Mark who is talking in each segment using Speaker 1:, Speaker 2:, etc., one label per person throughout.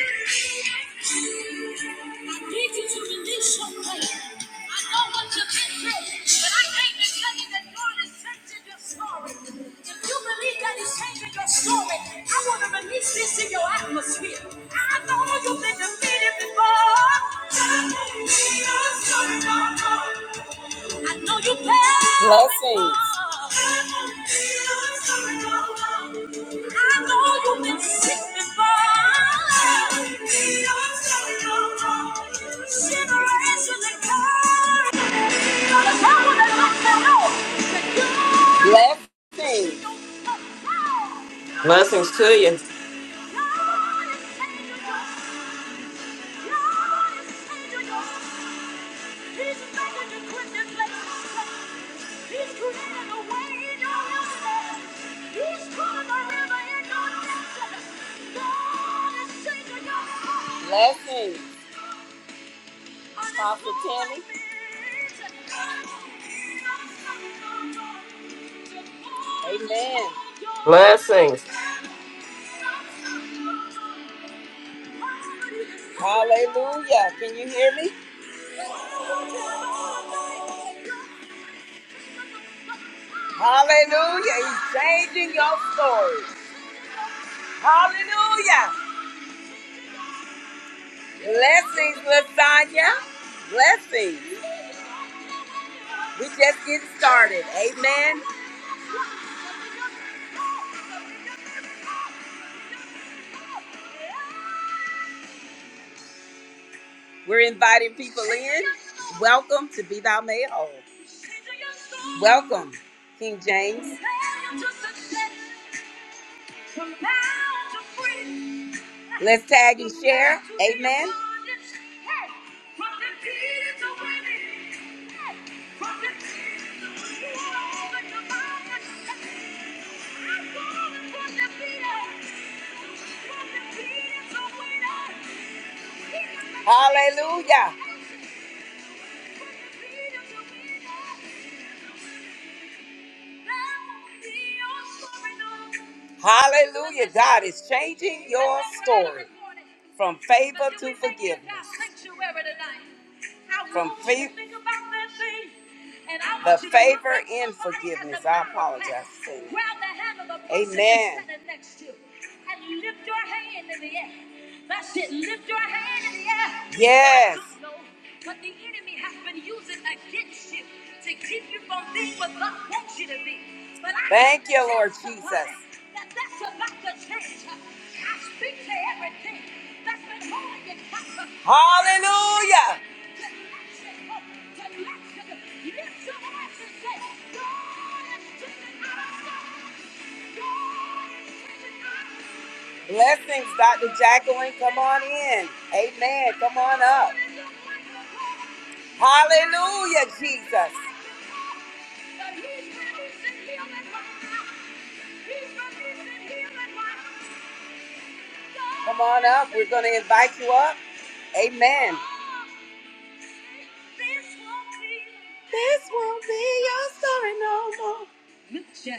Speaker 1: I need you to release your faith. I know what you've been through, but I came to tell you that God is changing your story. If you believe that He's changing your story, I want to release this in your atmosphere. I know you've been defeated before. I know you care. Blessings. I know you've been sick before. Generation that comes. Gonna tell them that I know that you- Blessings. God
Speaker 2: Blessings to you.
Speaker 1: is changing your- God is changing your- He's making you quit this place. He's created Blessings, Pastor Tammy. Amen.
Speaker 2: Blessings.
Speaker 1: Hallelujah. Can you hear me? Hallelujah. He's changing your story. Hallelujah. Blessings, Lasagna. Blessings. We just getting started. Amen. We're inviting people in. Welcome to Be Thou Made Whole. Welcome, King James. Let's tag and share. Amen. Hallelujah. Hallelujah. God is changing your story from favor to forgiveness. from fa- the favor in forgiveness. I apologize for saying that. Amen. That's it. Lift your hand in the air. Yes. I don't know What the enemy has been using against you to keep you from being what God wants you to be. But I Thank you, Lord tell somebody Jesus. That that's about to change. I speak to everything that's been holding you captive. Hallelujah. Blessings, Dr. Jacqueline. Come on in. Amen. Come on up. Hallelujah, Jesus. Come on up. We're going to invite you up. Amen. This won't be your story no more.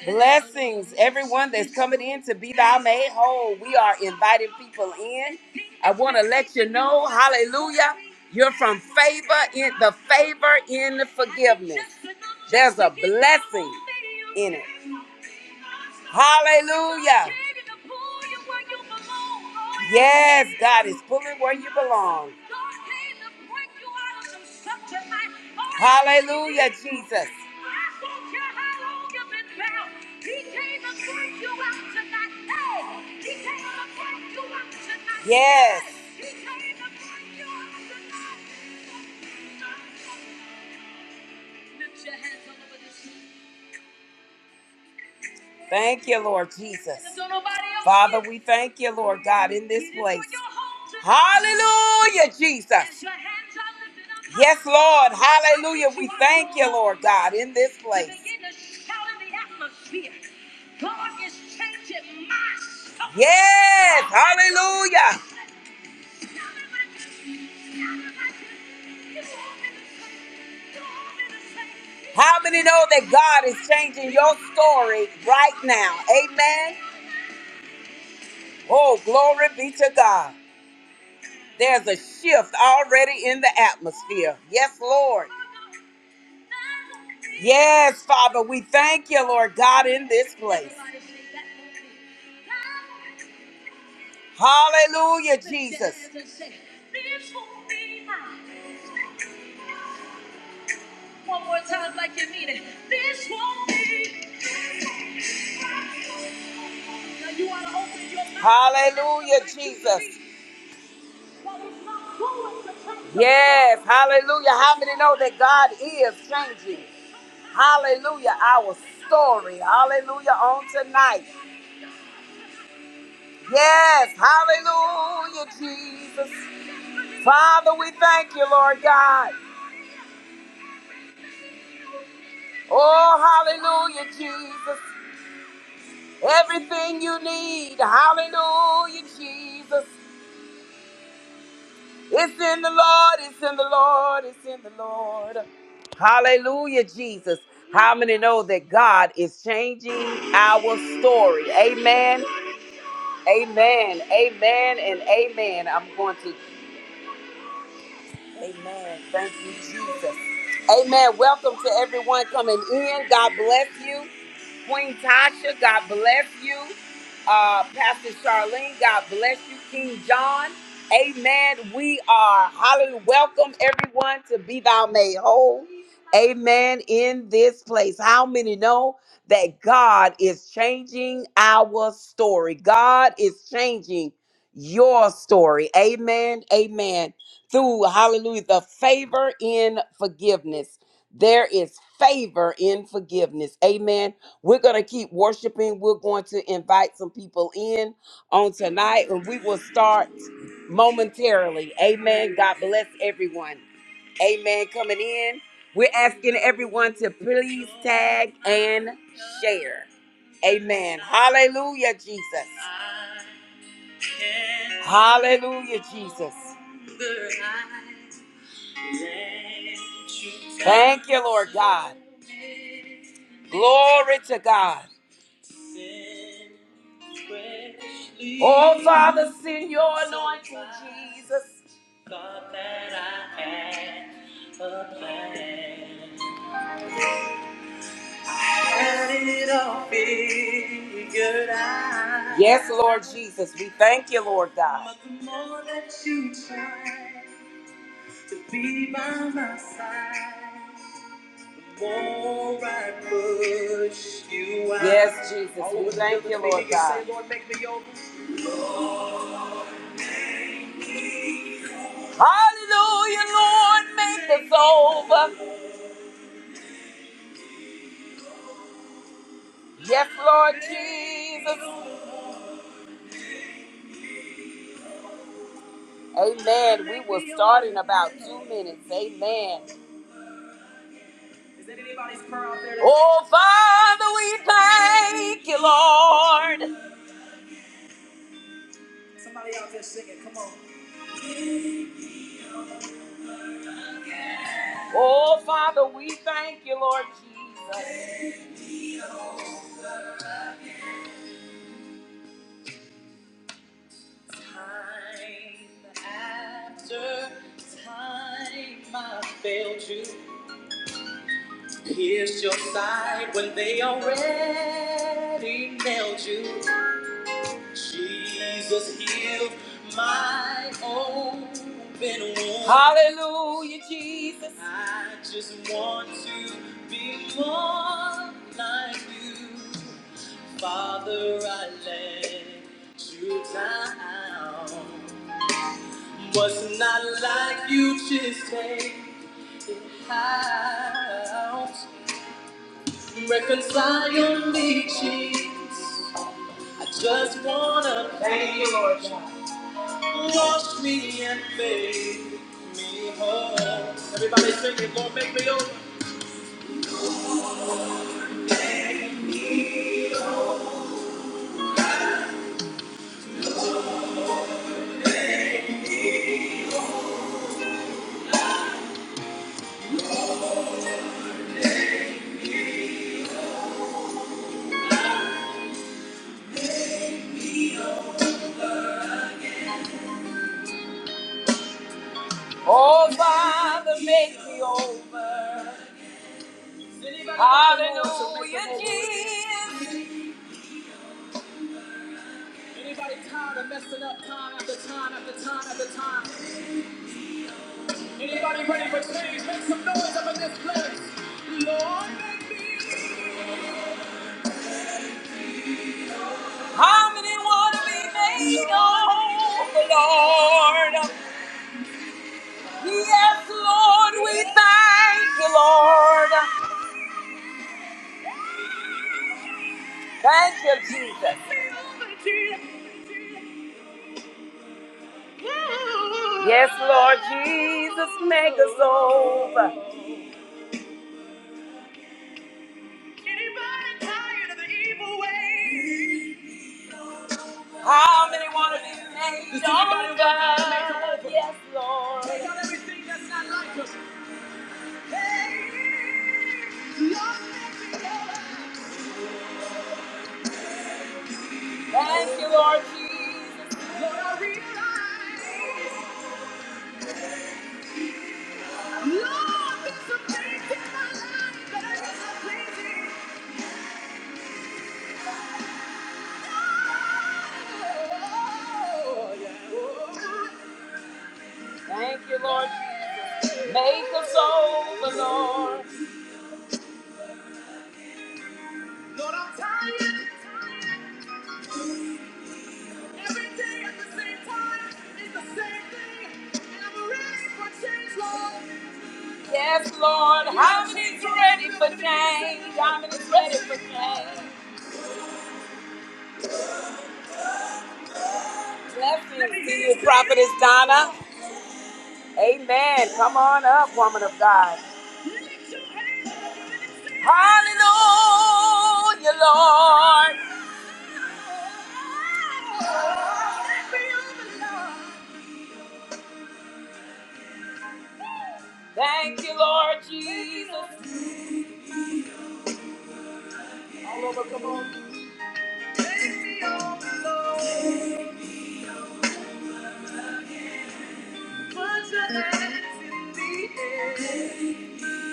Speaker 1: Blessings, everyone that's coming in to be thou made whole. We are inviting people in. I want to let you know, hallelujah, you're from favor in the favor in the forgiveness. There's a blessing in it. Hallelujah. Yes, God is pulling where you belong. Hallelujah, Jesus. Yes. Thank you, Lord Jesus. Father, we thank you, Lord God, in this place. Hallelujah, Jesus. Yes, Lord. Hallelujah. We thank you, Lord God, in this place. Yes. Hallelujah. How many know that God is changing your story right now? Amen. Oh, glory be to God. There's a shift already in the atmosphere. Yes, Lord. Yes, Father, we thank you, Lord God, in this place. Hallelujah, Jesus. One more time, like you mean it. This won't be. Now you want to open your mouth. Hallelujah, Jesus. Yes, hallelujah. How many know that God is changing? Hallelujah, our story. Hallelujah, on tonight. Yes, hallelujah, Jesus. Father, we thank you, Lord God. Oh, hallelujah, Jesus. Everything you need. Hallelujah, Jesus. It's in the Lord, it's in the Lord, it's in the Lord. Hallelujah, Jesus. How many know that God is changing our story? Amen, amen, amen, and amen. I'm going to, amen. Thank you, Jesus. Amen. Welcome to everyone coming in. God bless you. Queen Tasha, God bless you. Uh, Pastor Charlene, God bless you. King John, amen. We are hallelujah. Welcome everyone to Be Thou Made Whole. Amen. In this place, how many know that God is changing our story? God is changing your story. Amen. Amen. Through hallelujah, the favor in forgiveness. There is favor in forgiveness. Amen we're going to keep worshiping. We're going to invite some people in on tonight, and we will start momentarily. Amen. God bless everyone. Amen. Coming in, we're asking everyone to please tag and share. Amen. Hallelujah, Jesus. Hallelujah, Jesus. Thank you, Lord God. Glory to God. Oh, Father, send your anointing, Jesus. Thought that I had a plan. Had it all figured out. Yes, Lord Jesus, we thank you, Lord God. But the more that you try to be by my side, the more I push you out. Yes, Jesus, we thank you, Lord God. Hallelujah, Lord, make us over. Yes, Lord Jesus. Amen. We will start in about two minutes. Amen. Oh, Father, we thank you, Lord. Oh, Father, we thank you, Lord Jesus. Time after time, I failed you. Pierced your side when they already nailed you. Jesus healed my open wound. Hallelujah, Jesus. I just want to be more like you. Father, I let you down. Was not like you just take it out. Reconcile your leeches. I just wanna thank you, Lord God. Wash me and make me whole. Everybody sing it, Lord, make me over. Oh, Father, make me over. Is Anybody Hallelujah, make me over? Jesus. Anybody tired of messing up time after time after time after time? Anybody ready for change? Make some noise up in this place, Lord. How many want to be made over, Lord? Yes, Lord, we thank you, Lord. Thank you, Jesus. Yes, Lord Jesus, make us over. How many want to be made over? Yes, Lord. Thank you, Lord Jesus. Thank you, Lord. Make us over, Lord. Every day at the same time is the same thing, and I'm ready for change, Lord. Yes, Lord, I'm ready for change. I'm is ready for change. Blessings to you, Prophetess Donna. Amen. Come on up, woman of God. Hallelujah, Lord. Thank you, Lord Jesus. All over, come on.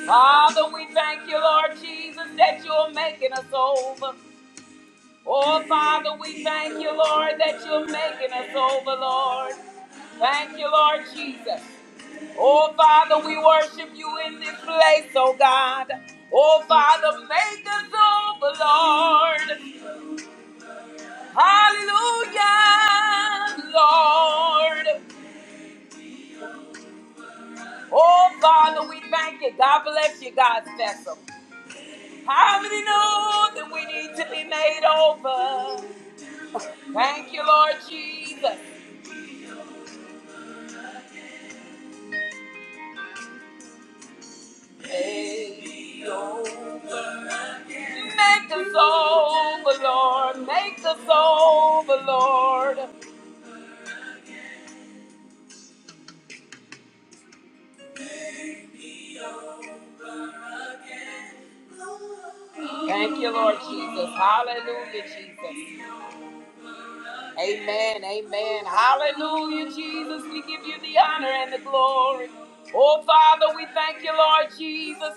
Speaker 1: Father, we thank you, Lord Jesus, that you're making us over. Oh, Father, we thank you, Lord, that you're making us over, Lord. Thank you, Lord Jesus. Oh, Father, we worship you in this place, oh God. Oh, Father, make us over, Lord. Hallelujah, Lord. Oh, Father, we thank you. God bless you, God's vessel. How many know that we need to be made over? Thank you, Lord Jesus. Make us over, Lord. Make us over, Lord. Thank you, Lord Jesus. Hallelujah, Jesus. Amen. Amen. Hallelujah, Jesus. We give you the honor and the glory. Oh, Father, we thank you, Lord Jesus,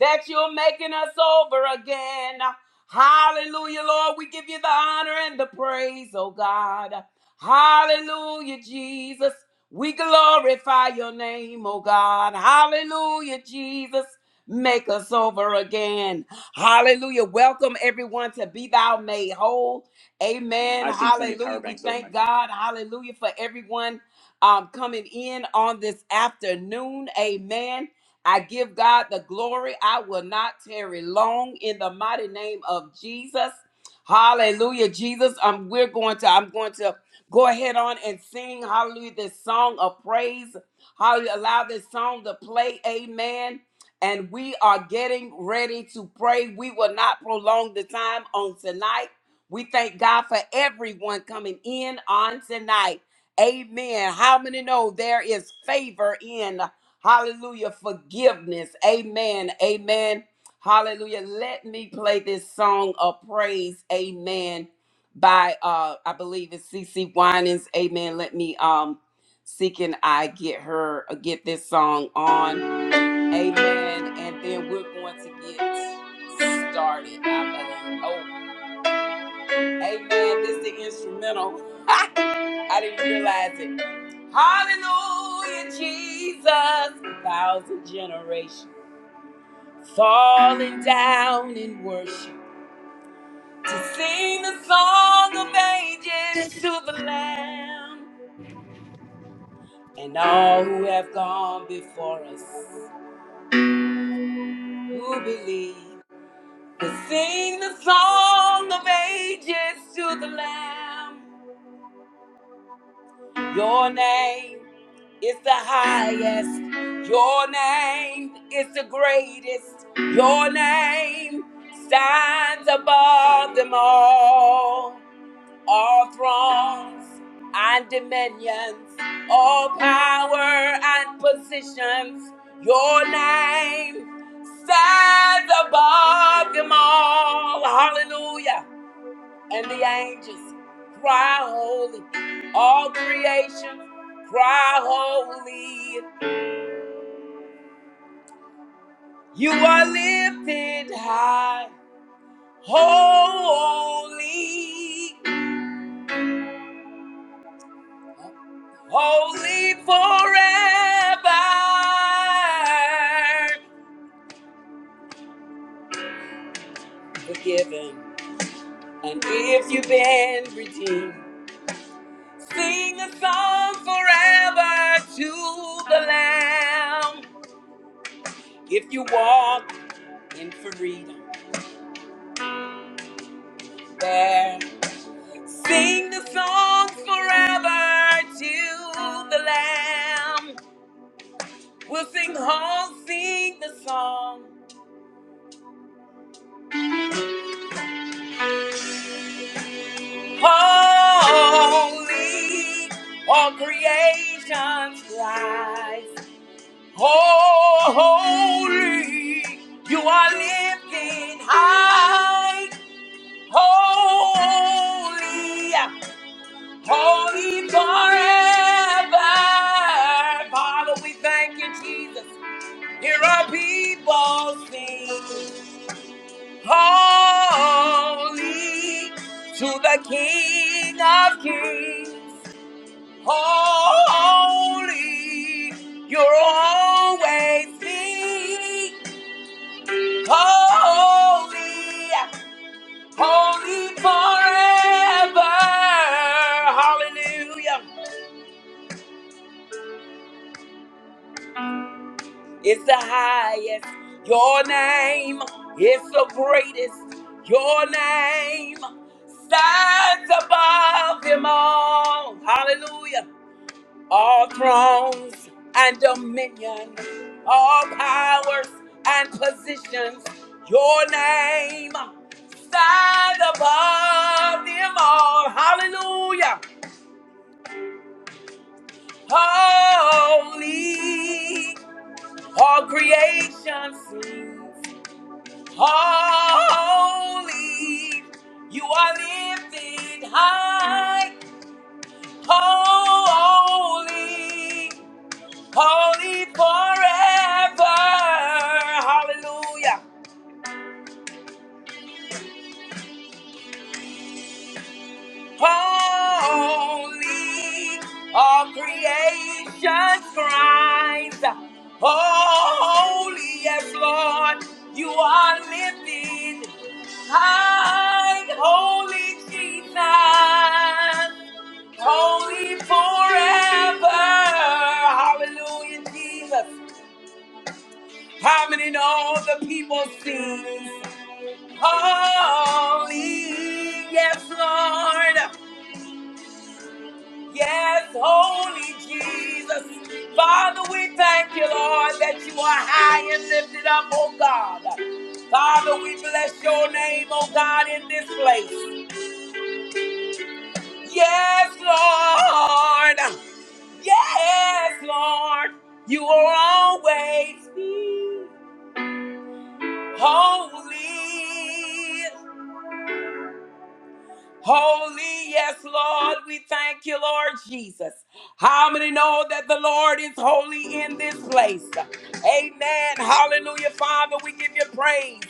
Speaker 1: that you're making us over again. Hallelujah, Lord. We give you the honor and the praise, oh God. Hallelujah, Jesus. We glorify your name, oh God. Hallelujah, Jesus. Make us over again. Hallelujah. Welcome everyone to Be Thou Made Whole. Amen. Hallelujah. We thank God. Hallelujah for everyone um, coming in on this afternoon. Amen. I give God the glory. I will not tarry long in the mighty name of Jesus. Hallelujah, Jesus. Um, we're going to. I'm going to go ahead on and sing. Hallelujah, this song of praise. Hallelujah. Allow this song to play. Amen. And we are getting ready to pray. We will not prolong the time on tonight we thank God for everyone coming in on tonight. Amen. How many know there is favor in hallelujah forgiveness? Amen. Amen. Hallelujah. Let me play this song of praise. Amen. By uh I believe it's CC Winans. Amen. Let me um see can I get her uh, get this song on. Amen. And then we're going to get started. I believe. Oh, Amen. This is the instrumental. I didn't realize it. Hallelujah, Jesus. A thousand generations falling down in worship to sing the song of ages to the Lamb and all who have gone before us who believe to sing the song of ages to the Lamb. Your name. is the highest. Your name is the greatest. Your name stands above them all. All thrones and dominions, all power and positions. Your name stands above them all. Hallelujah and the angels cry holy. All creation cry holy. You are lifted high, holy, holy forever. Forgiven, and if you've been redeemed, sing a song forever to the Lamb. If you walk in freedom, there Sing the song forever to the Lamb. We'll sing, oh, sing the song. Holy, all creation's cries. Oh, Holy, you are lifted high. Holy, holy forever. Father, we thank you, Jesus. Here are people sing holy to the King of Kings. Holy, you're always be holy, holy forever. Hallelujah. It's the highest. Your name is the greatest. Your name stands above them all. Hallelujah. All thrones and dominion, all powers and positions. Your name stands above them all. Hallelujah. Holy, all creation sings. Holy, you are lifted high. Holy, holy forever. Hallelujah. Holy, all creation cries. Holy, yes, Lord, you are lifted high. Holy Jesus. holy forever. Hallelujah, Jesus. How many know the people sing? Holy, yes, Lord. Yes, holy Jesus. Father, we thank you, Lord, that you are high and lifted up, oh God. Father, we bless your name, oh God, in this place. Yes, Lord. Yes, Lord, you are always holy. Holy, yes, Lord. We thank you, Lord Jesus. How many know that the Lord is holy in this place? Amen. Hallelujah, Father. We give you praise.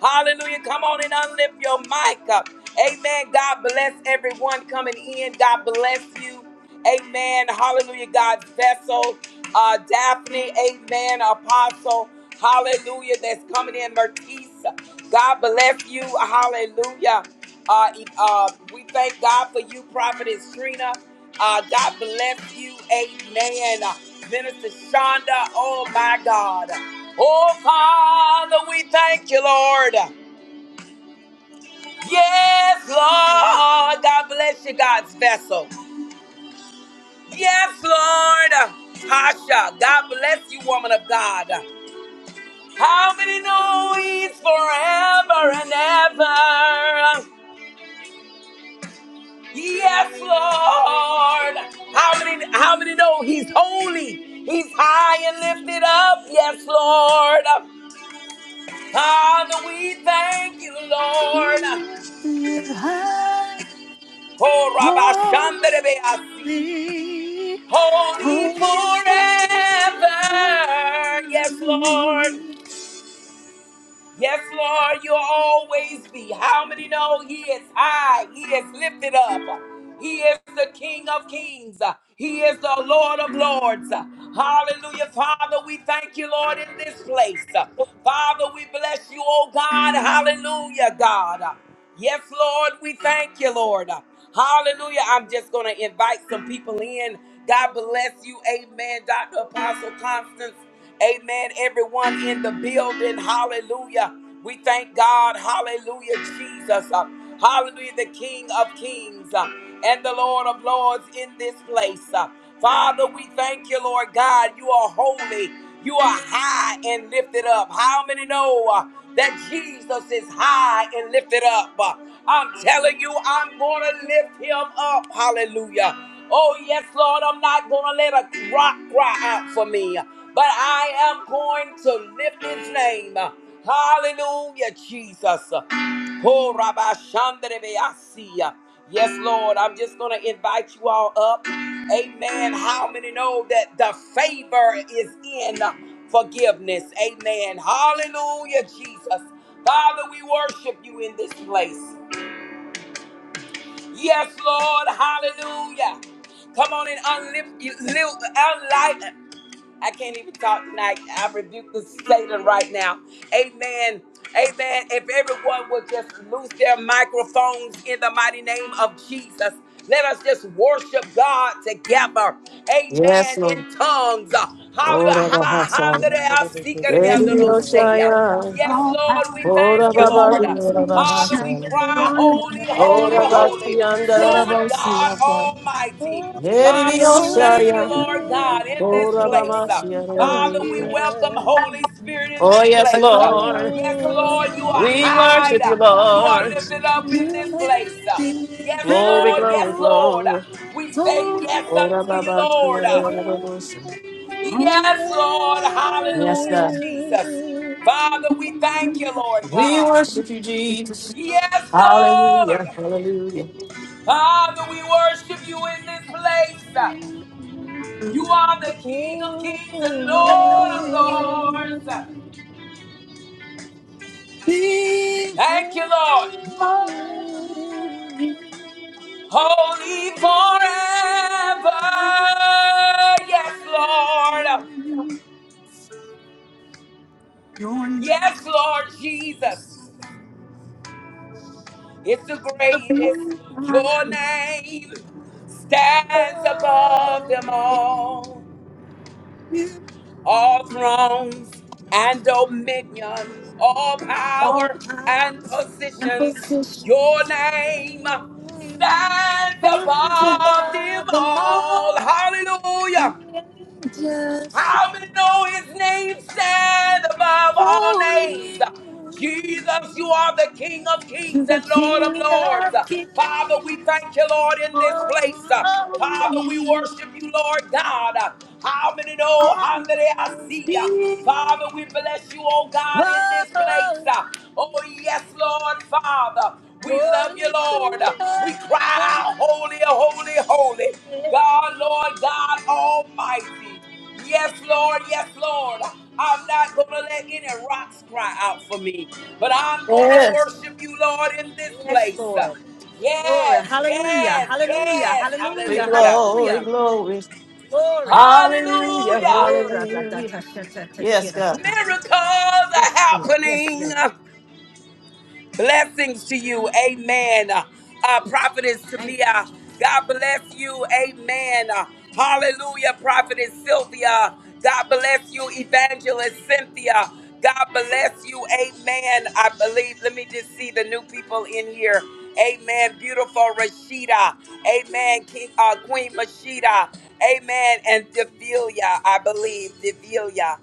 Speaker 1: Hallelujah. Come on and unlift your mic up. Amen. God bless everyone coming in. God bless you. Amen. Hallelujah. God's vessel. Uh, Daphne. Amen. Apostle. Hallelujah. That's coming in. Mertisa. God bless you. Hallelujah. Uh, e- uh, we thank God for you, Prophetess Trina. Uh, God bless you. Amen. Uh, Minister Shonda, oh my God. Oh, Father, we thank you, Lord. Yes, Lord. God bless you, God's vessel. Yes, Lord. Tasha, God bless you, woman of God. How many know he's forever and ever? Yes, Lord. How many how many know he's holy? He's high and lifted up. Yes, Lord. Father, we thank you, Lord.
Speaker 3: Lifted high,
Speaker 1: Oh, Rabbi Shandrebeasi.
Speaker 3: holy,
Speaker 1: Holy
Speaker 3: holy forever.
Speaker 1: forever. Yes, Lord. Yes, Lord, you'll always be. How many know He is high? He is lifted up. He is the King of kings. He is the Lord of lords. Hallelujah. Father, we thank you, Lord, in this place. Father, we bless you, oh God. Hallelujah, God. Yes, Lord, we thank you, Lord. Hallelujah. I'm just going to invite some people in. God bless you. Amen. Dr. Apostle Constance. Amen. Everyone in the building, hallelujah. We thank God, hallelujah, Jesus. Uh, hallelujah, the King of Kings uh, and the Lord of Lords in this place. Uh, Father, we thank you, Lord God. You are holy, you are high and lifted up. How many know uh, that Jesus is high and lifted up? Uh, I'm telling you, I'm going to lift him up. Hallelujah. Oh, yes, Lord, I'm not going to let a rock cry out for me but I am going to lift his name. Hallelujah, Jesus. Oh, Rabbi Shandrebeasia. Yes, Lord, I'm just going to invite you all up. Amen. How many know that the favor is in forgiveness? Amen. Hallelujah, Jesus. Father, we worship you in this place. Yes, Lord. Hallelujah. Come on and unlift you, lift, I can't even talk tonight. I rebuke the Satan right now. Amen. Amen. If everyone would just loose their microphones in the mighty name of Jesus, let us just worship God together.
Speaker 2: Yes,
Speaker 1: Amen.
Speaker 2: Lord.
Speaker 1: In tongues. Hallelujah.
Speaker 2: Ora
Speaker 1: Ha-
Speaker 2: bahasaya.
Speaker 4: Holy, that the angels
Speaker 2: Ediyoshaya.
Speaker 1: Yes, Lord, we
Speaker 2: Ora
Speaker 1: thank you, Lord.
Speaker 2: babasi ora
Speaker 1: Father, we
Speaker 2: bahasaya.
Speaker 1: cry, holy, holy,
Speaker 2: Ora
Speaker 1: holy.
Speaker 2: basi andara
Speaker 3: Sing
Speaker 1: Lord God
Speaker 2: rabosiyata.
Speaker 1: Almighty. Father, we thank
Speaker 3: holy,
Speaker 1: you,
Speaker 2: Ediyoshaya.
Speaker 1: Lord God, in this
Speaker 2: Ora
Speaker 1: place. Uh,
Speaker 2: babasi andara
Speaker 1: Father,
Speaker 3: holy.
Speaker 1: we
Speaker 2: rabosiyata.
Speaker 1: welcome
Speaker 4: cry.
Speaker 1: Holy Spirit in
Speaker 2: Oh,
Speaker 1: this
Speaker 2: yes,
Speaker 1: place. Uh,
Speaker 2: Lord.
Speaker 1: Yes,
Speaker 4: Holy,
Speaker 1: Lord, you are
Speaker 2: We
Speaker 1: high.
Speaker 2: worship
Speaker 1: Uh,
Speaker 2: you,
Speaker 1: You are
Speaker 2: Lord.
Speaker 1: lifted up in
Speaker 3: You
Speaker 1: this place. Uh,
Speaker 3: lifted
Speaker 1: Yes,
Speaker 2: Glory,
Speaker 3: high,
Speaker 1: Lord,
Speaker 2: glory,
Speaker 1: yes, Lord. Uh,
Speaker 2: glory.
Speaker 1: We say yes
Speaker 2: Ora
Speaker 1: unto you,
Speaker 2: babasi
Speaker 1: Lord. Uh,
Speaker 2: andara
Speaker 3: holy,
Speaker 2: rabosiyata.
Speaker 1: Yes,
Speaker 3: holy
Speaker 1: Lord.
Speaker 2: Yes,
Speaker 1: Hallelujah,
Speaker 2: God.
Speaker 1: Jesus. Father, we thank
Speaker 3: forever.
Speaker 1: you, Lord
Speaker 2: We
Speaker 1: God.
Speaker 2: worship you, Jesus.
Speaker 1: Yes,
Speaker 2: Hallelujah,
Speaker 1: Lord.
Speaker 2: hallelujah.
Speaker 1: Father, we worship you in this place. Uh, You are the King of kings and Lord of
Speaker 4: holy,
Speaker 1: lords.
Speaker 3: Be
Speaker 4: holy,
Speaker 1: Thank you,
Speaker 4: holy,
Speaker 1: Lord.
Speaker 4: holy.
Speaker 3: glory.
Speaker 1: Holy forever. Yes, Lord.
Speaker 3: Your name
Speaker 1: Yes, Lord Jesus. It's the
Speaker 3: is
Speaker 1: greatest.
Speaker 3: my
Speaker 1: Your name stands above them
Speaker 3: hope.
Speaker 1: all.
Speaker 3: You
Speaker 1: all thrones and dominion, all
Speaker 3: all
Speaker 1: power and
Speaker 3: powers and
Speaker 1: positions. Your
Speaker 3: positions.
Speaker 1: name stands
Speaker 3: Hands
Speaker 1: above them
Speaker 3: above them
Speaker 1: all.
Speaker 3: all. And
Speaker 1: Hallelujah.
Speaker 3: just
Speaker 1: How many know his name stand above all names?
Speaker 3: holy
Speaker 1: Jesus, you are the King of
Speaker 3: to
Speaker 1: kings
Speaker 3: the
Speaker 1: and Lord of
Speaker 3: King of
Speaker 1: lords. Father, we
Speaker 3: Kings,
Speaker 1: thank you, Lord, in this place.
Speaker 3: holy,
Speaker 1: Father, we
Speaker 3: always
Speaker 1: worship you, Lord God. How many know how many I see ya?
Speaker 3: be
Speaker 1: Father, we bless you, oh God, in this place.
Speaker 3: holy,
Speaker 1: Oh, yes, Lord, Father. We love you,
Speaker 3: holy
Speaker 1: Lord. We cry,
Speaker 3: forever.
Speaker 1: out, holy, holy, holy. God, Lord, God Almighty. Yes, Lord. Yes, Lord. I'm not going to let any rocks cry out for me, but I'm going to
Speaker 2: Yes,
Speaker 1: worship you, Lord, in this
Speaker 3: Yes,
Speaker 1: place.
Speaker 3: Lord. Glory.
Speaker 1: Yes,
Speaker 3: Hallelujah.
Speaker 1: yes,
Speaker 3: Hallelujah.
Speaker 1: yes.
Speaker 2: glory,
Speaker 3: Hallelujah.
Speaker 1: Hallelujah.
Speaker 2: glory,
Speaker 3: Hallelujah.
Speaker 2: glory.
Speaker 3: Glory.
Speaker 2: Hallelujah,
Speaker 3: Oh,
Speaker 1: Hallelujah.
Speaker 2: hallelujah. Yes, God.
Speaker 3: ra-da-da-ta-sha-ta-ta-ki-ra-ra-ha.
Speaker 1: Miracles are
Speaker 3: Yes, Lord. Yes, Lord.
Speaker 1: happening. Blessings to you. Amen. Uh, uh, Prophetess
Speaker 3: Thank you.
Speaker 1: Tamia, God bless you. Amen. Uh, hallelujah. Prophetess Sylvia, God bless you. Evangelist Cynthia, God bless you. Amen. I believe, let me just see the new people in here. Amen. Beautiful Rashida. Amen. King, uh, Queen Mashida. Amen. And Devilia, I believe. Devilia.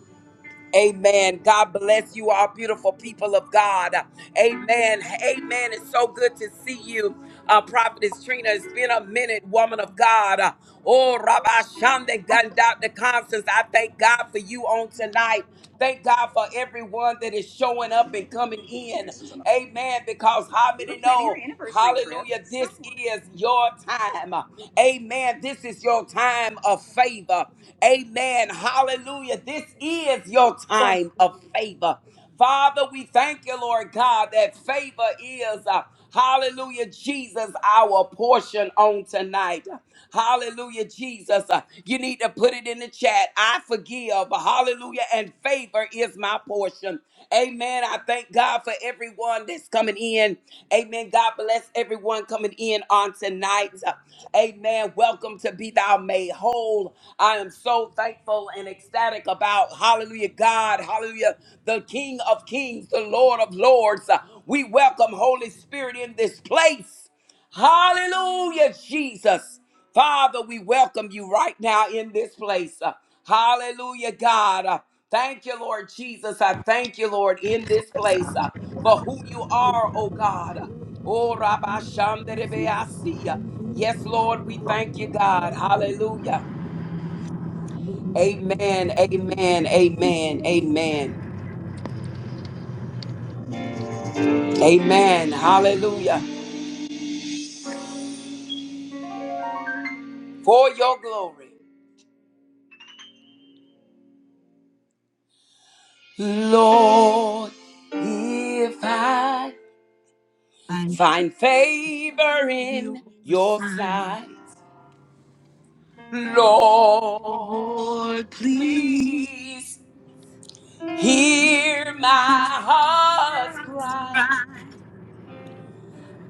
Speaker 1: Amen. God bless you, all beautiful people of God. Amen. Amen. It's so good to see you, uh, Prophetess Trina. It's been a minute, woman of God. Uh, Oh, Rabbi Shanda Gun, Dr. Constance, I thank God for you on tonight. Thank God for everyone that is showing up and coming in. Amen. Because how many know? Hallelujah. This is your time. Amen. This is your time of favor. Amen. Hallelujah. Hallelujah. This is your time of favor. Father, we thank you, Lord God, that favor is, uh, hallelujah, Jesus, our portion on tonight. Hallelujah, Jesus. Uh, you need to put it in the chat. I forgive. Hallelujah. And favor is my portion. Amen. I thank God for everyone that's coming in. Amen. God bless everyone coming in on tonight. Uh, Amen. Welcome to Be Thou Made Whole. I am so so thankful and ecstatic about. Hallelujah, God. Hallelujah, the King of Kings, the Lord of Lords. Uh, We welcome Holy Spirit in this place. Hallelujah, Jesus. Father, we welcome you right now in this place. Uh, Hallelujah, God. Uh, Thank you, Lord Jesus. I thank you, Lord, in this place uh, for who you are, oh God. Oh, Rabbi Shanderebeasi. Yes, Lord, we thank you, God. Hallelujah. Amen, amen, amen, amen, amen. Hallelujah. For your glory. Lord, if I
Speaker 3: Thank
Speaker 1: find favor
Speaker 3: you,
Speaker 1: in your
Speaker 3: sign.
Speaker 1: sight, Lord,
Speaker 3: Lord, please.
Speaker 1: please hear my
Speaker 3: My
Speaker 1: heart's
Speaker 3: heart's
Speaker 1: cry.
Speaker 3: cry.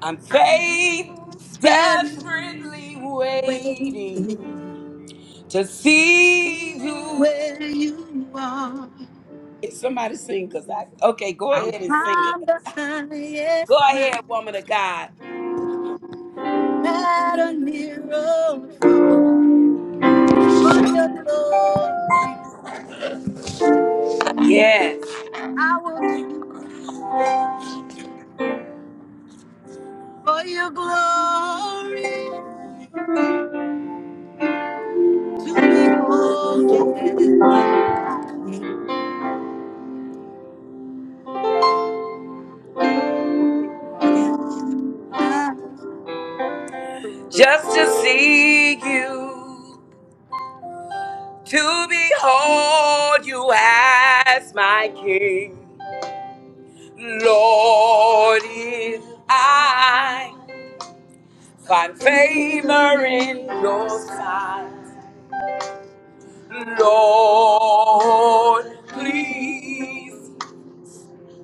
Speaker 1: I'm faith
Speaker 3: I'm spreading
Speaker 1: desperately waiting to see
Speaker 3: way
Speaker 1: you
Speaker 3: where you are.
Speaker 1: Somebody sing, cause I okay. Go
Speaker 3: I'll
Speaker 1: ahead and sing it.
Speaker 3: climb the
Speaker 1: Go
Speaker 3: highest
Speaker 1: ahead, woman of
Speaker 3: mountain.
Speaker 1: God.
Speaker 3: matter near or far, for your glory,
Speaker 1: Yes,
Speaker 3: I will do for your glory to behold you as my King, Lord. is my
Speaker 1: just to see you, to behold you as my King, Lord, if I find favor in your sight,
Speaker 3: Lord.
Speaker 1: Lord, please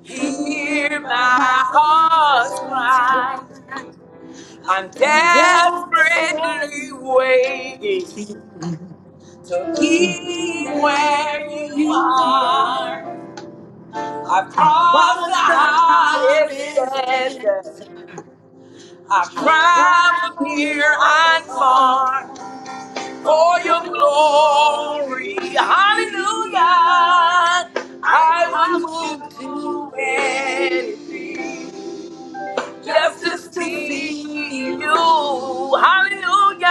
Speaker 1: hear
Speaker 3: In
Speaker 1: my
Speaker 3: my
Speaker 1: heart's
Speaker 3: heart's
Speaker 1: cry.
Speaker 3: cry,
Speaker 1: I'm
Speaker 3: I'm desperately
Speaker 1: desperately waiting
Speaker 3: waiting
Speaker 1: to
Speaker 3: You
Speaker 1: be where you are. I've
Speaker 3: I
Speaker 1: crossed the
Speaker 3: lost the
Speaker 1: hottest
Speaker 3: hottest
Speaker 1: desert.
Speaker 3: desert.
Speaker 1: I've
Speaker 3: I
Speaker 1: traveled
Speaker 3: traveled near
Speaker 1: near and far for your
Speaker 3: for your glory.
Speaker 1: glory. Hallelujah. I
Speaker 3: I
Speaker 1: will do
Speaker 3: will do
Speaker 1: anything. just
Speaker 3: just
Speaker 1: to
Speaker 3: to
Speaker 1: see
Speaker 3: see you,
Speaker 1: you. Hallelujah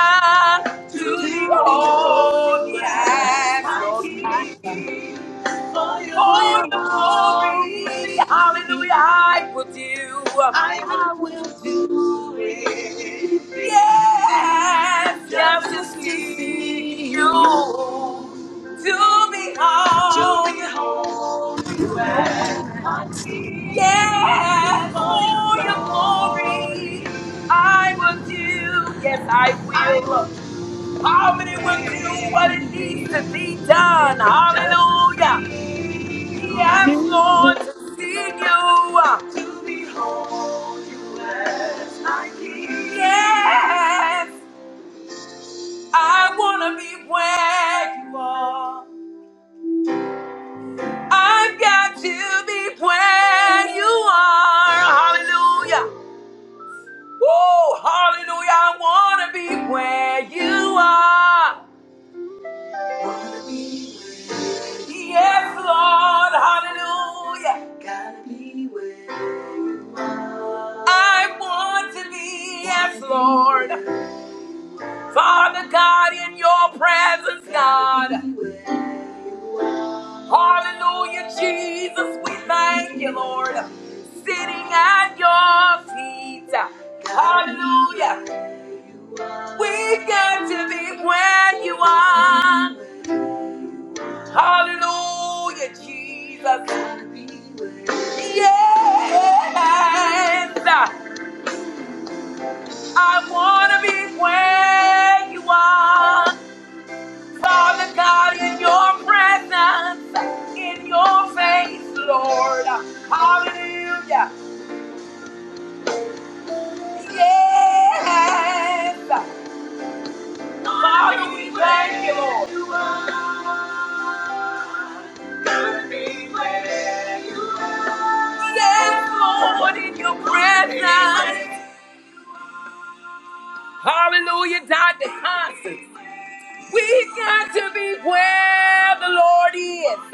Speaker 1: to the
Speaker 3: to
Speaker 1: only
Speaker 3: behold you
Speaker 1: Lamb of
Speaker 3: as my
Speaker 1: King.
Speaker 3: king. For
Speaker 1: All
Speaker 3: your
Speaker 1: the glory,
Speaker 3: glory,
Speaker 1: hallelujah, I would do, I
Speaker 3: I will do it.
Speaker 1: yes, just
Speaker 3: just
Speaker 1: to
Speaker 3: to
Speaker 1: see
Speaker 3: see
Speaker 1: you,
Speaker 3: you.
Speaker 1: to behold, to behold you.
Speaker 3: Oh,
Speaker 1: Yes, for your glory, I would do. Yes, I will. Poverty will do what it needs to be done. Hallelujah. Yes, Lord,
Speaker 3: You.
Speaker 1: to see you. Yes, I want to be where you are. I've got to be where you are. Hallelujah. Woo, hallelujah. I want to be where you are. Yes, Lord. Hallelujah. I want to be, yes, Lord. Father God, in your presence, God. Hallelujah, Jesus, we thank you, Lord. Sitting at your feet. Hallelujah. We get to be where you are. Hallelujah, Jesus. Yes, I want to be where you are. Father God, in your presence, in your face, Lord. Hallelujah. Yes. Father, we thank you, Lord. Yes, Lord, in your presence. Hallelujah, Dr. Constance. We have got to be where the Lord is.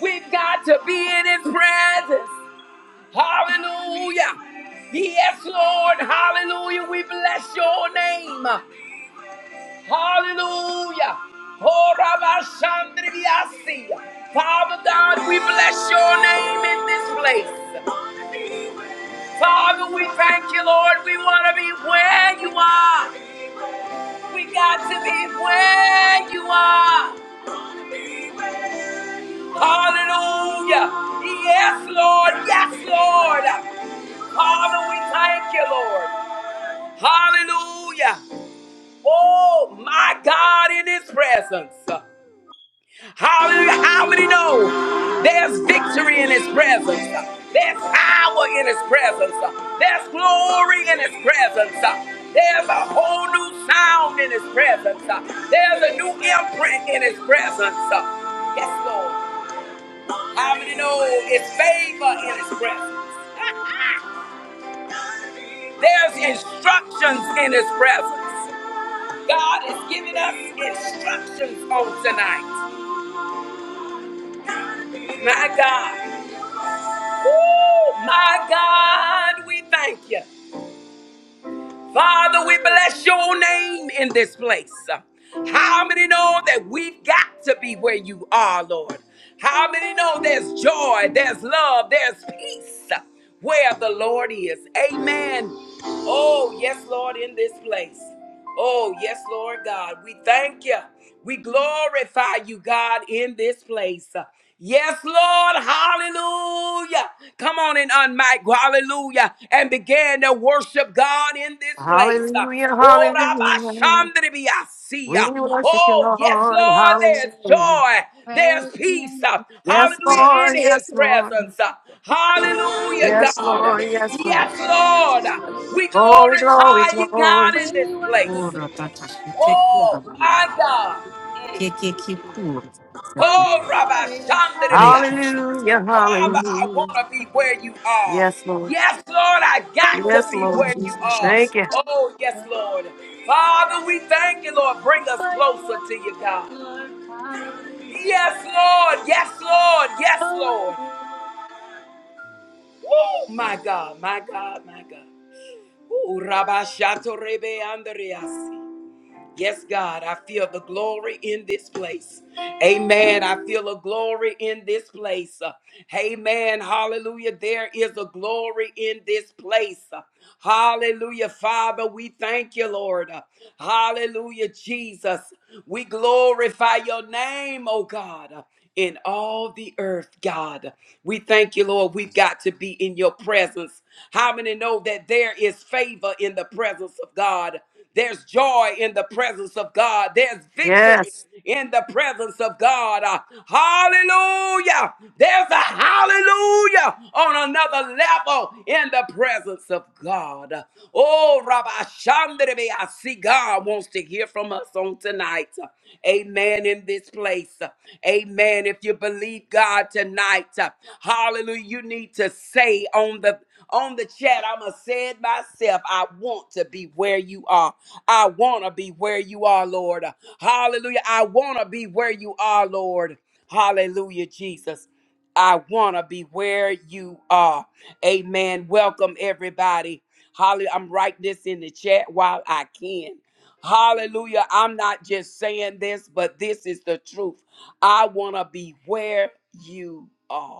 Speaker 1: We've got to be in his presence. Hallelujah. Yes, Lord. Hallelujah. We bless your name. Hallelujah. Oh, Rabbi Shandriasi. Father God, we bless your name in this place. Father, we thank you, Lord. We want to be where you are. We got to be where you are. Hallelujah. Yes, Lord. Yes, Lord. Father, we thank you, Lord. Hallelujah. Oh, my God, in his presence. Hallelujah. How many know there's victory in his presence? There's power in his presence. There's glory in his presence. There's a whole new sound in his presence. There's a new imprint in his presence. Yes, Lord. How many know it's favor in his presence? There's instructions in his presence. God is giving us instructions on tonight. My God. Woo, My God, we thank you. Father, we bless your name in this place. How many know that we've got to be where you are, Lord? How many know there's joy, there's love, there's peace where the Lord is? Amen. Oh, yes, Lord, in this place. Oh, yes, Lord God, we thank you. We glorify you, God, in this place. Yes, Lord, hallelujah. Come on and unmic, hallelujah, and begin to worship God in this place.
Speaker 2: Hallelujah,
Speaker 1: Oh,
Speaker 2: hallelujah.
Speaker 1: Rabba
Speaker 2: We
Speaker 1: Shandribiasia.
Speaker 2: worship you,
Speaker 1: Oh, yes,
Speaker 2: Lord.
Speaker 1: Lord, there's
Speaker 2: Hallelujah.
Speaker 1: joy,
Speaker 5: Where
Speaker 1: there's
Speaker 5: is your
Speaker 1: peace,
Speaker 5: name.
Speaker 2: Yes,
Speaker 5: Jesus.
Speaker 1: hallelujah, in
Speaker 2: Lord,
Speaker 1: His
Speaker 2: yes, Lord.
Speaker 1: presence. Hallelujah,
Speaker 2: Yes,
Speaker 1: God.
Speaker 2: Lord, yes, Lord.
Speaker 1: Yes, Lord, we
Speaker 2: Glory, glory,
Speaker 1: glorify you,
Speaker 2: glory.
Speaker 1: God,
Speaker 5: We
Speaker 1: in this place.
Speaker 5: worship your
Speaker 3: Ora tata shite kura
Speaker 1: Oh, my
Speaker 3: mama.
Speaker 1: God.
Speaker 3: Keke kikura.
Speaker 5: holy
Speaker 1: Oh, Rabbi
Speaker 5: glory, all
Speaker 3: Thank you, Jesus.
Speaker 1: Shandaribiasi.
Speaker 2: Hallelujah,
Speaker 1: Father, I want
Speaker 2: hallelujah.
Speaker 1: to be where you are.
Speaker 2: Yes, Lord.
Speaker 1: Yes, Lord, I got to
Speaker 2: Yes,
Speaker 1: be
Speaker 5: Almighty
Speaker 2: Lord
Speaker 1: where you
Speaker 5: Lord.
Speaker 2: Jesus.
Speaker 1: are.
Speaker 2: Thank you.
Speaker 1: Oh, yes,
Speaker 5: Hallelujah.
Speaker 1: Lord. Father, we thank you, Lord. Bring us
Speaker 5: For your
Speaker 1: closer to
Speaker 5: wondrous
Speaker 1: you,
Speaker 5: work,
Speaker 1: God.
Speaker 5: Lord. Hallelujah.
Speaker 1: Yes, Lord. Yes, Lord. Yes,
Speaker 5: Oh,
Speaker 1: Lord.
Speaker 5: worthy, oh, worthy.
Speaker 1: Oh, my God, my God, my God. Oh, Rabbi Shatorebe Andreas. Yes, God, I feel the glory in this place. Amen. I feel a glory in this place. Uh, Amen. Hallelujah. There is a glory in this place. Uh, Hallelujah. Father, we thank you, Lord. Uh, Hallelujah, Jesus. We glorify your name, oh God. uh, In all the earth, God. We thank you, Lord. We've got to be in your presence. How many know that there is favor in the presence of God? There's joy in the presence of God. There's victory
Speaker 2: Yes,
Speaker 1: in the presence of God. Uh, hallelujah. There's a hallelujah on another level in the presence of God. Uh, Oh, Rabbi Shandrebe, I see God wants to hear from us on tonight. Uh, Amen in this place. Uh, Amen. If you believe God tonight, uh, hallelujah, you need to say on the on the chat. I'ma say it myself. I want to be where you are. I wanna be where you are, Lord. Hallelujah. I wanna be where you are, Lord. Hallelujah, Jesus. I wanna be where you are. Amen. Welcome everybody. Holly, I'm writing this in the chat while I can. Hallelujah. I'm not just saying this, but this is the truth. I want to be where you are.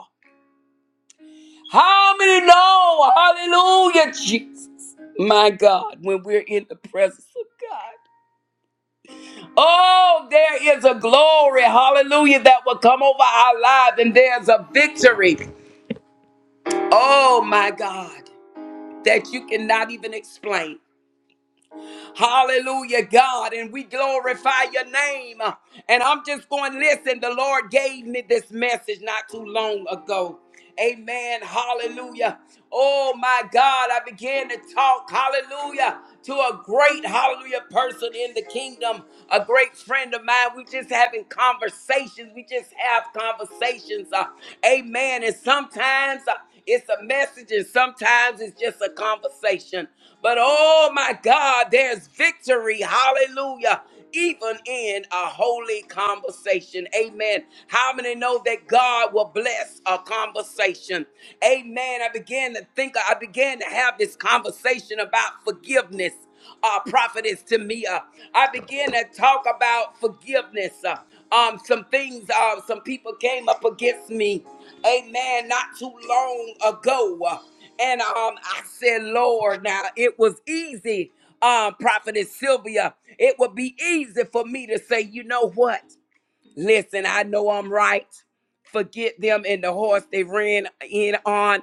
Speaker 1: How many know? Hallelujah, Jesus. My God, when we're in the presence of God. Oh, there is a glory, hallelujah, that will come over our lives, and there's a victory. Oh, my God, that you cannot even explain. Hallelujah, God. And we glorify your name. And I'm just going, listen, the Lord gave me this message not too long ago. Amen. Hallelujah. Oh my God, I began to talk, hallelujah, to a great, hallelujah, person in the kingdom, a great friend of mine. We just having conversations. We just have conversations. uh, amen. And sometimes uh, it's a message and sometimes it's just a conversation. But oh my God, there's victory. Hallelujah. Even in a holy conversation. Amen. How many know that God will bless a conversation? Amen. I began to think, I began to have this conversation about forgiveness uh, prophetess to me. Uh, I began to talk about forgiveness. Uh, um, some things, uh, some people came up against me, amen, not too long ago. Uh, and um, I said, Lord, now it was easy, um, prophetess Sylvia. It would be easy for me to say, you know what? Listen, I know I'm right. Forget them and the horse they ran in on.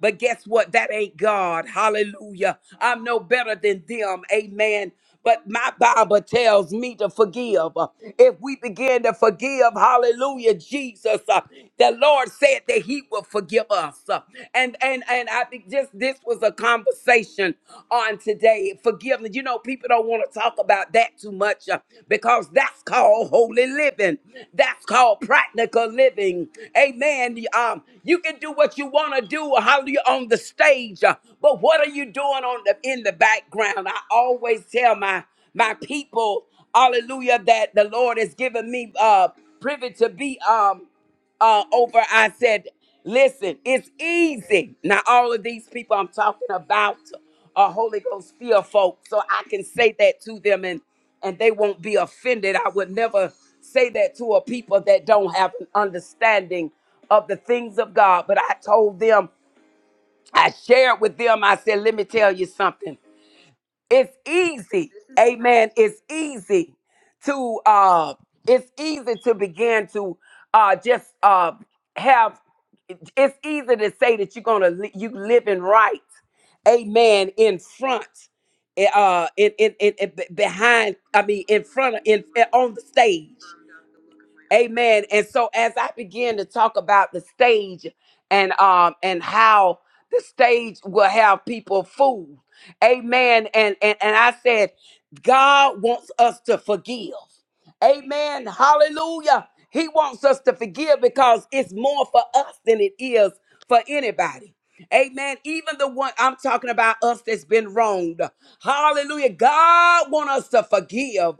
Speaker 1: But guess what? That ain't God. Hallelujah. I'm no better than them. Amen. But my Bible tells me to forgive. If we begin to forgive, hallelujah, Jesus, uh, the Lord said that He will forgive us. Uh, And and and I think just this was a conversation on today. Forgiveness. You know, people don't want to talk about that too much uh, because that's called holy living. That's called practical living. Amen. Um, you can do what you want to do hallelujah, on the stage. uh, But what are you doing on the in the background? I always tell my my people, hallelujah, that the Lord has given me uh privy to be um uh over. I said, listen, it's easy. Now all of these people I'm talking about are Holy Ghost fear folks. So I can say that to them and and they won't be offended. I would never say that to a people that don't have an understanding of the things of God. But I told them I shared with them, I said, let me tell you something. It's easy, amen. It's easy to uh it's easy to begin to uh just uh have it's easy to say that you're gonna li- you living right, amen, in front, eh, uh in in, in, in be- behind, I mean in front of in eh, on the stage. Amen. And so as I began to talk about the stage and um and how the stage will have people fooled. Amen. And and, and I said, God wants us to forgive. Amen. Hallelujah. He wants us to forgive because it's more for us than it is for anybody. Amen. Even the one I'm talking about us that's been wronged. Hallelujah. God want us to forgive.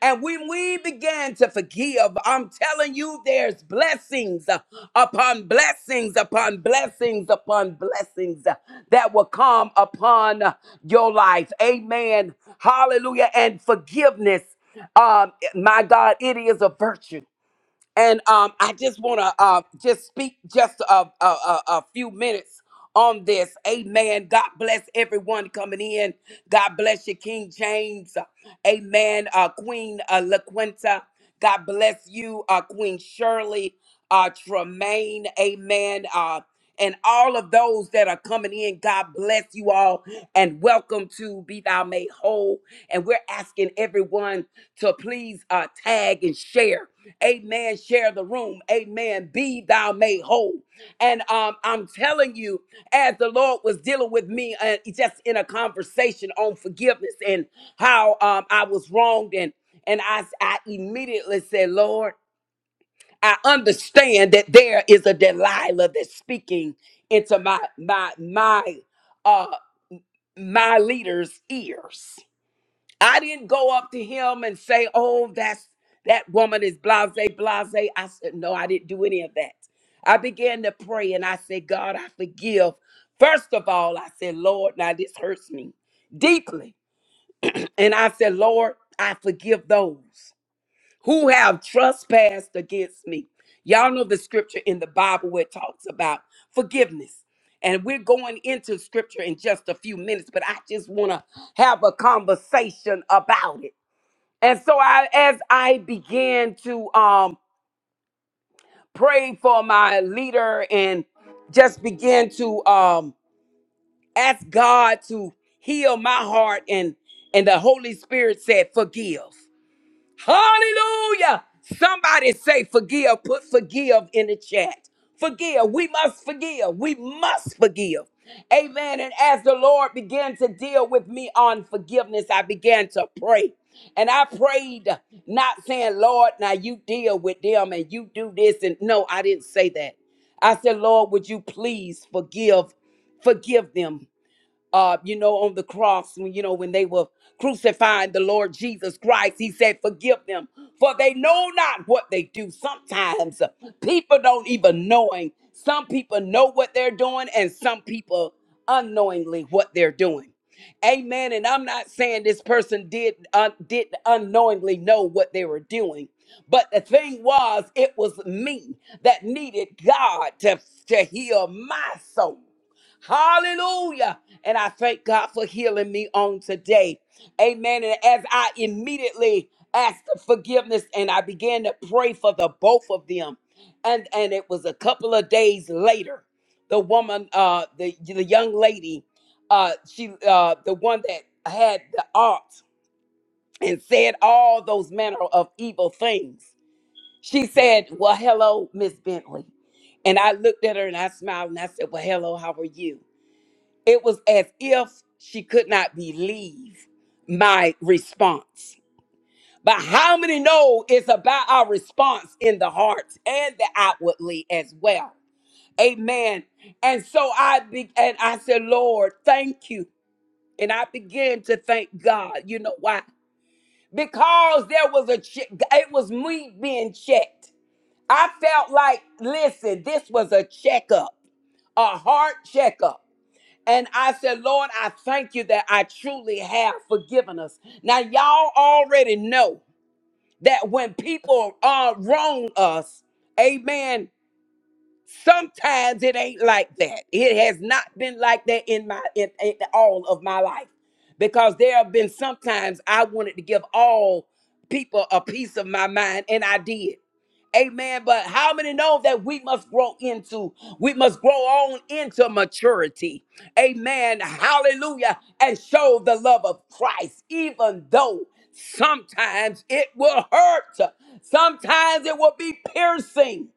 Speaker 1: And when we began to forgive, I'm telling you there's blessings upon blessings upon blessings upon blessings that will come upon your life. Amen. Hallelujah. And forgiveness um my god it is a virtue and um i just want to uh just speak just a, a a a few minutes on this amen god bless everyone coming in god bless you king james amen uh queen uh laquinta god bless you uh queen shirley uh, Tremaine, amen, uh, and all of those that are coming in. God bless you all and welcome to Be Thou Made Whole. And we're asking everyone to please uh, tag and share. Amen. Share the room. Amen. Be thou made whole. And um, I'm telling you, as the Lord was dealing with me uh, just in a conversation on forgiveness and how um, I was wronged, and and I I immediately said, Lord. I understand that there is a Delilah that's speaking into my my my uh my leader's ears. I didn't go up to him and say, "Oh, that's that woman is blase blase." I said, "No, I didn't do any of that." I began to pray and I said, "God, I forgive." First of all, I said, "Lord, now this hurts me deeply." And I said, "Lord, I forgive those." who have trespassed against me. Y'all know the scripture in the Bible where it talks about forgiveness. And we're going into scripture in just a few minutes, but I just want to have a conversation about it. And so I as I began to um pray for my leader and just began to um ask God to heal my heart and and the Holy Spirit said forgive. Hallelujah. Somebody say forgive. Put forgive in the chat. Forgive. We must forgive. We must forgive. Amen. And as the Lord began to deal with me on forgiveness, I began to pray. And I prayed, not saying, Lord, now you deal with them and you do this. And no, I didn't say that. I said, Lord, would you please forgive, forgive them uh, you know, on the cross, when you know, when they were crucifying the Lord Jesus Christ, he said, Forgive them, for they know not what they do. Sometimes uh, people don't even knowing. Some people know what they're doing, and some people unknowingly what they're doing. Amen. And I'm not saying this person did uh, did unknowingly know what they were doing, but the thing was, it was me that needed God to, to heal my soul. Hallelujah. And I thank God for healing me on today. Amen. And as I immediately asked for forgiveness and I began to pray for the both of them. And and it was a couple of days later, the woman, uh, the the young lady, uh, she uh the one that had the art and said all those manner of evil things. She said, Well, hello, Miss Bentley. And I looked at her and I smiled and I said, Well, hello, how are you? It was as if she could not believe my response. But how many know it's about our response in the heart and the outwardly as well? Amen. And so I be- and I said, Lord, thank you. And I began to thank God. You know why? Because there was a check. It was me being checked. I felt like, listen, this was a checkup, a heart checkup. And I said, Lord, I thank you that I truly have forgiven us. Now, y'all already know that when people uh, wrong us, amen. Sometimes it ain't like that. It has not been like that in my in, in all of my life. Because there have been sometimes I wanted to give all people a piece of my mind and I did. Amen. But how many know that we must grow into, we must grow on into maturity. Amen. Hallelujah. And show the love of Christ, even though sometimes it will hurt. Sometimes it will be piercing.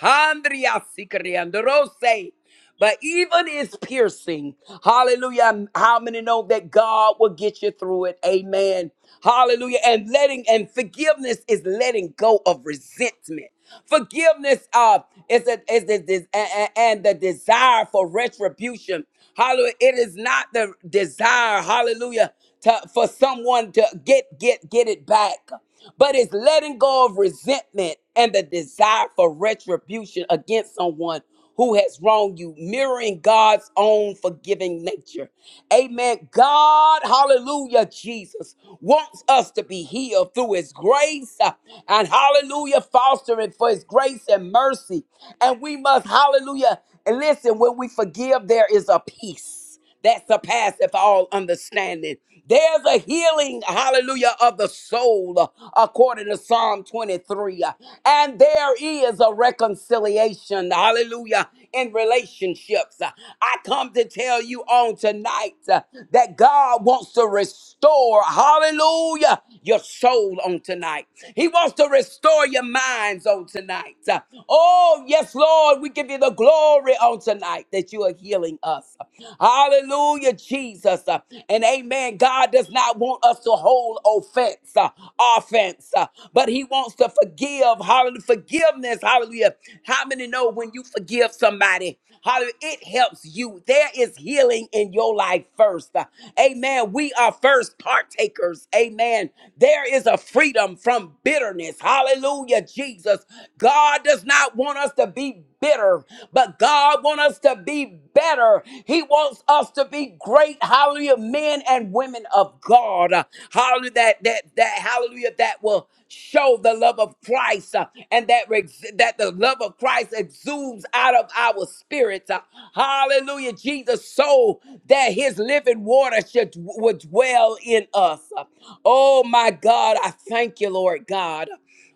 Speaker 1: Handria sikriandrose. But even is piercing, hallelujah. How many know that God will get you through it? Amen. Hallelujah. And letting and forgiveness is letting go of resentment. Forgiveness uh, is, a, is the, des- a- a- and the desire for retribution. Hallelujah. It is not the desire, hallelujah to, for someone to get get get it back but it's letting go of resentment and the desire for retribution against someone who has wronged you mirroring god's own forgiving nature amen god hallelujah jesus wants us to be healed through his grace uh, and hallelujah fostering for his grace and mercy and we must hallelujah and listen when we forgive there is a peace peace that surpasseth all understanding. There's a healing, hallelujah, of the soul, uh, according to Psalm 23. uh, And there is a reconciliation, hallelujah, in relationships. Uh, I come to tell you on tonight uh, that God wants to restore, hallelujah, your soul on tonight. He wants to restore your minds on tonight. Uh, Oh, yes, Lord, we give you the glory on tonight that you are healing us. Hallelujah, Jesus. Uh, And amen. God does not want us to hold offense, uh, offense, uh, but He wants to forgive. Hallelujah. Forgiveness. Hallelujah. How many know when you forgive somebody? Hallelujah. It helps you. There is healing in your life first. Uh, Amen. We are first partakers. Amen. There is a freedom from bitterness. Hallelujah, Jesus. God does not want us to be bitter, but God wants us to be better. He wants us to be great, hallelujah, men and women of God. Uh, Hallelujah, that that that hallelujah that will show the love of Christ uh, and that ex- that the love of Christ exudes out of our spirits. Uh, Hallelujah, Jesus, so that his living water should would dwell in us. Uh, Oh my God, I thank you, Lord God.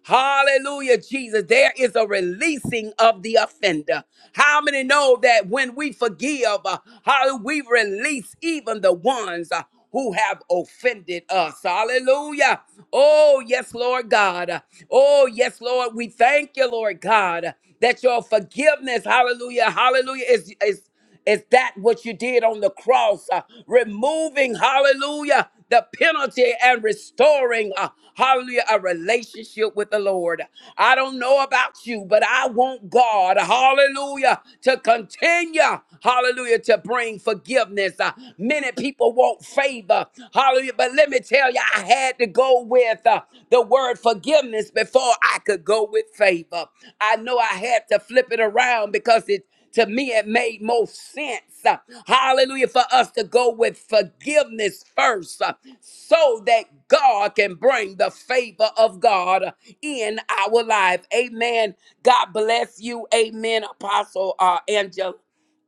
Speaker 1: Hallelujah, Jesus. There is a releasing of the offender. How many know that when we forgive, uh, how we release even the ones uh, who have offended us? Hallelujah. Oh, yes, Lord God. Oh, yes, Lord. We thank you, Lord God, that your forgiveness, hallelujah, hallelujah, is. is is that what you did on the cross? uh, removing, hallelujah, the penalty and restoring, uh, hallelujah, a relationship with the Lord. I don't know about you, but I want God, hallelujah, to continue, hallelujah, to bring forgiveness. Uh, many people want favor, hallelujah, but let me tell you, I had to go with uh, the word forgiveness before I could go with favor. I know I had to flip it around because it to me, it made most sense, uh, hallelujah, for us to go with forgiveness first uh, so that God can bring the favor of God uh, in our life. Amen. God bless you. Amen, Apostle uh, Angela.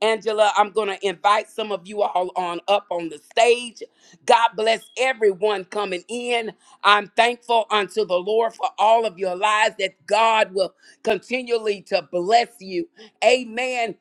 Speaker 1: Angela, I'm going to invite some of you all on up on the stage. God bless everyone coming in. I'm thankful unto the Lord for all of your lives that God will continually to bless you. Amen.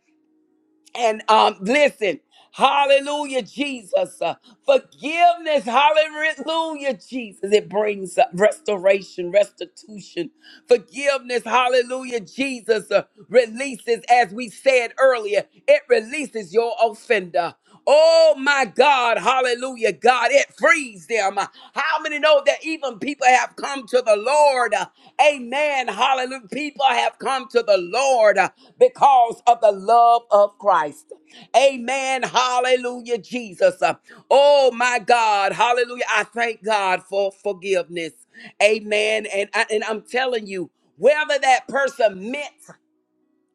Speaker 1: And um, listen, hallelujah, Jesus. Uh, forgiveness, hallelujah, Jesus. It brings uh, restoration, restitution. Forgiveness, hallelujah, Jesus uh, releases, as we said earlier, it releases your offender. Oh my God, hallelujah. God, it frees them. How many know that even people have come to the Lord? Amen. Hallelujah. People have come to the Lord because of the love of Christ. Amen. Hallelujah, Jesus. Oh my God, hallelujah. I thank God for forgiveness. Amen. And, I, and I'm telling you, whether that person meant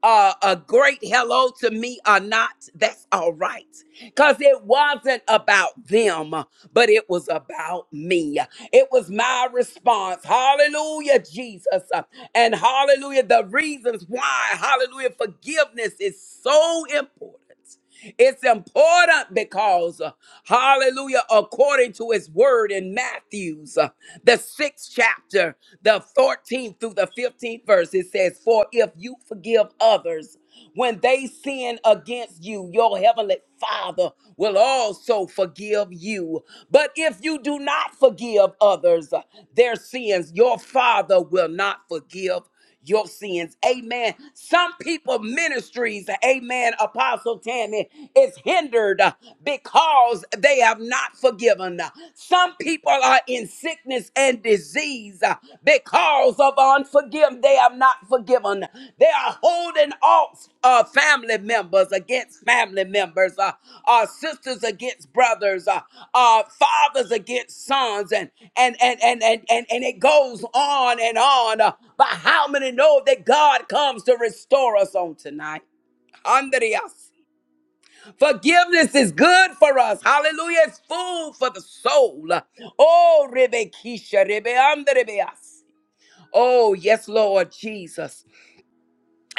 Speaker 1: uh, a great hello to me or not, that's all right. Because it wasn't about them, but it was about me. It was my response. Hallelujah, Jesus. Uh, And hallelujah, the reasons why, hallelujah, forgiveness is so important. It's important because, uh, hallelujah, according to his word in Matthew's, uh, the sixth chapter, the 14th through the 15th verse, it says, For if you forgive others when they sin against you, your heavenly Father will also forgive you. But if you do not forgive others uh, their sins, your Father will not forgive your sins. Amen. Some people ministries, amen, Apostle Tammy, is hindered uh, because they have not forgiven. Some people are in sickness and disease uh, because of unforgiveness. They have not forgiven. They are holding off uh, family members against family members, uh, uh, sisters against brothers, uh, uh, fathers against sons, and and and and and and, and it goes on and on. uh, but how many know that God comes to restore us on tonight? Andreas. Forgiveness is good for us. Hallelujah. It's food for the soul. Oh, Rebekisha, Rebeandrebeas. Oh, yes, Lord Jesus.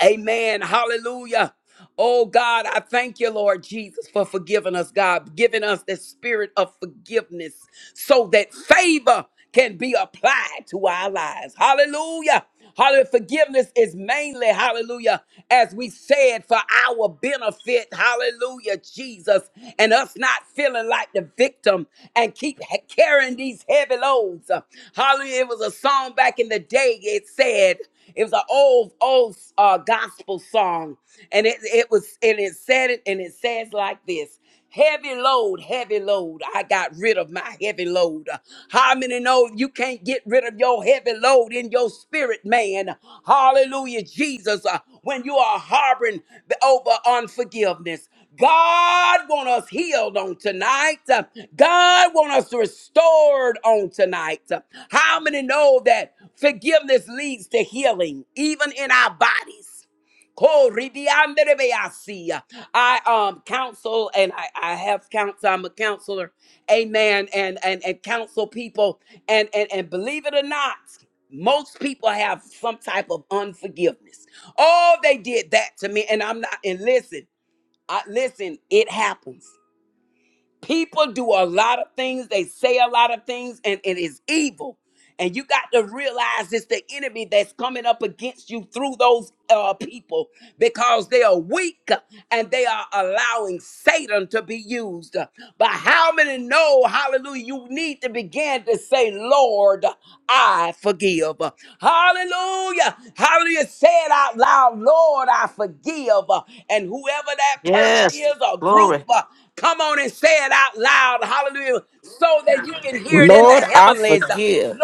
Speaker 1: Amen. Hallelujah. Oh God, I thank you, Lord Jesus, for forgiving us, God, giving us the spirit of forgiveness so that favor can be applied to our lives. Hallelujah. Hallelujah. Forgiveness is mainly, hallelujah, as we said, for our benefit. Hallelujah, Jesus and us not feeling like the victim and keep ha- carrying these heavy loads. Uh, Hallelujah. It was a song back in the day. It said, it was an old, old uh, gospel song. And it, it was, and it said it, and it says like this. Heavy load, heavy load. I got rid of my heavy load. How many know you can't get rid of your heavy load in your spirit, man? Hallelujah, Jesus. Uh, When you are harboring the- over unforgiveness, God want us healed on tonight. Uh, God want us restored on tonight. Uh, How many know that forgiveness leads to healing, even in our bodies? Koridianderebeasi. I um counsel and I, I have counsel. I'm a counselor, amen, and and and counsel people. And and and believe it or not, most people have some type of unforgiveness. Oh, they did that to me, and I'm not. And listen. I, listen, it happens. People do a lot of things, they say a lot of things, and it is evil. And you got to realize it's the enemy that's coming up against you through those uh, people because they are weak and they are allowing Satan to be used. But how many know, hallelujah, you need to begin to say, Lord, I forgive. Hallelujah. Hallelujah. Say it out loud, Lord, I forgive. And whoever that person
Speaker 2: yes.
Speaker 1: is or group,
Speaker 2: Glory.
Speaker 1: Come on and say it out loud. Hallelujah. So that you can hear it in the
Speaker 3: Yes,
Speaker 6: Lord, I
Speaker 1: heavenlies.
Speaker 6: forgive.
Speaker 1: Lord,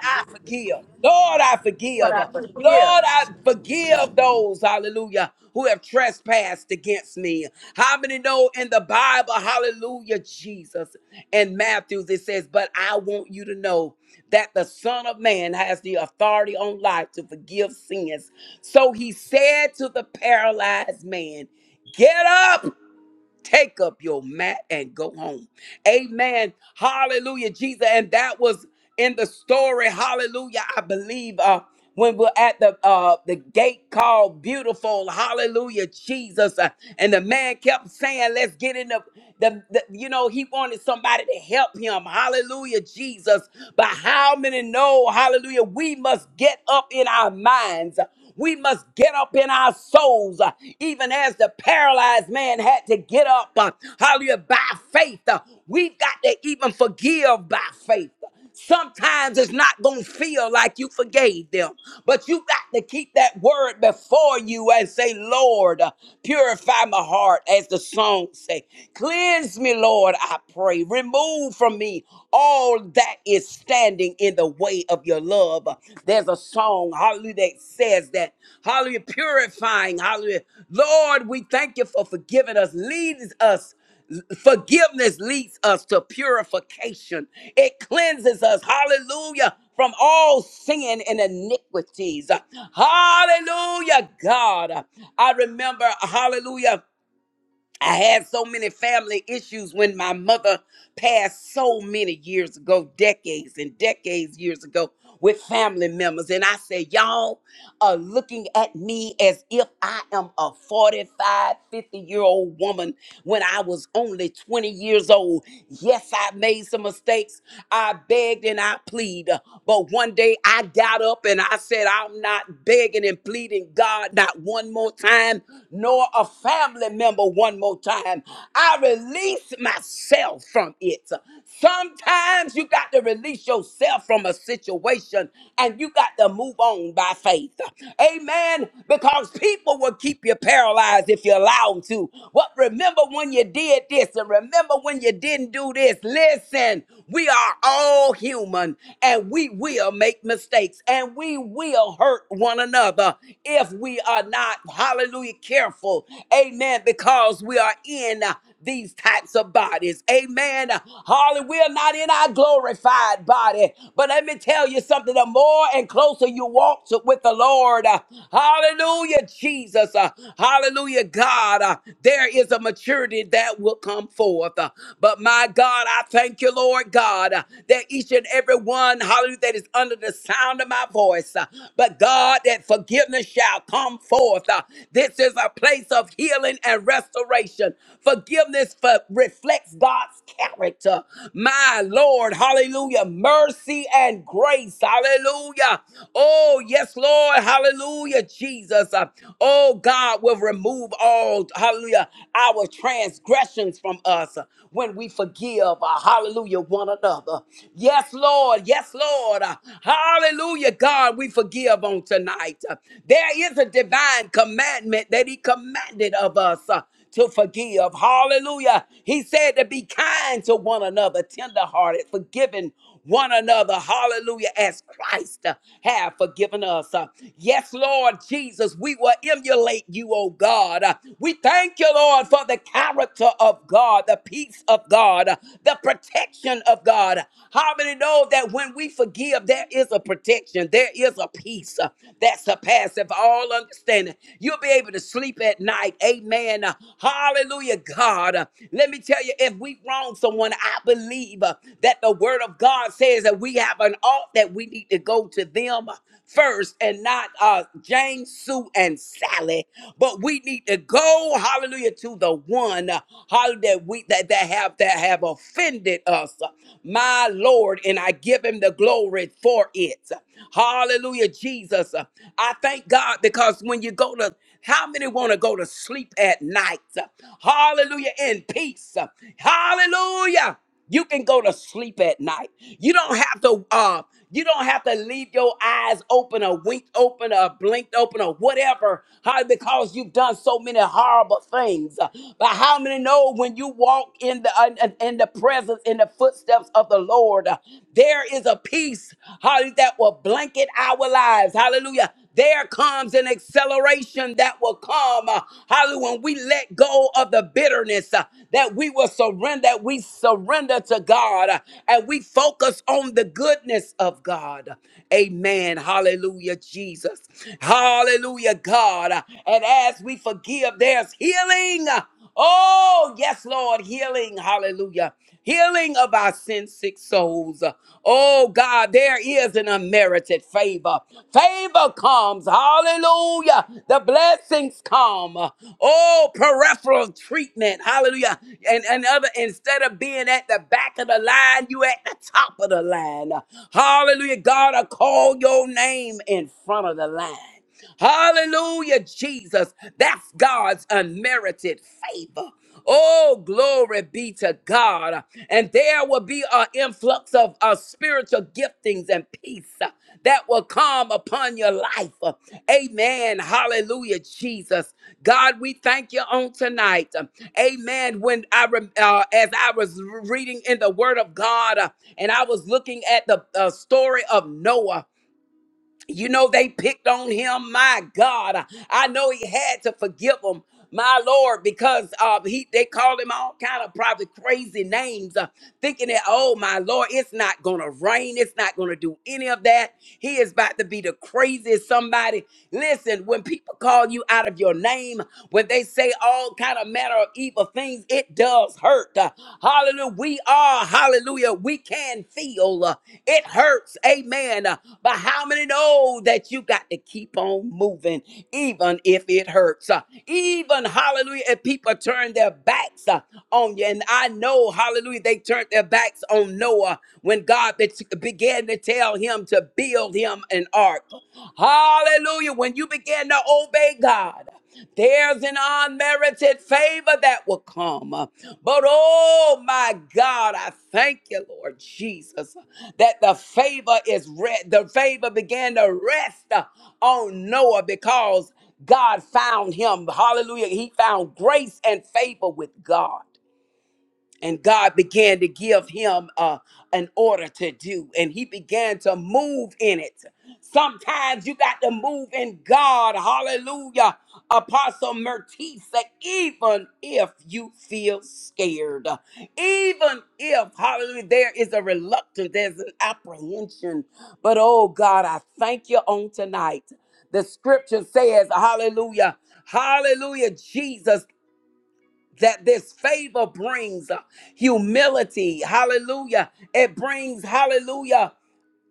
Speaker 1: I forgive. Lord, I
Speaker 3: What
Speaker 1: forgive.
Speaker 3: I could hear.
Speaker 1: Lord, I forgive those, hallelujah, who have trespassed against me. How many know in the Bible, hallelujah, Jesus in Matthews, it says, But I want you to know that the Son of Man has the authority on life to forgive sins. So he said to the paralyzed man, Get up. Take up your mat and go home. Amen. Hallelujah, Jesus. And that was in the story. Hallelujah. I believe uh, when we're at the uh, the gate called Beautiful. Hallelujah, Jesus. Uh, and the man kept saying, "Let's get in the, the the." You know, he wanted somebody to help him. Hallelujah, Jesus. But how many know? Hallelujah. We must get up in our minds. We must get up in our souls, uh, even as the paralyzed man had to get up. Uh, hallelujah, by faith. Uh, we've got to even forgive by faith. Sometimes it's not going to feel like you forgave them, but you got to keep that word before you and say, Lord, uh, purify my heart, as the song say. Cleanse me, Lord, I pray. Remove from me all all that is standing in the way of your love. There's a song, hallelujah, that says that, hallelujah, purifying, hallelujah. Lord, we thank you for forgiving us, leads us. Forgiveness leads us to purification. It cleanses us, hallelujah, from all sin and iniquities. Hallelujah, God. I remember, hallelujah. I had so many family issues when my mother passed so many years ago, decades and decades years ago, with family members. And I said, Y'all are looking at me as if I am a 4550 year old woman when I was only 20 years old. Yes, I made some mistakes. I begged and I plead. But one day I got up and I said, I'm not begging and pleading God not one more time son nor a family member one more time. I release myself from it. Sometimes you got to release yourself from a situation and you got to move on by faith. Amen. Because people will keep you paralyzed if you allow them to. What remember when you did this and remember when you didn't do this. Listen, we are all human and we will make mistakes and we will hurt one another if we are not, hallelujah, careful. Amen. Because we are in uh, these types of bodies. Amen. Hallelujah. We are not in our glorified body. But let me tell you something the more and closer you walk to, with the Lord, uh, hallelujah, Jesus, uh, hallelujah, God, uh, there is a maturity that will come forth. Uh, but my God, I thank you, Lord God, uh, that each and every one, hallelujah, that is under the sound of my voice voice. uh, But God, that forgiveness shall come forth. Uh, This is a place of healing and restoration. Forgiveness for, reflects God's character. My Lord, hallelujah. Mercy and grace, hallelujah. Oh, yes, Lord, hallelujah, Jesus. Uh, Oh, God will remove all, hallelujah, our transgressions from us uh, when we forgive, uh, hallelujah, one another. Yes, Lord. Yes, Lord. Hallelujah. God, we forgive on tonight. There is a divine commandment that He commanded of us uh, to forgive. Hallelujah. He said to be kind to one another, tenderhearted, forgiving one another. Hallelujah. As Christ uh, have forgiven us. Uh, Yes, Lord Jesus, we will emulate you, oh God. Uh, We thank you, Lord, for the character of God, the peace of God, uh, the protection protection of God. How many know that when we forgive, there is a protection, there is a peace uh, that surpasses all understanding. You'll be able to sleep at night. Amen. Uh, Hallelujah, God. Uh, Let me tell you, if we wrong someone, I believe uh, that the word of God says that we have an ought that we need to go to them first and not uh Jane, Sue, and Sally, but we need to go, hallelujah, to the one, uh, hallelujah, we that. we, that, that have that have offended us, my Lord, and I give him the glory for it. Hallelujah, Jesus. I thank God because when you go to how many want to go to sleep at night? Hallelujah, in peace. Hallelujah. You can go to sleep at night. You don't have to uh you don't have to leave your eyes open or wink open or blinked open or whatever. How because you've done so many horrible things. But how many know when you walk in the in, in the presence in the footsteps of the Lord, uh, there is a peace how that will blanket our lives. Hallelujah there comes an acceleration that will come. uh, Hallelujah. When we let go of the bitterness, uh, that we will surrender, we surrender to God uh, and we focus on the goodness of God. Amen. Hallelujah, Jesus. Hallelujah, God. And as we forgive, there's healing. uh, Oh, yes, Lord, healing, hallelujah, healing of our sin sick souls. Oh, God, there is an unmerited favor. Favor comes, hallelujah. The blessings come. Oh, peripheral treatment, hallelujah. And another, instead of being at the back of the line, you at the top of the line. Hallelujah, God, I call your name in front of the line. Hallelujah, Jesus. That's God's unmerited favor. Oh, glory be to God. And there will be an influx of uh, spiritual giftings and peace uh, that will come upon your life. Uh, Amen. Hallelujah, Jesus. God, we thank you on tonight. Um, Amen. When I, rem- uh, as I was reading in the Word of God, uh, and I was looking at the uh, story of Noah. You know, they picked on him. My God, I know he had to forgive them. My Lord, because uh, he they called him all kind of probably crazy names, uh, thinking that, oh my Lord, it's not gonna rain, it's not gonna do any of that. He is about to be the craziest somebody. Listen, when people call you out of your name, when they say all kind of matter of evil things, it does does hurt. Uh, Hallelujah. We are, hallelujah, we can feel. uh, It hurts. Amen. Uh, But how many know that you got to keep on moving, even if it hurts? Uh, Even, hallelujah, if people turn their backs uh, on you. And I know, hallelujah, they turned their backs on Noah when God bet- began to tell him to build him an ark heart. Hallelujah. When you begin to obey God, there's an unmerited favor that will come. But oh my God, I thank you, Lord Jesus, that the favor is re- the favor began to rest on Noah because God found him. Hallelujah. He found grace and favor with God and God began to give him uh, an order to do, and he began to move in it. Sometimes you got to move in God, hallelujah, Apostle Mertisa, even if you feel scared, even if, hallelujah, there is a reluctance, there's an apprehension. But oh God, I thank you on tonight. The scripture says, hallelujah, hallelujah, Jesus that this favor brings uh, humility. Hallelujah. It brings, hallelujah,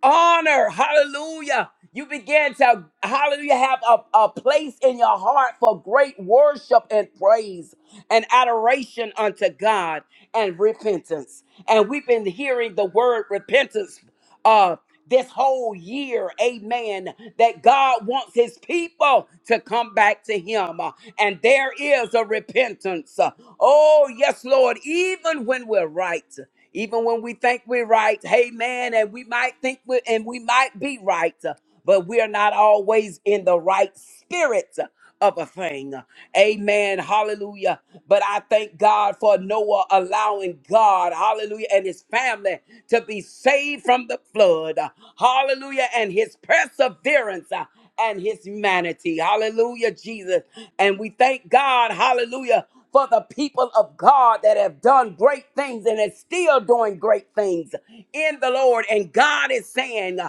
Speaker 1: honor. Hallelujah. You began to, hallelujah, have a, a place in your heart for great worship and praise and adoration unto God and repentance. And we've been hearing the word repentance uh, this whole year, amen, that God wants his people to come back to him. Uh, And there is a repentance. Uh, Oh, yes, Lord, even when we're right. Even when we think we're right, amen, and we might think we and we might be right but we are not always in the right spirit of a thing. Amen. Hallelujah. But I thank God for Noah allowing God, hallelujah, and his family to be saved from the flood. Hallelujah. And his perseverance and his humanity. Hallelujah, Jesus. And we thank God, hallelujah, for the people of God that have done great things and is still doing great things in the Lord. And God is saying,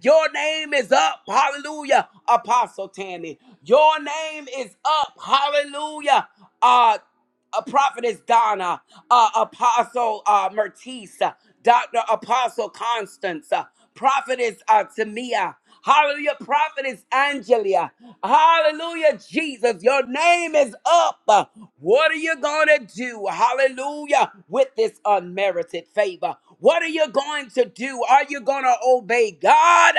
Speaker 1: Your name is up. Hallelujah, Apostle Tammy. Your name is up. Hallelujah. Uh, a prophetess Donna, uh, apostle uh, Mertice, uh, Dr. Apostle Constance, uh, prophetess uh, Tamia, hallelujah, prophetess Angelia, hallelujah, Jesus, your name is up. Uh, What are you going to do, hallelujah, with this unmerited favor? What are you going to do? Are you going to obey God?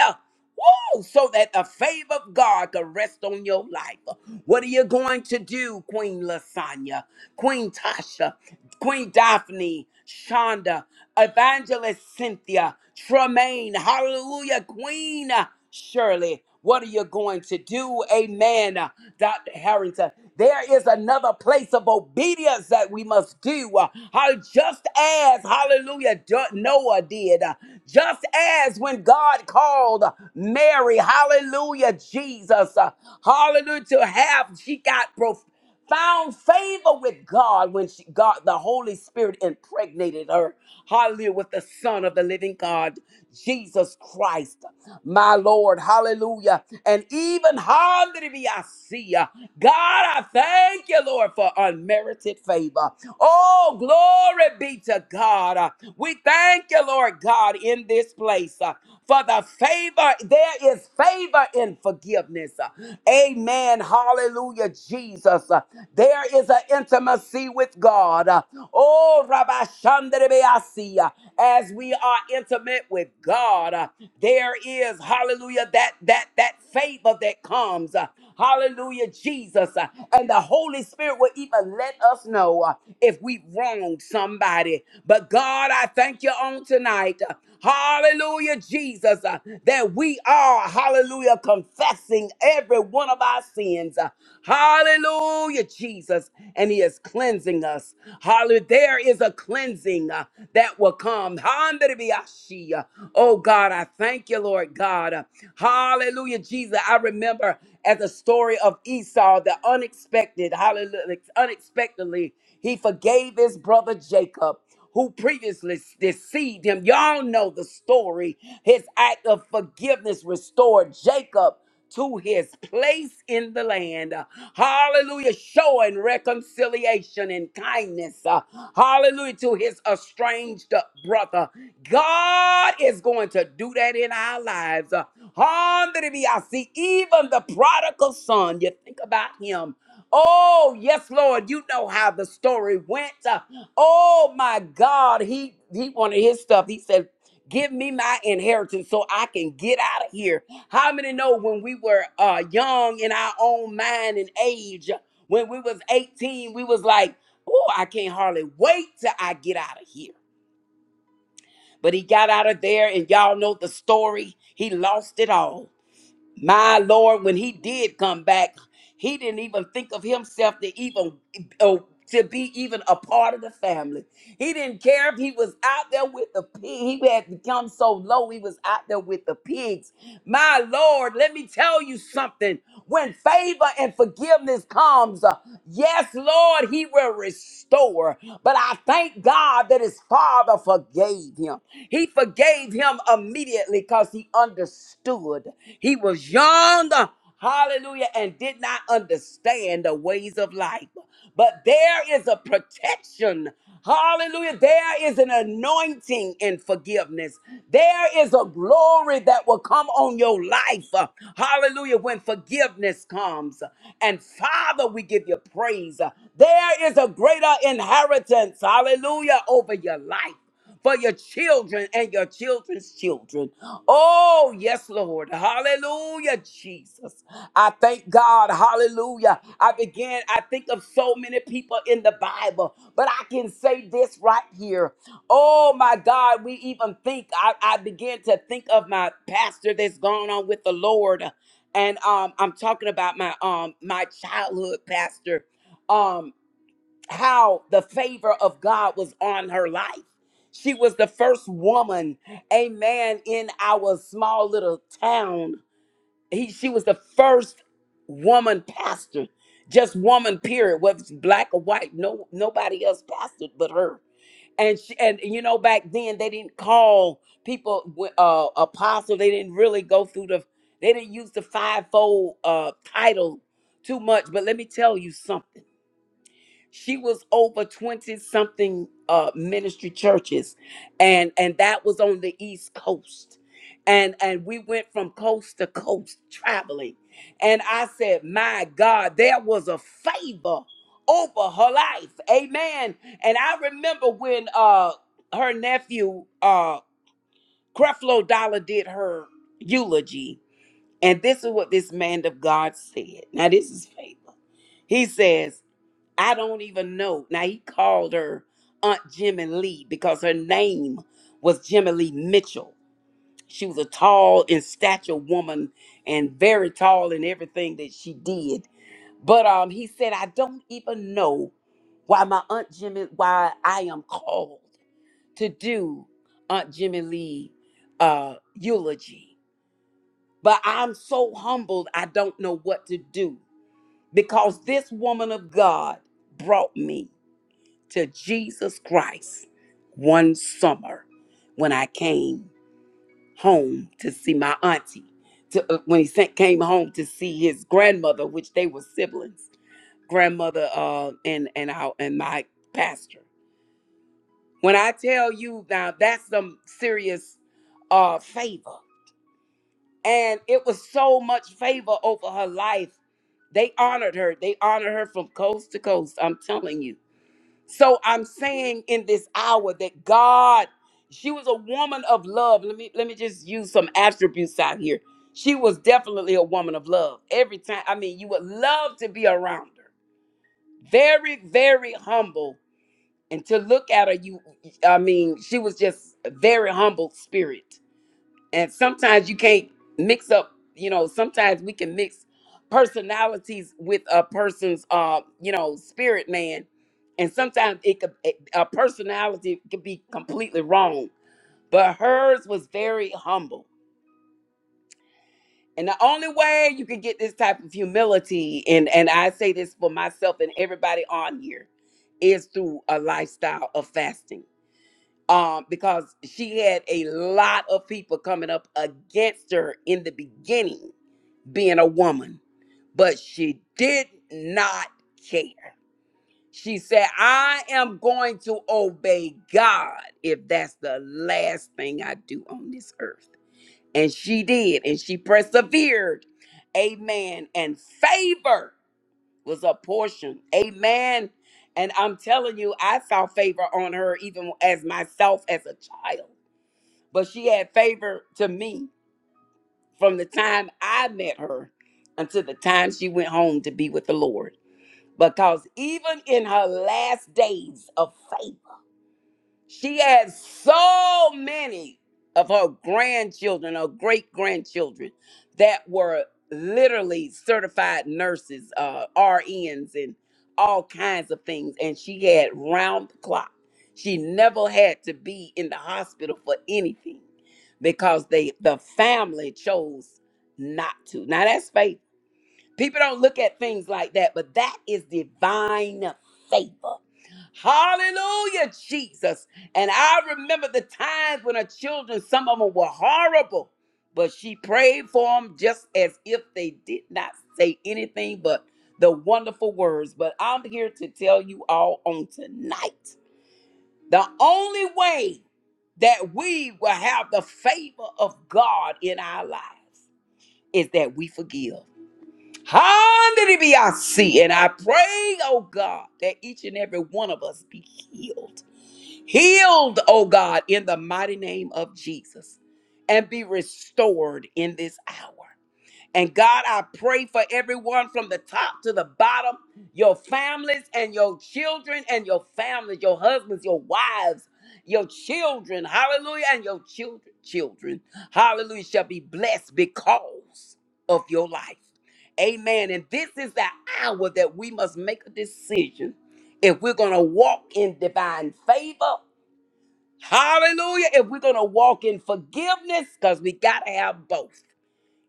Speaker 1: Woo! So that the favor of God could rest on your life. What are you going to do, Queen Lasagna, Queen Tasha, Queen Daphne, Shonda, Evangelist Cynthia, Tremaine, Hallelujah, Queen Shirley? What are you going to do? Amen, uh, Dr. Harrington. There is another place of obedience that we must do. uh, how- Just as, hallelujah, Do- Noah did. uh, Just as when God called Mary, hallelujah, Jesus, uh, hallelujah, to have, she got prof found favor with God when she God the Holy Spirit impregnated her. Hallelujah with the Son of the Living God, Jesus Christ, my Lord. Hallelujah. And even hallelujah. I see ya. God, I thank you, Lord, for unmerited favor. Oh, glory be to God. Uh, We thank you, Lord God, in this place uh, for the favor. There is favor in and forgiveness. Amen. Hallelujah, Jesus. There is an intimacy with God. Oh, Rabbi Shandrebeasi, as we are intimate with God, there is, hallelujah, that, that, that favor that comes. Hallelujah, Jesus. And the Holy Spirit will even let us know if we wronged somebody. But God, I thank you on tonight. Hallelujah, Jesus, uh, that we are, hallelujah, confessing every one of our sins. uh, Hallelujah, Jesus. And he is cleansing us. Hallelujah. There is a cleansing uh, that will come. Handerebiashi, uh, Oh God, I thank you, Lord God. Uh, Hallelujah, Jesus. I remember as a story of Esau, the unexpected, hallelujah, unexpectedly, he forgave his brother Jacob who previously deceived him. Y'all know the story. His act of forgiveness restored Jacob to his place in the land. Hallelujah. Showing reconciliation and kindness. Uh, Hallelujah to his estranged brother. God is going to do that in our lives. Uh, Hallelujah. I see even the prodigal son. You think about him. Oh, yes, Lord, you know how the story went. Uh, Oh my God, he he wanted his stuff. He said, "Give me my inheritance so I can get out of here." How many know when we were uh young in our own mind and age, when we was 18, we was like, "Oh, I can't hardly wait till I get out of here." But he got out of there and y'all know the story. He lost it all. My Lord, when he did come back, he didn't even think of himself to even uh, to be even a part of the family. He didn't care if he was out there with the pig. He had become so low, he was out there with the pigs. My Lord, let me tell you something. When favor and forgiveness comes, uh, yes, Lord, he will restore. But I thank God that his father forgave him. He forgave gave him immediately because he understood. He was young, hallelujah, and did not understand the ways of life. But there is a protection. Hallelujah. There is an anointing in forgiveness. There is a glory that will come on your life. uh, Hallelujah. When forgiveness comes. And Father, we give you praise. There is a greater inheritance. Hallelujah. Over your life for your children and your children's children. Oh, yes, Lord. Hallelujah, Jesus. I thank God. Hallelujah. I began, I think of so many people in the Bible, but I can say this right here. Oh, my God. We even think, I, I began to think of my pastor that's gone on with the Lord. And um, I'm talking about my um my childhood pastor. Um, how the favor of God was on her life. She was the first woman, amen, in our small little town. He, she was the first woman pastor, just woman period, whether it's black or white, no nobody else pastored but her. And she, and you know back then they didn't call people wi- uh, apostle. They didn't really go through the. They didn't use the fivefold uh, title too much. But let me tell you something she was over 20 something uh ministry churches and and that was on the east coast and and we went from coast to coast traveling and i said my god there was a favor over her life amen and i remember when uh her nephew uh creflo dollar did her eulogy and this is what this man of god said now this is favor he says I don't even know. Now he called her Aunt Jimmy Lee because her name was Jimmy Lee Mitchell. She was a tall in stature woman and very tall in everything that she did. But um, he said, I don't even know why my Aunt Jimmy, why I am called to do Aunt Jimmy Lee uh, eulogy. But I'm so humbled, I don't know what to do because this woman of God brought me to Jesus Christ one summer when I came home to see my auntie. To, uh, when he sent, came home to see his grandmother, which they were siblings, grandmother uh, and and our and my pastor. When I tell you now, that's some serious uh, favor, and it was so much favor over her life. They honored her. They honored her from coast to coast. I'm telling you. So I'm saying in this hour that God, she was a woman of love. Let me let me just use some attributes out here. She was definitely a woman of love. Every time, I mean, you would love to be around her. Very, very humble. And to look at her, you I mean, she was just a very humble spirit and sometimes you can't mix up you know sometimes we can mix personalities with a person's uh you know spirit man and sometimes it could it- a personality could be completely wrong but hers was very humble and the only way you can get this type of humility and and i say this for myself and everybody on here is through a lifestyle of fasting um, because she had a lot of people coming up against her in the beginning. being a woman, but she did not care. She said, I am going to obey God if that's the last thing I do on this earth. And she did, and she persevered. Amen. And favor was a portion. Amen. And I'm telling you, I saw favor on her even as myself as a child, but she had favor to me from the time I met her until the time she went home to be with the Lord. Because even in her last days of faith, she had so many of her grandchildren, her great grandchildren, that were literally certified nurses, uh, RNs, and all kinds of things. And she had round the clock. She never had to be in the hospital for anything because they the family chose not to. Now that's faith. People don't look at things like that, but that is divine favor. Hallelujah, Jesus. And I remember the times when her children, some of them were horrible, but she prayed for them just as if they did not say anything but the wonderful words. But I'm here to tell you all on tonight the only way that we will have the favor of God in our lives is that we forgive. Handiribiasi. And I pray, oh God, that each and every one of us be healed. Healed, oh God, in the mighty name of Jesus. And be restored in this hour. And God, I pray for everyone from the top to the bottom, your families and your children and your families, your husbands, your wives, your children, hallelujah, and your children, children, hallelujah, shall be blessed because of your life. Amen. And this is the hour that we must make a decision if we're going to walk in divine favor. Hallelujah. If we're going to walk in forgiveness, because we got to have both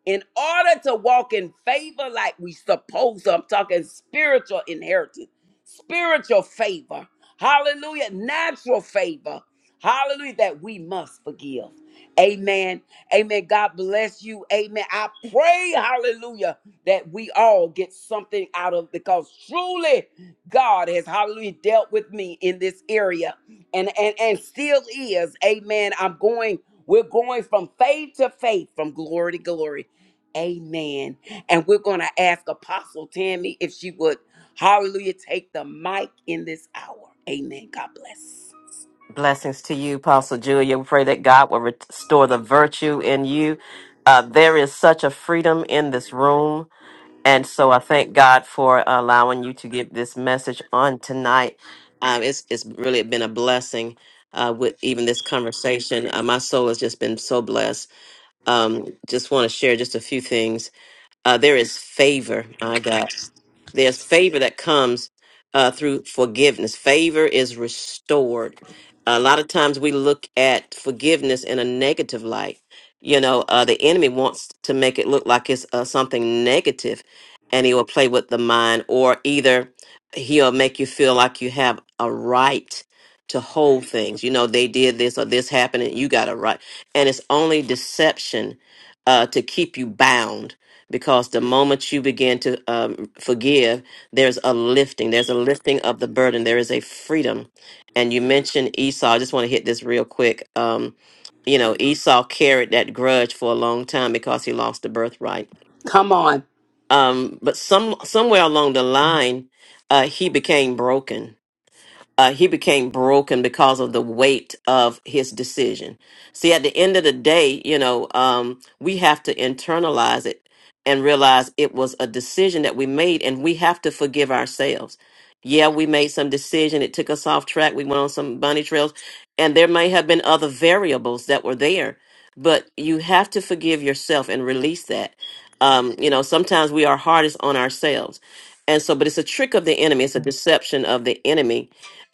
Speaker 1: in order to walk in favor like we supposed to, I'm talking spiritual inheritance, spiritual favor, hallelujah, natural favor, hallelujah, that we must forgive. Amen. Amen. God bless you. Amen. I pray, hallelujah, that we all get something out of because truly God has hallelujah dealt with me in this area and and and still is. Amen. I'm going we're going from faith to faith, from glory to glory. Amen. And we're going to ask Apostle Tammy if she would hallelujah take the mic in this hour. Amen. God bless.
Speaker 2: Blessings to you, Apostle Julia. We pray that God will restore the virtue in you. Uh, there is such a freedom in this room. And so I thank God for allowing you to give this message on tonight. Um, it's, it's really been a blessing uh, with even this conversation. Uh, my soul has just been so blessed. Um, just want to share just a few things. Uh, there is favor, my God. There's favor that comes uh, through forgiveness. Favor is restored. A lot of times we look at forgiveness in a negative light. You know, uh, the enemy wants to make it look like it's uh, something negative, and he will play with the mind, or either he'll make you feel like you have a right to hold things. You know, they did this or this happened, and you got a right. And it's only deception uh, to keep you bound because the moment you begin to um, forgive, there's a lifting. There's a lifting of the burden. There is a freedom. And you mentioned Esau. I just want to hit this real quick. Um, you know, Esau carried that grudge for a long time because he lost the birthright.
Speaker 1: Come on.
Speaker 2: Um, but some somewhere along the line, uh, he became broken uh, he became broken because of the weight of his decision. See, at the end of the day, you know, um, we have to internalize it and realize it was a decision that we made, and we have to forgive ourselves. Yeah, we made some decision. It took us off track. We went on some bunny trails, and there may have been other variables that were there, but you have to forgive yourself and release that. Um, you know, sometimes we are hardest on ourselves. And so, but it's a trick of the enemy, it's a deception of the enemy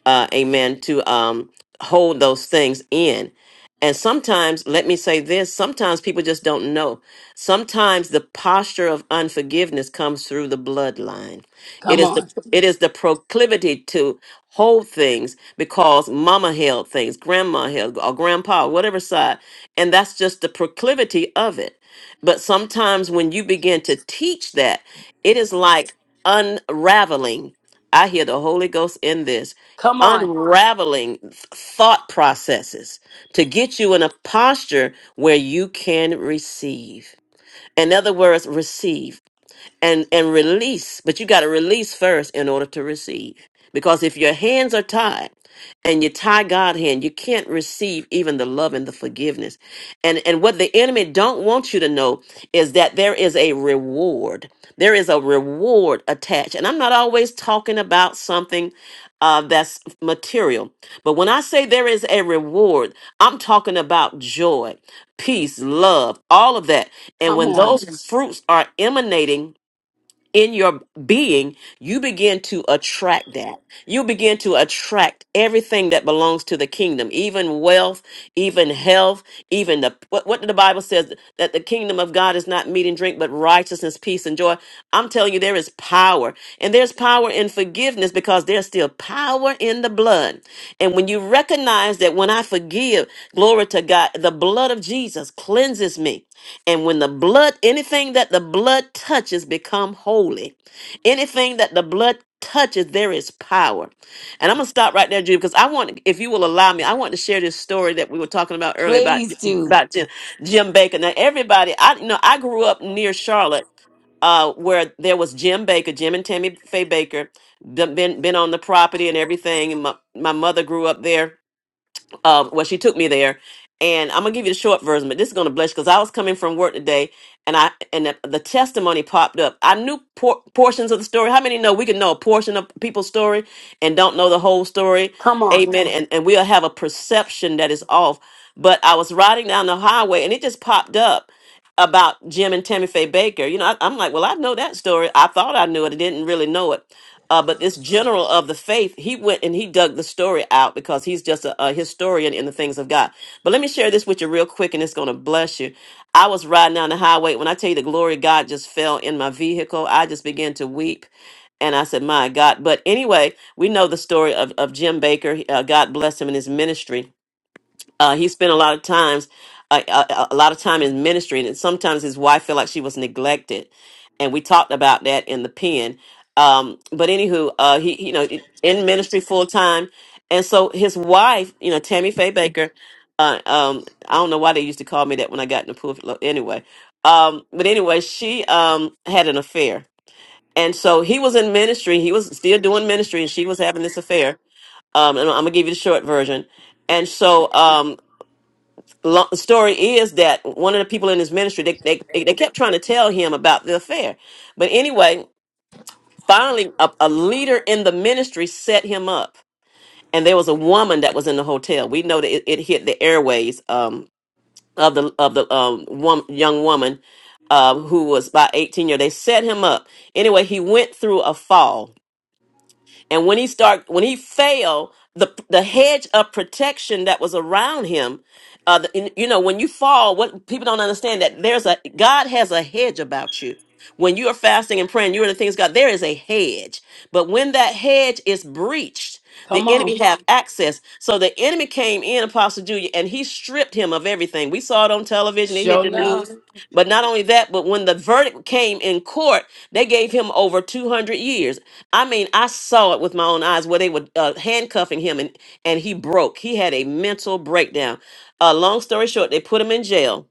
Speaker 2: uh, amen, to um, hold those things in. And sometimes, let me say this sometimes people just don't know. Sometimes the posture of unforgiveness comes through the bloodline. It
Speaker 1: Come
Speaker 2: is the,
Speaker 1: on.
Speaker 2: it is the proclivity to hold things because mama held things, grandma held, or grandpa, whatever side. And that's just the proclivity of it. But sometimes when you begin to teach that, it is like unraveling. I hear the Holy Ghost in this
Speaker 1: Come on.
Speaker 2: unraveling thought processes to get you in a posture where you can receive. In other words, receive and and release but you got to release first in order to receive because if your hands are tied and you tie god hand you can't receive even the love and the forgiveness and and what the enemy don't want you to know is that there is a reward there is a reward attached and i'm not always talking about something uh, that's material. But when I say there is a reward, I'm talking about joy, peace, love, all of that. And
Speaker 1: Come
Speaker 2: when
Speaker 1: on.
Speaker 2: those Yes. fruits are emanating in your being, you begin to attract that. You begin to attract everything that belongs to the kingdom, even wealth, even health, even the what, what the Bible says that the kingdom of God is not meat and drink, but righteousness, peace, and joy. I'm telling you, there is power, and there's power in forgiveness because there's still power in the blood. And when you recognize that when I forgive, glory to God, the blood of Jesus cleanses me. And when the blood, anything that the blood touches become holy. Anything that the blood touches, there is power. And I'm gonna stop right there, Judy, because I want, if you will allow me, I want to share this story that we were talking about earlier about
Speaker 1: Please do.
Speaker 2: about Jim, Jim Baker. Now, everybody, I you know, I grew up near Charlotte, uh, where there was Jim Baker, Jim and Tammy Faye Baker, done been been on the property and everything. And my, my mother grew up there um, well, she took me there, and I'm gonna give you the short version, but this is gonna bless you because I was coming from work today, and I and the, the testimony popped up. I knew por- portions of the story. How many know we can know a portion of people's story and don't know the whole story?
Speaker 1: Come on.
Speaker 2: Amen. And and we'll have a perception that is off. But I was riding down the highway, and it just popped up about Jim and Tammy Faye Baker. You know, I, I'm like, well, I know that story. I thought I knew it. I didn't really know it. Uh, but this general of the faith, he went and he dug the story out because he's just a, a historian in the things of God. But let me share this with you real quick, and it's going to bless you. I was riding down the highway. When I tell you the glory of God just fell in my vehicle, I just began to weep. And I said, My God. But anyway, we know the story of, of Jim Baker. Uh, God bless him in his ministry uh, he spent a lot of times uh, a, a lot of time in ministry and sometimes his wife felt like she was neglected and we talked about that in the pen um, but anywho uh, he you know in ministry full time and so his wife you know tammy faye baker uh, um, i don't know why they used to call me that when i got in the pulpit anyway um, but anyway she um, had an affair and so he was in ministry he was still doing ministry and she was having this affair um, and i'm gonna give you the short version and so um, Lo- The story is that one of the people in his ministry they, they they they kept trying to tell him about the affair, but anyway, finally a, a leader in the ministry set him up, and there was a woman that was in the hotel. We know that it, it hit the airways um, of the of the um, wom- young woman um, who was about eighteen years. They set him up anyway. He went through a fall and when he start, when he fell, the the hedge of protection that was around him, uh, the, in- you know, when you fall, what people don't understand that there's a God has a hedge about you. When you are fasting and praying, you're the things God. There is a hedge, but when that hedge is breached, the
Speaker 1: Come on.
Speaker 2: enemy have access. So the enemy came in, Apostle Julia, and he stripped him of everything. We saw it on television. It
Speaker 1: Show
Speaker 2: hit the
Speaker 1: enough.
Speaker 2: news. But not only that, but when the verdict came in court, they gave him over 200 years. I mean, I saw it with my own eyes where they were uh, handcuffing him and, and he broke. He had a mental breakdown. Uh, long story short, they put him in jail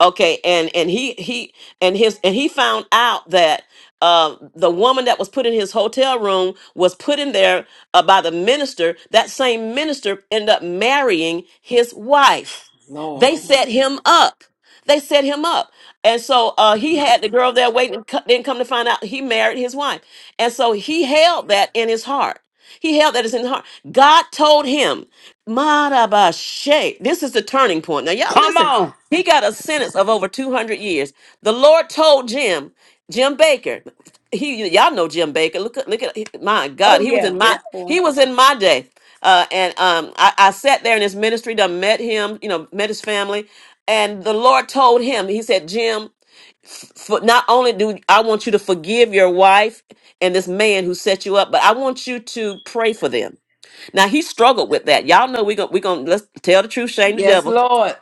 Speaker 2: okay and and he he and his and he found out that uh, the woman that was put in his hotel room was put in there uh, by the minister that same minister ended up marrying his wife
Speaker 1: Lord
Speaker 2: they
Speaker 1: have
Speaker 2: set
Speaker 1: mercy.
Speaker 2: him up they set him up and so uh, he had the girl there waiting co- didn't come to find out he married his wife and so he held that in his heart he held that as in his heart god told him Marabashe. this is the turning point now y'all
Speaker 1: Come
Speaker 2: listen
Speaker 1: on.
Speaker 2: he got a sentence of over 200 years. The Lord told Jim, Jim Baker. He y'all know Jim Baker. Look at look at my God.
Speaker 1: Oh
Speaker 2: He was
Speaker 1: yeah,
Speaker 2: in my
Speaker 1: we
Speaker 2: Yeah. he
Speaker 1: on.
Speaker 2: was in my day. Uh, and um, I, I sat there in his ministry, done met him, you know, met his family, and the Lord told him, He said, Jim, for not only do I want you to forgive your wife and this man who set you up, but I want you to pray for them. Now he struggled with that. Y'all know we're gonna we're gonna let's tell the truth, shame the
Speaker 1: Yes,
Speaker 2: devil,
Speaker 1: Lord.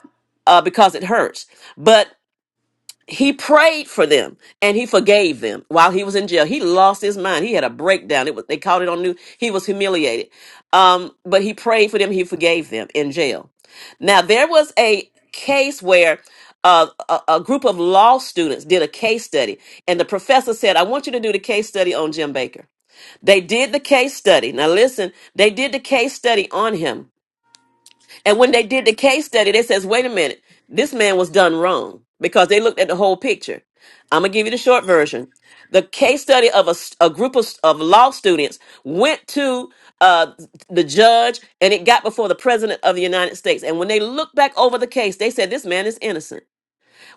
Speaker 2: uh, because it hurts. But he prayed for them and he forgave them while he was in jail. He lost his mind. He had a breakdown. It was they caught it on new. He was humiliated. Um, but he prayed for them, he forgave them in jail. Now there was a case where uh, a, a group of law students did a case study, and the professor said, I want you to do the case study on Jim Baker. They did the case study. Now, listen, they did the case study on him and when they did the case study, they says, wait a minute, this man was done wrong because they looked at the whole picture. I'm gonna give you the short version. The case study of a, s- a group of, s- of law students went to uh, the judge and it got before the president of the United States. And when they looked back over the case, they said, this man is innocent.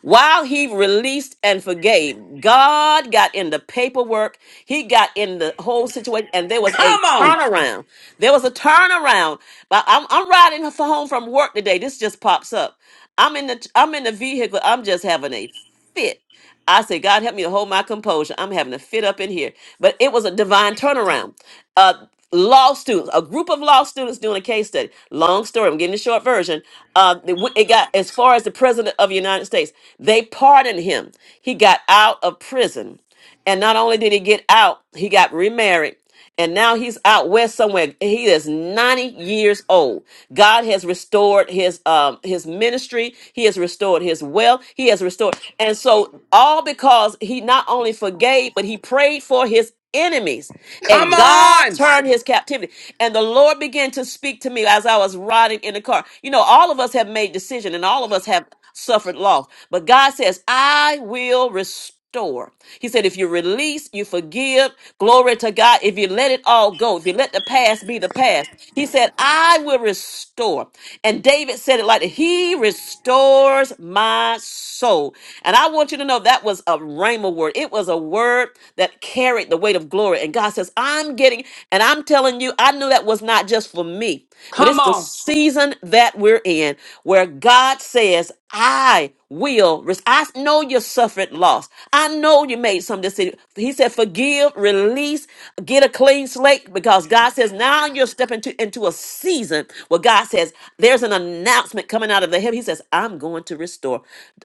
Speaker 2: While he released and forgave, God got in the paperwork. He got in the whole situation, and there was a
Speaker 1: Come on.
Speaker 2: turnaround. There was a turnaround. But I'm, I'm riding for home from work today. This just pops up. I'm in the I'm in the vehicle. I'm just having a fit. I say, God help me to hold my composure. I'm having a fit up in here. But it was a divine turnaround uh, law students, a group of law students doing a case study. Long story, I'm getting the short version. Uh, they went- it got as far as the president of the United States. They pardoned him. He got out of prison. And not only did he get out, he got remarried. And now he's out west somewhere. He is 90 years old. God has restored his um his ministry. He has restored his wealth. He has restored. And so all because he not only forgave, but he prayed for his enemies
Speaker 1: Come
Speaker 2: and God
Speaker 1: on.
Speaker 2: turned his captivity. And the Lord began to speak to me as I was riding in the car. You know, all of us have made decision and all of us have suffered loss. But God says, I will restore. He said, if you release, you forgive. Glory to God. If you let it all go, if you let the past be the past, He said, I will restore. And David said it like that, He restores my soul. And I want you to know that was a rhema word. It was a word that carried the weight of glory. And God says, I'm getting, and I'm telling you, I knew that was not just for me, but
Speaker 1: Come
Speaker 2: it's the
Speaker 1: on.
Speaker 2: season that we're in where God God says, I will. res- I know you suffered loss. I know you made some decision. He said, forgive, release, get a clean slate because God says, now you're stepping to, into a season where God says, there's an announcement coming out of the heaven. He says, I'm going to restore.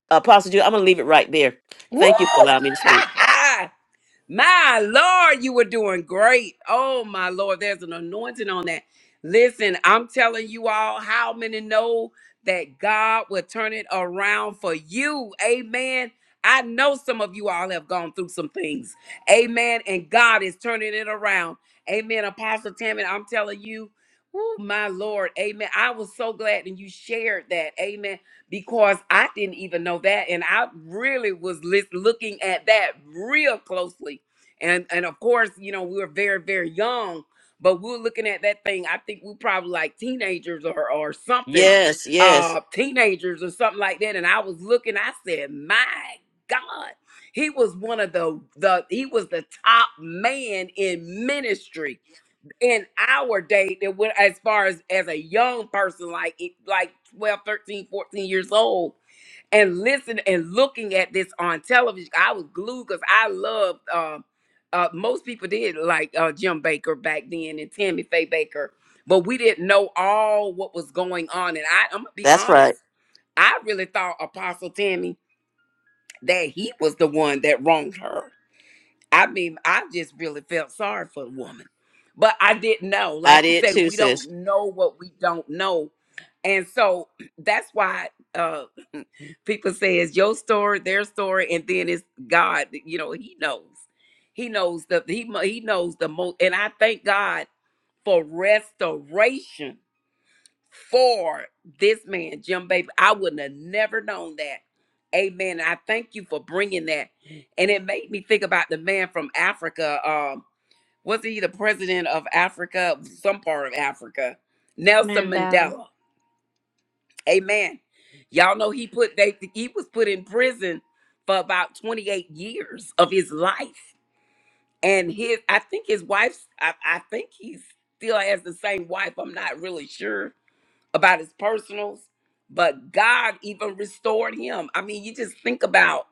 Speaker 2: Apostle Jude, I'm going to leave it right there.
Speaker 1: Woo!
Speaker 2: Thank you for allowing me to speak.
Speaker 1: My Lord, you were doing great. Oh, my Lord, there's an anointing on that. Listen, I'm telling you all how many know that God will turn it around for you. Amen. I know some of you all have gone through some things. Amen. And God is turning it around. Amen. Apostle Tammy, I'm telling you, oh, my Lord. Amen. I was so glad and you shared that. Amen because I didn't even know that. And I really was lis- looking at that real closely. And, and of course, you know, we were very, very young, but we were looking at that thing. I think we probably like teenagers or, or something,
Speaker 2: Yes, yes.
Speaker 1: uh, teenagers or something like that. And I was looking, I said, my God, he was one of the, the, he was the top man in ministry in our day that went as far as as a young person like it- like 12, 13, 14 years old and listening and looking at this on television i was glued because i loved um uh most people did like uh jim baker back then and tammy faye baker but we didn't know all what was going on and i i'm gonna be
Speaker 2: That's
Speaker 1: honest
Speaker 2: right.
Speaker 1: i really thought apostle tammy that he was the one that wronged her I mean, I just really felt sorry for the woman. But I didn't know.
Speaker 2: I
Speaker 1: Like you
Speaker 2: did
Speaker 1: said,
Speaker 2: too,
Speaker 1: we
Speaker 2: sis.
Speaker 1: don't know what we don't know. And so that's why uh people say it's your story, their story, and then it's God, you know, he knows. He knows the he mo- he knows the most and I thank God for restoration for this man, Jim Baby. I wouldn't have never known that. Amen. I thank you for bringing that. And it made me think about the man from Africa. Um, was he the president of Africa, some part of Africa? Nelson
Speaker 5: Amen. Dow.
Speaker 1: Mandela. Amen. Y'all know he put they he was put in prison for about 28 years of his life. And his I think his wife's I, I think he still has the same wife. I'm not really sure about his personals, but God even restored him. I mean, you just think about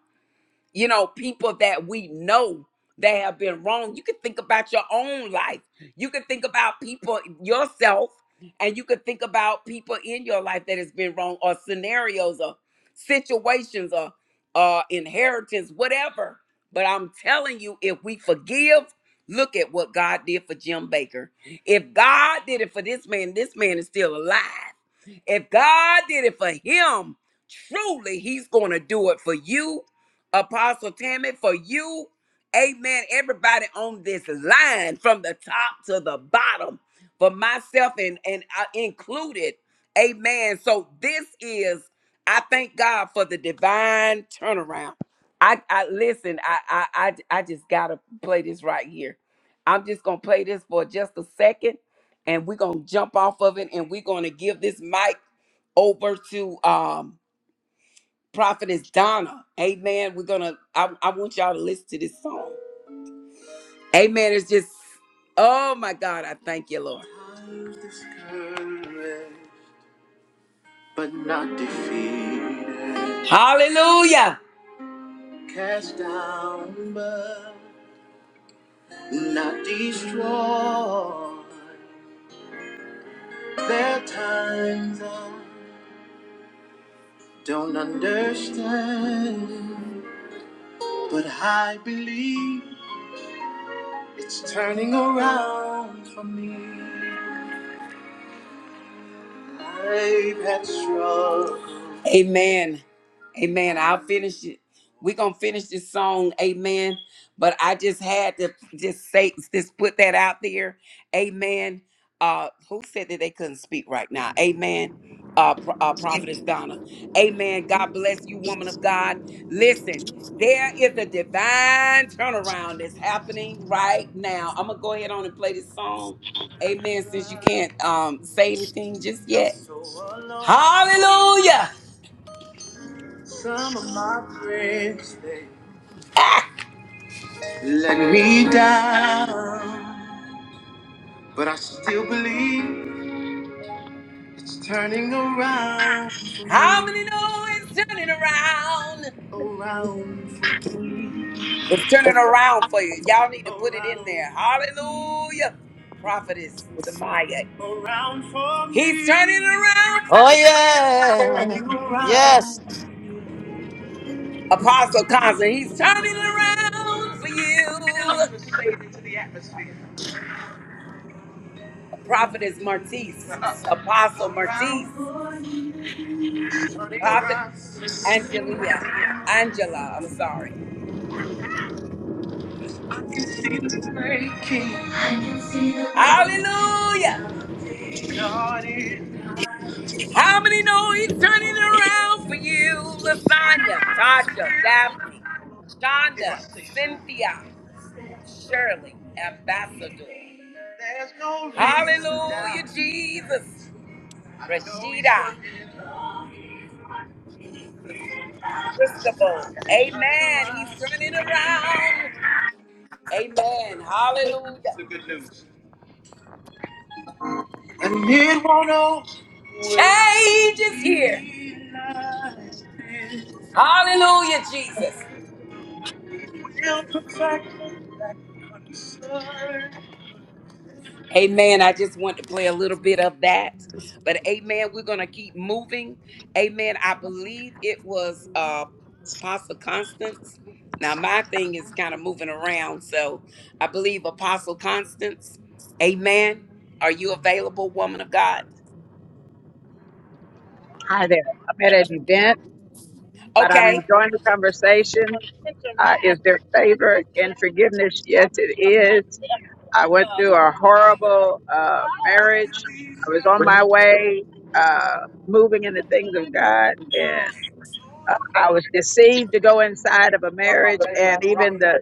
Speaker 1: you know, people that we know that have been wrong. You can think about your own life. You can think about people yourself, and you can think about people in your life that has been wrong, or scenarios, or situations, or uh, inheritance, whatever. But I'm telling you, if we forgive, look at what God did for Jim Baker. If God did it for this man, this man is still alive. If God did it for him, truly, he's going to do it for you Apostle Tammy, for you. Amen. Everybody on this line from the top to the bottom, for myself and, and uh, included. Amen. So this is, I thank God for the divine turnaround. I, I listen, I, I, I, I just got to play this right here. I'm just going to play this for just a second and we're going to jump off of it and we're going to give this mic over to um, Prophetess Donna. Amen. We're gonna I, I want y'all to listen to this song. Amen. It's just oh my God, I thank you, Lord. I'm discouraged, But not defeated. Hallelujah. Cast down, but not destroyed. There are times I don't understand, but I believe it's turning around for me. Amen. Amen. I'll finish it. We're gonna finish this song, amen. But I just had to just say just put that out there. Amen. Uh who said that they couldn't speak right now? Amen. Uh, Pro- uh prophetess Donna. Amen. God bless you, woman of God. Listen, there is a divine turnaround that's happening right now. I'm gonna go ahead on and play this song Amen. Since you can't um say anything just yet. Hallelujah. Some of my friends they let me down, but I still believe. It's turning around for How me, many know it's turning around? around for me, It's turning around for you. Y'all need to put it in there. around for me, Hallelujah. Prophetess Samaya. around for He's turning me, around for
Speaker 2: Oh,
Speaker 1: you.
Speaker 2: yeah.
Speaker 1: turning around.
Speaker 2: Yes.
Speaker 1: Apostle Constant, he's turning around for you. Jesus, Prophetess Martise, Apostle around, Martise, it's turning Prophet around, turning Angelia, around. Angela, I'm sorry. I can see the breaking. Hallelujah. God is. How many know he's turning it around for you? Lasagna, Tasha, Daphne, Shonda, Cynthia, Shirley, Ambassador. There's no reason Hallelujah, to Jesus. Rashida, Christabel. Amen. He's turning around. Amen. Hallelujah. The good news. And it won't always. Change is here. Hallelujah, Jesus. Amen. I just want to play a little bit of that. But amen, we're going to keep moving. Amen. I believe it was uh Apostle Constance. Now my thing is kind of moving around, so I believe Apostle Constance. Amen. Are you available, woman of God?
Speaker 7: Hi there. I'm at an event, but I'm
Speaker 1: Okay.
Speaker 7: enjoying the conversation. Uh, is there favor and forgiveness? Yes, it is. I went through a horrible uh, marriage. I was on my way, uh, moving in the things of God, and. I I was deceived to go inside of a marriage, and even the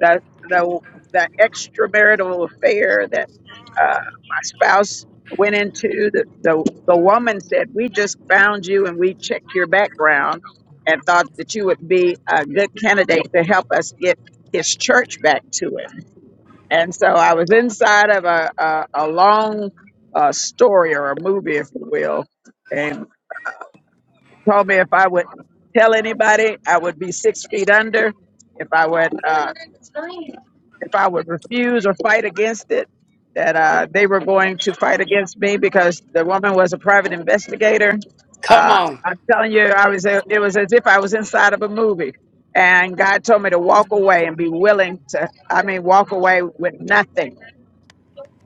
Speaker 7: the the, the extramarital affair that uh, my spouse went into. The, the the woman said, "We just found you, and we checked your background, and thought that you would be a good candidate to help us get his church back to it." And so I was inside of a a, a long uh, story or a movie, if you will told me if I would tell anybody, I would be six feet under. If I would, uh, if I would refuse or fight against it, that uh, they were going to fight against me because the woman was a private investigator.
Speaker 1: Come
Speaker 7: Uh,
Speaker 1: on.
Speaker 7: I'm telling you, I was. It was as if I was inside of a movie, and God told me to walk away and be willing to. I mean, walk away with nothing.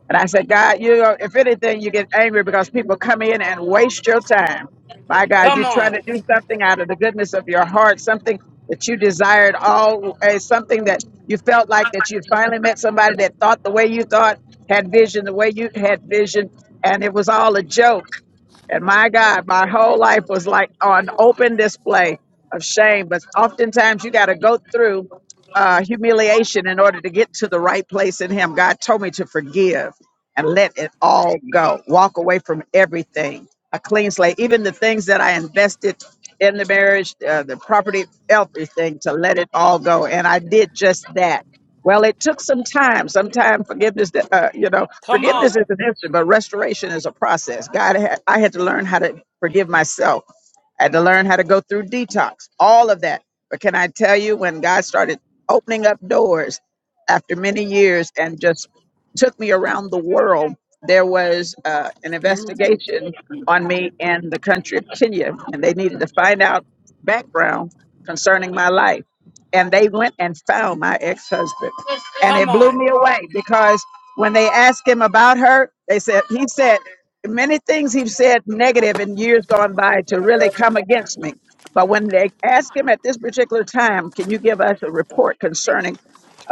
Speaker 7: And I said, God, you know, if anything, you get angry because people come in and waste your time. My God,
Speaker 1: Come
Speaker 7: you're trying
Speaker 1: on.
Speaker 7: to do something out of the goodness of your heart, something that you desired all, eh, something that you felt like that you finally met somebody that thought the way you thought, had vision the way you had vision, and it was all a joke. And my God, my whole life was like on open display of shame. But oftentimes you got to go through uh, humiliation in order to get to the right place in Him. God told me to forgive and let it all go, walk away from everything, a clean slate, even the things that I invested in the marriage, uh, the property, everything, to let it all go. And I did just that. Well, it took some time. Sometimes forgiveness, uh, you know,
Speaker 1: Come on.
Speaker 7: Forgiveness is an instant, but restoration is a process. God, had, I had to learn how to forgive myself. I had to learn how to go through detox, all of that. But can I tell you, when God started opening up doors after many years and just took me around the world, there was uh, an investigation on me in the country of Kenya, and they needed to find out background concerning my life. And they went and found my ex husband. and
Speaker 1: Come
Speaker 7: it blew
Speaker 1: on.
Speaker 7: me away because when they asked him about her, they said he said many things he said negative in years gone by to really come against me. But when they asked him at this particular time, can you give us a report concerning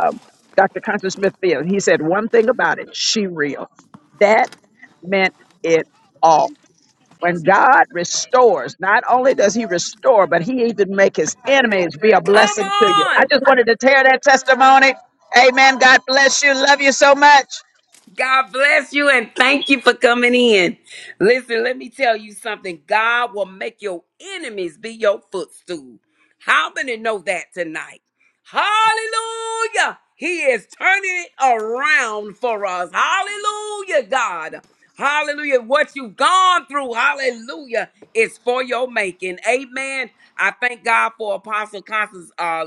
Speaker 7: um, Dr. Constance Smith Field? He said one thing about it: she real. That meant it all when God restores, not only does He restore, but He even make His enemies be a
Speaker 1: Come
Speaker 7: blessing to you. I
Speaker 1: on.
Speaker 7: just wanted to tear that testimony. Amen. God bless you. Love you so much.
Speaker 1: God bless you and thank you for coming in. Listen, let me tell you something. God will make your enemies be your footstool. How many know that tonight? Hallelujah. He is turning it around for us. Hallelujah, God. Hallelujah. What you've gone through, hallelujah, is for your making. Amen. I thank God for Apostle Constance's uh,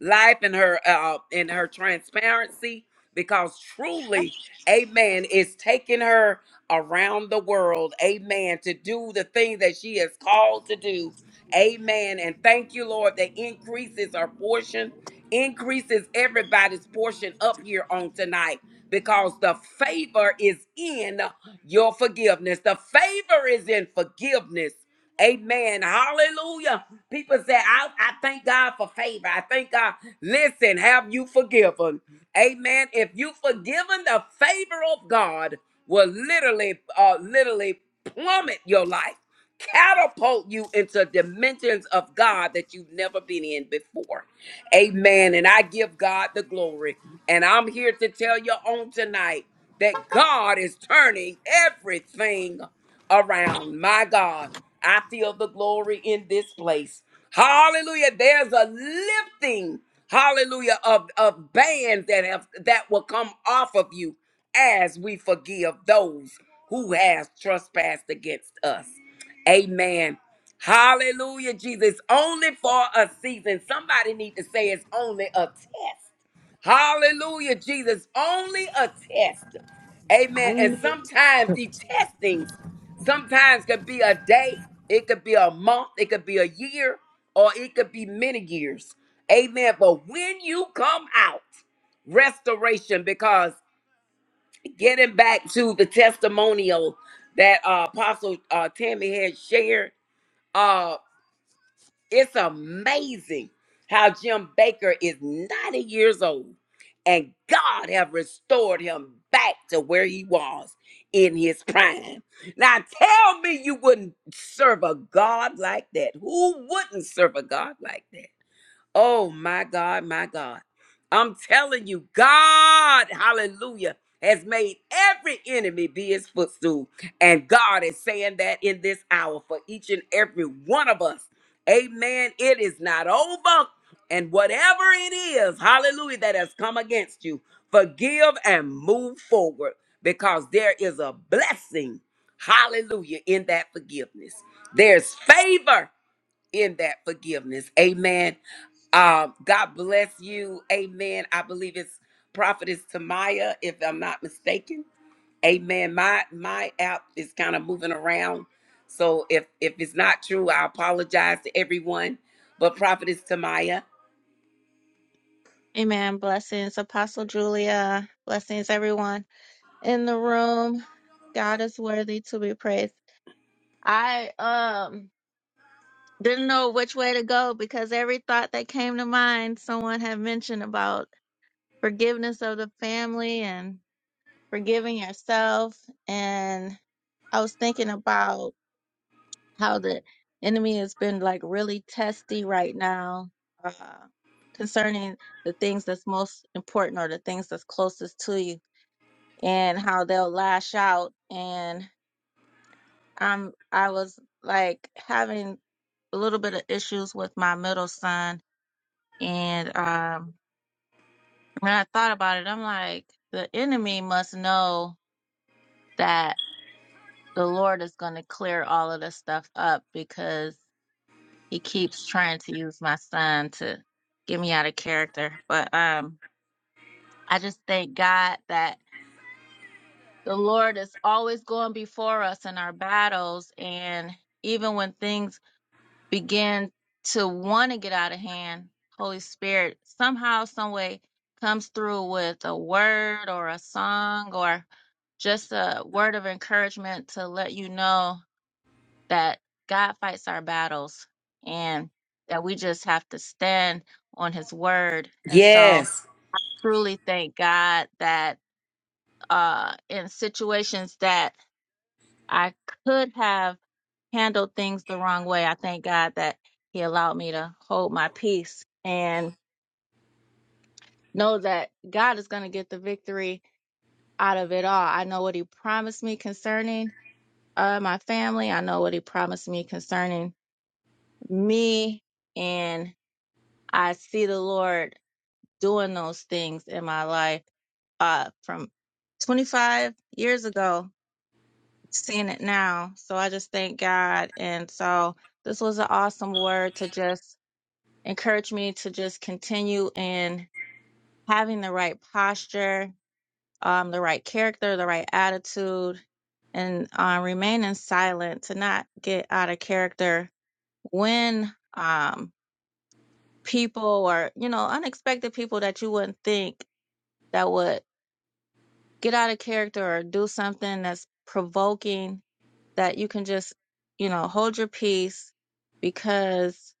Speaker 1: life and her uh, and her transparency because truly Amen. is taking her around the world. Amen. To do the thing that she is called to do. Amen. And thank you, Lord, that increases our portion, increases everybody's portion up here on tonight because the favor is in your forgiveness. The favor is in forgiveness. Amen. Hallelujah. People say, I, I thank God for favor. I thank God. Listen, have you forgiven? Amen. If you forgiven, the favor of God will literally, uh, literally plummet your life, catapult you into dimensions of God that you've never been in before. Amen. And I give God the glory. And I'm here to tell you on tonight that God is turning everything around. My God, I feel the glory in this place. Hallelujah. There's a lifting, hallelujah, of, of bands that have that will come off of you as we forgive those who has trespassed against us. Amen. Hallelujah, Jesus. Only for a season. Somebody need to say it's only a test. Hallelujah, Jesus. Only a test. Amen. And sometimes the testings Sometimes could be a day, it could be a month, it could be a year, or it could be many years. Amen. But when you come out, restoration, because getting back to the testimonial that uh, Apostle uh, Tammy had shared, uh, it's amazing how Jim Baker is 90 years old and God have restored him back to where he was in his prime. Now tell me you wouldn't serve a God like that. Who wouldn't serve a God like that? Oh my God, my God. I'm telling you, God, hallelujah, has made every enemy be his footstool. And God is saying that in this hour for each and every one of us. Amen. It is not over. And whatever it is, hallelujah, that has come against you, forgive and move forward because there is a blessing, hallelujah, in that forgiveness. There's favor in that forgiveness. Amen. Um, God bless you. Amen. I believe it's Prophetess Tamaya, if I'm not mistaken. Amen. My my app is kind of moving around. So if if it's not true, I apologize to everyone. But Prophetess Tamaya.
Speaker 5: Amen. Blessings, Apostle Julia. Blessings, everyone in the room. God is worthy to be praised. I um didn't know which way to go because every thought that came to mind, someone had mentioned about forgiveness of the family and forgiving yourself. And I was thinking about how the enemy has been like really testy right now uh, concerning the things that's most important or the things that's closest to you and how they'll lash out. And I'm, I was like having a little bit of issues with my middle son. And um, when I thought about it, I'm like, the enemy must know that. the Lord is going to clear all of this stuff up because he keeps trying to use my son to get me out of character. But um, I just thank God that the Lord is always going before us in our battles. And even when things begin to want to get out of hand, Holy Spirit somehow, some way comes through with a word or a song or just a word of encouragement to let you know that God fights our battles and that we just have to stand on his word. And so
Speaker 1: Yes.
Speaker 5: truly thank God that uh in situations that I could have handled things the wrong way, I thank God that he allowed me to hold my peace and know that God is going to get the victory out of it all. I know what he promised me concerning uh my family. I know what he promised me concerning me and. I see the Lord doing those things in my life uh, from 25 years ago, seeing it now. So I just thank God. And so this was an awesome word to just encourage me to just continue in having the right posture, um, the right character, the right attitude, and uh, remaining silent to not get out of character when um people or you know unexpected people that you wouldn't think that would get out of character or do something that's provoking that you can just, you know, hold your peace because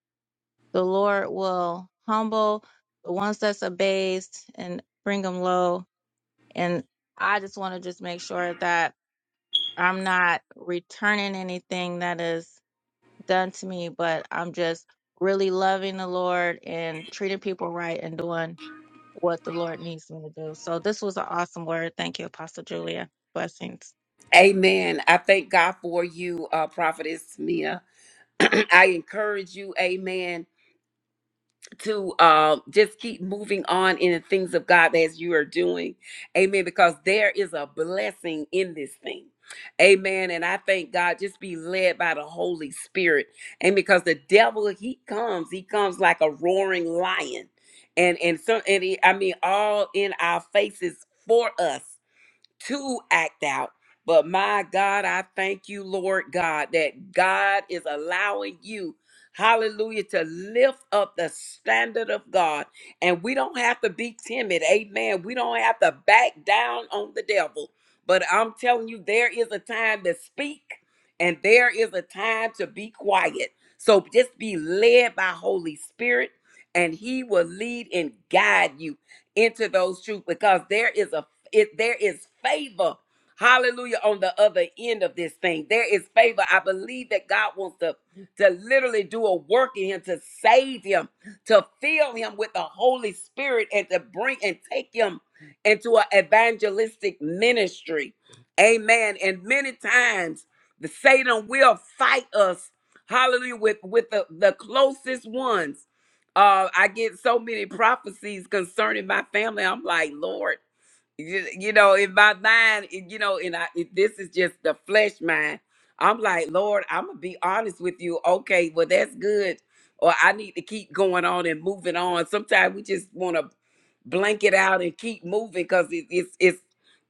Speaker 5: the Lord will humble the ones that's abased and bring them low. And I just want to just make sure that I'm not returning anything that is done to me, but I'm just really loving the Lord and treating people right and doing what the Lord needs me to do. So this was an awesome word. Thank you, Apostle Julia. Blessings.
Speaker 1: Amen. I thank God for you, uh, Prophetess Mia. I encourage you, amen. to uh, just keep moving on in the things of God as you are doing. Amen. Because there is a blessing in this thing. Amen. And I thank God just be led by the Holy Spirit. And because the devil, he comes, he comes like a roaring lion. And and some and he, I mean all in our faces for us to act out. But my God, I thank you, Lord God, that God is allowing you, hallelujah, to lift up the standard of God. And we don't have to be timid. Amen. We don't have to back down on the devil. But I'm telling you, there is a time to speak and there is a time to be quiet. So just be led by Holy Spirit and he will lead and guide you into those truths because there is a it there is favor hallelujah on the other end of this thing there is favor i believe that god wants to to literally do a work in him to save him to fill him with the holy spirit and to bring and take him into an evangelistic ministry amen and many times the satan will fight us hallelujah with with the, the closest ones uh i get so many prophecies concerning my family i'm like lord you you know, in my mind, it- you know, and I, it, this is just the flesh mind. I'm like, Lord, I'm gonna be honest with you. Okay, well, that's good. Or I need to keep going on and moving on. Sometimes we just want to blank it out and keep moving because it, it's it's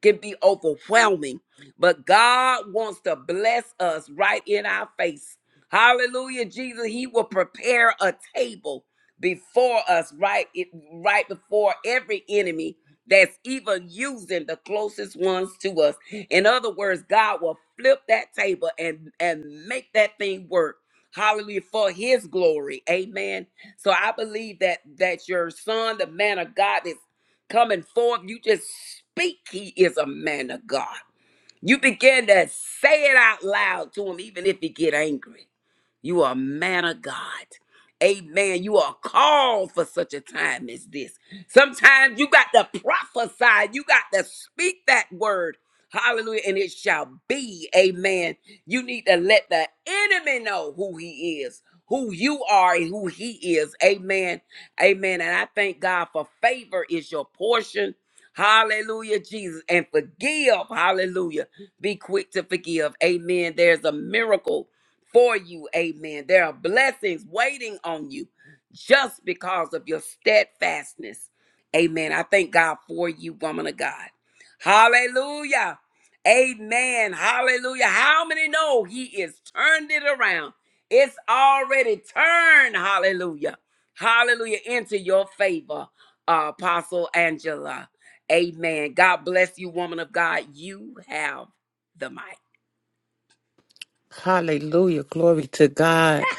Speaker 1: can be overwhelming. But God wants to bless us right in our face. Hallelujah, Jesus. He will prepare a table before us, right, it, right before every enemy that's even using the closest ones to us. In other words, God will flip that table and and make that thing work. Hallelujah for his glory. Amen. So I believe that that your son, the man of God is coming forth. You just speak he is a man of God. You begin to say it out loud to him even if he get angry. You are a man of God. Amen. You are called for such a time as this. Sometimes you got to prophesy, you got to speak that word. Hallelujah. And it shall be. Amen. You need to let the enemy know who he is, who you are, and who he is. Amen. Amen. And I thank God for favor is your portion. Hallelujah, Jesus. And forgive. Hallelujah. Be quick to forgive. Amen. There's a miracle for you. Amen. There are blessings waiting on you just because of your steadfastness. Amen. I thank God for you, woman of God. Hallelujah. Amen. Hallelujah. How many know he is turned it around? It's already turned. Hallelujah. Hallelujah. Into your favor, uh, Apostle Angela. Amen. God bless you, woman of God. You have the mic.
Speaker 6: Hallelujah. Glory to God.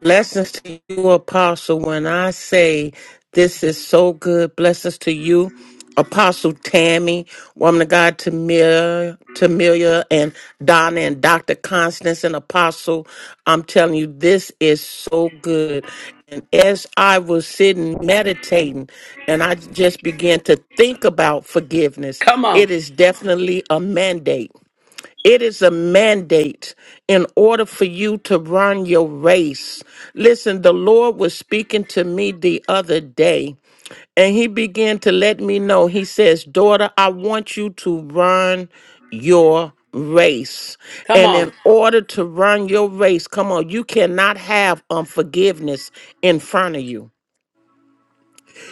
Speaker 6: Blessings to you, Apostle. When I say this is so good, blessings to you, Apostle Tammy, woman of God, Tamir, Tamilia, and Donna, and Dr. Constance, and Apostle. I'm telling you, this is so good. And as I was sitting meditating and I just began to think about forgiveness,
Speaker 1: Come on.
Speaker 6: it is definitely a mandate. It is a mandate in order for you to run your race. Listen, the Lord was speaking to me the other day, and He began to let me know. He says, Daughter, I want you to run your race.
Speaker 1: Come
Speaker 6: And in
Speaker 1: on.
Speaker 6: order to run your race, come on, you cannot have unforgiveness in front of you.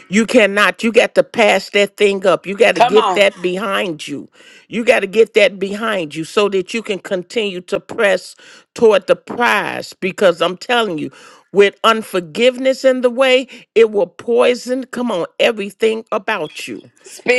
Speaker 6: You cannot. You got to pass that thing up. You got to
Speaker 1: Come
Speaker 6: get
Speaker 1: on.
Speaker 6: that behind you. You got to get that behind you so that you can continue to press toward the prize. Because I'm telling you, with unforgiveness in the way, it will poison, come on, everything about you.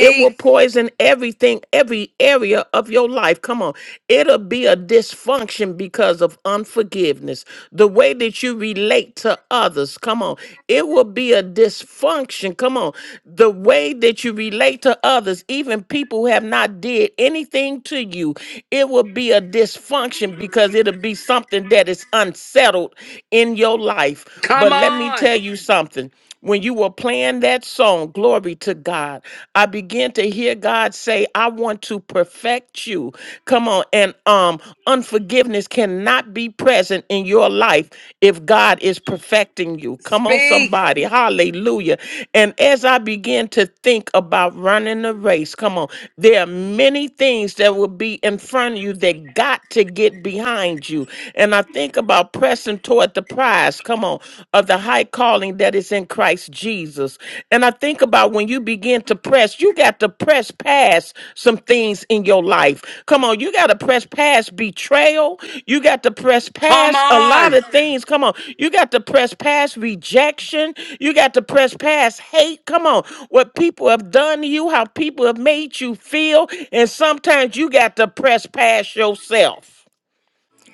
Speaker 6: It will poison everything, every area of your life. Come on. It'll be a dysfunction because of unforgiveness. The way that you relate to others, come on. It will be a dysfunction. Come on. The way that you relate to others, even people who have not did anything to you, it will be a dysfunction because it'll be something that is unsettled in your life. But
Speaker 1: Come
Speaker 6: let me
Speaker 1: on.
Speaker 6: tell you something when you were playing that song, Glory to God, I began to hear God say, I want to perfect you. Come on. And um, unforgiveness cannot be present in your life if God is perfecting you. Come on,
Speaker 1: Speak.
Speaker 6: somebody. Hallelujah. And as I began to think about running the race, come on, there are many things that will be in front of you that got to get behind you. And I think about pressing toward toward the prize, come on, of the high calling that is in Christ Jesus. And I think about when you begin to press, you got to press past some things in your life. Come on, you got to press past betrayal. You got to press
Speaker 1: Come
Speaker 6: past a lot
Speaker 1: on.
Speaker 6: of things. Come on, you got to press past rejection. You got to press past hate. Come on, what people have done to you, how people have made you feel. And sometimes you got to press past yourself.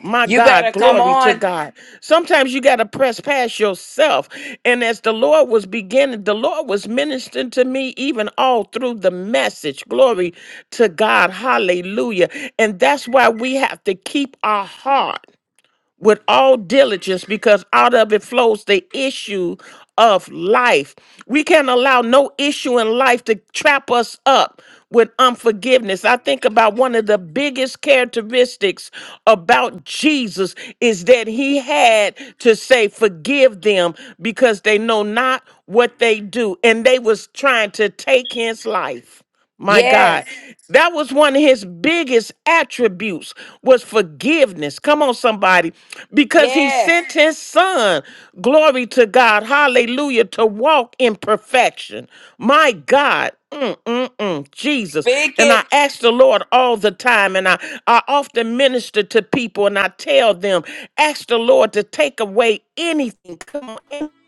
Speaker 6: My
Speaker 1: You
Speaker 6: God,
Speaker 1: better come
Speaker 6: glory to
Speaker 1: on.
Speaker 6: God. Sometimes you got to press past yourself. And as the Lord was beginning, the Lord was ministering to me even all through the message. Glory to God. Hallelujah. And that's why we have to keep our heart with all diligence because out of it flows the issue of life. We can't allow no issue in life to trap us up with unforgiveness. I think about one of the biggest characteristics about Jesus is that he had to say forgive them because they know not what they do and they was trying to take his life. My God,
Speaker 1: Yes.
Speaker 6: that was one of his biggest attributes was forgiveness. Come on somebody, because he
Speaker 1: Yes.
Speaker 6: sent his son, glory to God, hallelujah, to walk in perfection. My God, mm, mm, mm, Jesus.
Speaker 1: Speak
Speaker 6: And
Speaker 1: it.
Speaker 6: I ask the Lord all the time and I I often minister to people and I tell them, ask the Lord to take away anything. Come on,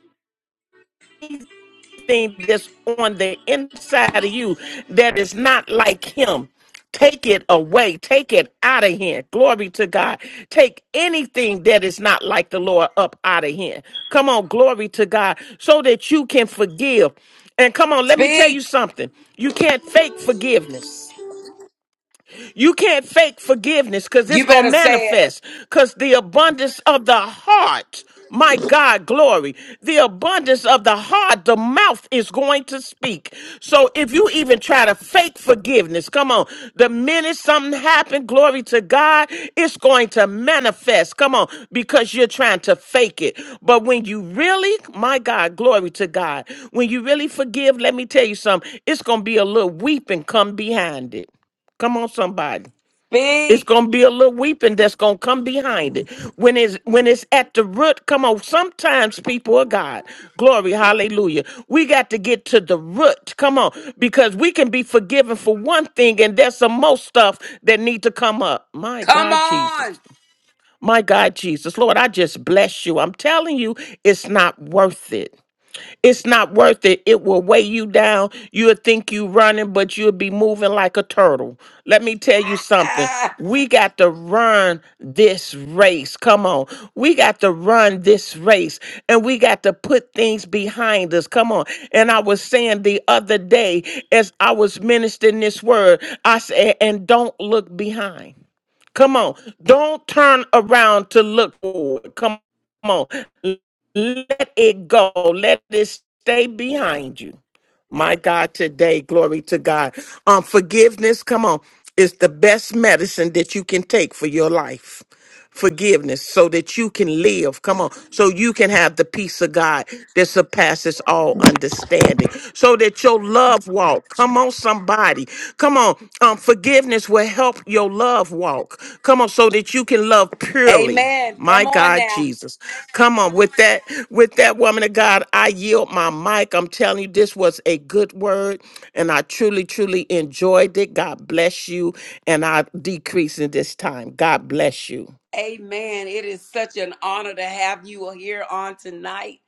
Speaker 6: thing that's on the inside of you that is not like him. Take it away. Take it out of here. Glory to God. Take anything that is not like the Lord up out of here. Come on, glory to God, so that you can forgive. And come on, let me tell you
Speaker 1: Speak.
Speaker 6: something. You can't fake forgiveness. You can't fake forgiveness because it's
Speaker 1: You
Speaker 6: going to
Speaker 1: better say it.
Speaker 6: manifest because the abundance of the heart, my God, glory, the abundance of the heart, the mouth is going to speak. So if you even try to fake forgiveness, come on, the minute something happened, glory to God, it's going to manifest. Come on, because you're trying to fake it. But when you really, my God, glory to God, when you really forgive, let me tell you something, it's going to be a little weeping come behind it. Come on, somebody. It's
Speaker 1: Speak.
Speaker 6: gonna be a little weeping that's gonna come behind it. When it's when it's at the root, come on. Sometimes people of God. Glory, hallelujah. We got to get to the root. Come on. Because we can be forgiven for one thing, and there's some more stuff that need to come up. My
Speaker 1: Come
Speaker 6: God, Jesus.
Speaker 1: on.
Speaker 6: My God, Jesus. Lord, I just bless you. I'm telling you, it's not worth it. It's not worth it. It will weigh you down. You'll think you running, but you'll be moving like a turtle. Let me tell you something.
Speaker 1: Ah,
Speaker 6: We got to run this race. Come on. We got to run this race and we got to put things behind us. Come on. And I was saying the other day as I was ministering this word, I said, and don't look behind. Come on. Don't turn around to look forward. Come on. Let it go. Let it stay behind you. My God, today, glory to God. Um, forgiveness, come on, is the best medicine that you can take for your life. Forgiveness so that you can live. Come on. So you can have the peace of God that surpasses all understanding. So that your love walk. Come on, somebody. Come on. Um, forgiveness will help your love walk. Come on, so that you can love purely.
Speaker 1: amen.
Speaker 6: My
Speaker 1: Come on
Speaker 6: God,
Speaker 1: now.
Speaker 6: Jesus. Come on, with that, with that woman of God, I yield my mic. I'm telling you, this was a good word, and I truly, truly enjoyed it. God bless you, and I decrease in this time. God bless you.
Speaker 1: Amen. It is such an honor to have you here on tonight,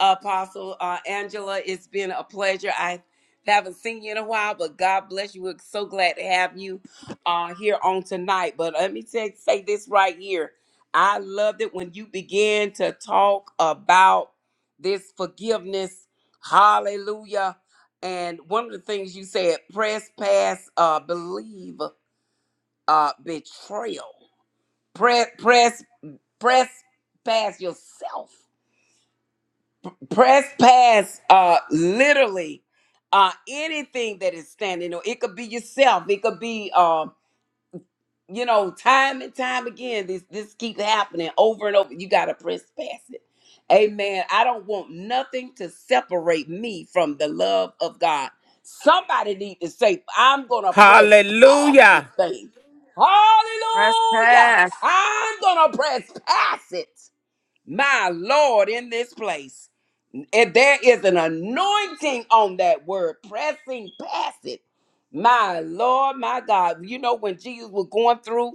Speaker 1: Apostle uh, Angela. It's been a pleasure. I haven't seen you in a while, but God bless you. We're so glad to have you uh, here on tonight. But let me say, say this right here. I loved it when you began to talk about this forgiveness. Hallelujah. And one of the things you said, press past uh, believe uh, betrayal. Press, press press past yourself press past uh literally uh anything that is standing or it could be yourself it could be um you know time and time again this this keeps happening over and over you gotta press past it amen i don't want nothing to separate me from the love of god somebody need to say i'm gonna press past this
Speaker 6: Hallelujah.
Speaker 1: thing hallelujah
Speaker 2: Press
Speaker 1: i'm gonna press past it my Lord, in this place, if there is an anointing on that word, pressing past it. My Lord, my God. You know, when Jesus was going through,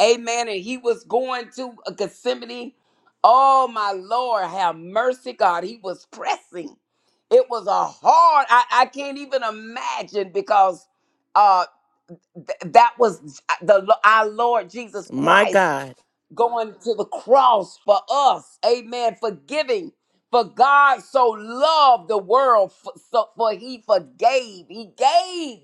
Speaker 1: amen, and he was going to uh, Gethsemane, oh, my Lord, have mercy, God. He was pressing. It was a hard, I, I can't even imagine because uh, th- that was uh, the our Lord Jesus
Speaker 6: My
Speaker 1: Christ
Speaker 6: God.
Speaker 1: going to the cross for us. Amen. Forgiving. For God so loved the world, for, so, for he forgave. He gave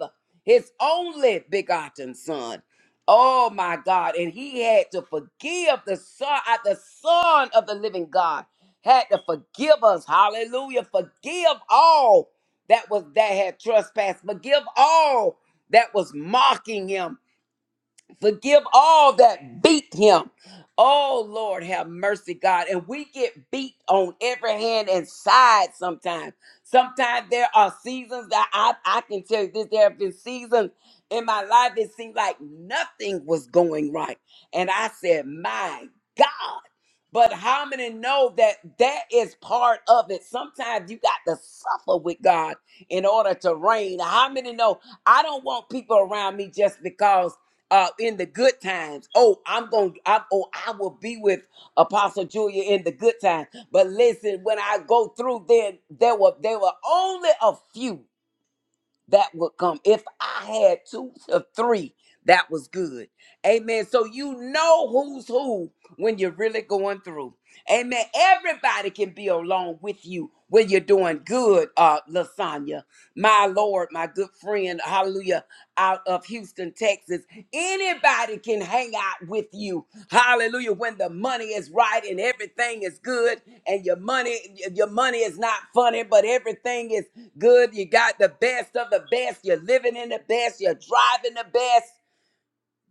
Speaker 1: his only begotten son. Oh my God. And he had to forgive the son, uh, the son of the living God had to forgive us. Hallelujah. Forgive all that was that had trespassed. Forgive all that was mocking him Forgive all that beat him. Oh Lord, have mercy, God. And we get beat on every hand and side sometimes. Sometimes there are seasons that I, I can tell you this. There have been seasons in my life it seemed like nothing was going right. And I said, My God. But how many know that that is part of it? Sometimes you got to suffer with God in order to reign. How many know I don't want people around me just because? uh in the good times. Oh, I'm going to I oh I will be with Apostle Julia in the good times. But listen, when I go through then there were there were only a few that would come. If I had two or three, that was good. Amen. So you know who's who when you're really going through. Amen. Everybody can be along with you when you're doing good, uh, Lasagna. My Lord, my good friend, hallelujah, out of Houston, Texas. Anybody can hang out with you. Hallelujah. When the money is right and everything is good and your money, your money is not funny, but everything is good. You got the best of the best. You're living in the best. You're driving the best.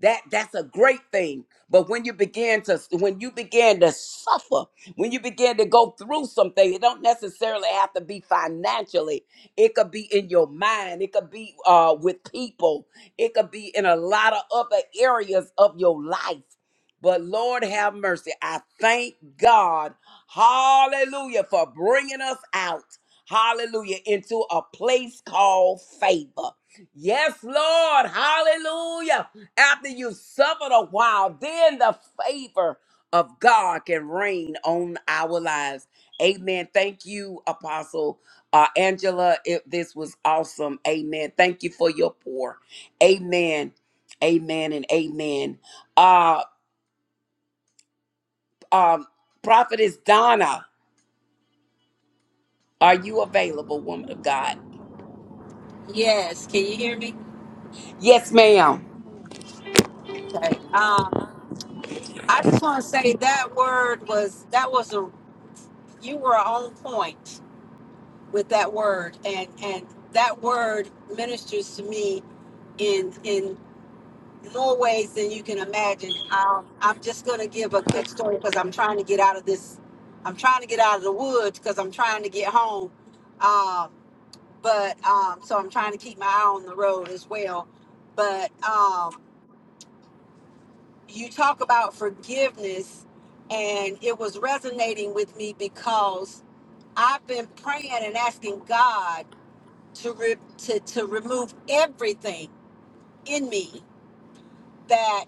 Speaker 1: That that's a great thing. But when you begin to when you begin to suffer, when you begin to go through something, it don't necessarily have to be financially. It could be in your mind. It could be uh, with people. It could be in a lot of other areas of your life. But Lord have mercy. I thank God, Hallelujah, for bringing us out, Hallelujah, into a place called favor. Yes, Lord, Hallelujah. After you suffered a while, then the favor of God can reign on our lives. Amen. Thank you, Apostle uh, Angela. It, this was awesome. Amen. Thank you for your pour. Amen. Amen and amen. Uh, um, Prophetess Donna, are you available, woman of God?
Speaker 3: Yes, can you hear me?
Speaker 1: Yes, ma'am.
Speaker 3: Okay. Um, I just want to say that word was that was a you were on point. with that word and and that word ministers to me in in more ways than you can imagine um, i'm just going to give a quick story because i'm trying to get out of this i'm trying to get out of the woods because i'm trying to get home um, but um, so i'm trying to keep my eye on the road as well but um, you talk about forgiveness and it was resonating with me because i've been praying and asking god to, re- to, to remove everything in me that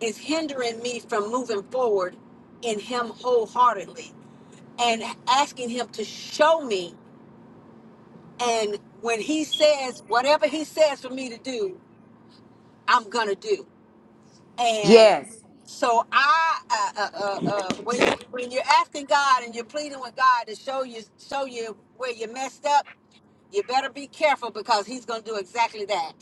Speaker 3: is hindering me from moving forward in Him wholeheartedly and asking Him to show me. And when He says, whatever He says for me to do, I'm going to do. And
Speaker 1: Yes,
Speaker 3: so I, uh, uh, uh, uh, when when you're asking God and you're pleading with God to show you show you where you messed up, you better be careful because He's going to do exactly that.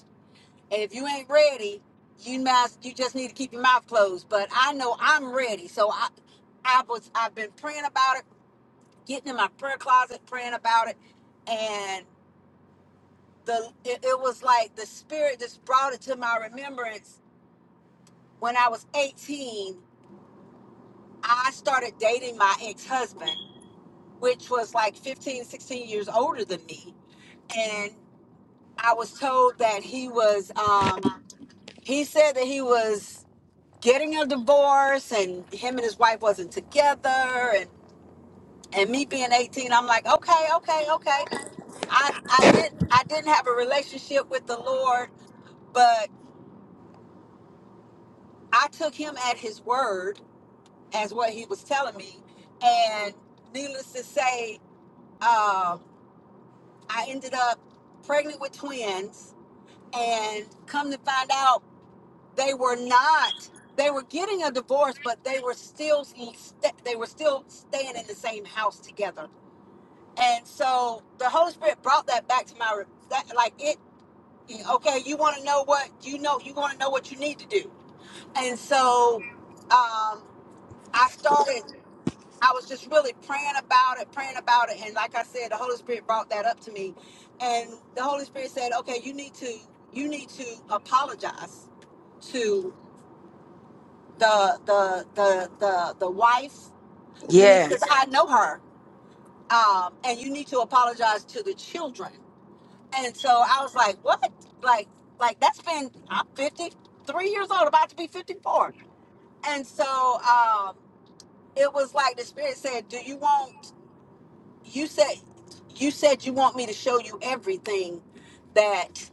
Speaker 3: And if you ain't ready, you must you just need to keep your mouth closed. But I know I'm ready. So I I was I've been praying about it, getting in my prayer closet, praying about it, and the it, it was like the spirit just brought it to my remembrance when I was 18. I started dating my ex-husband, which was like 15, 16 years older than me. And I was told that he was um he said that he was getting a divorce and him and his wife wasn't together and and me being 18 i'm like okay okay okay i i didn't i didn't have a relationship with the lord but i took him at his word as what he was telling me and needless to say um, i ended up pregnant with twins and come to find out they were not they were getting a divorce but they were still they were still staying in the same house together And so the Holy Spirit brought that back to my that like it. Okay, you want to know what you know. You want to know what you need to do. And so um, I started. I was just really praying about it, praying about it, and like I said, the Holy Spirit brought that up to me, and the Holy Spirit said, "Okay, you need to you need to apologize to the the the the the wife. You need because
Speaker 1: yes,
Speaker 3: I know her, um, and you need to apologize to the children And so I was like, what? Like, like that's been, I'm 53 years old, about to be 54. And so um, it was like the spirit said, do you want, you said, you said you want me to show you everything that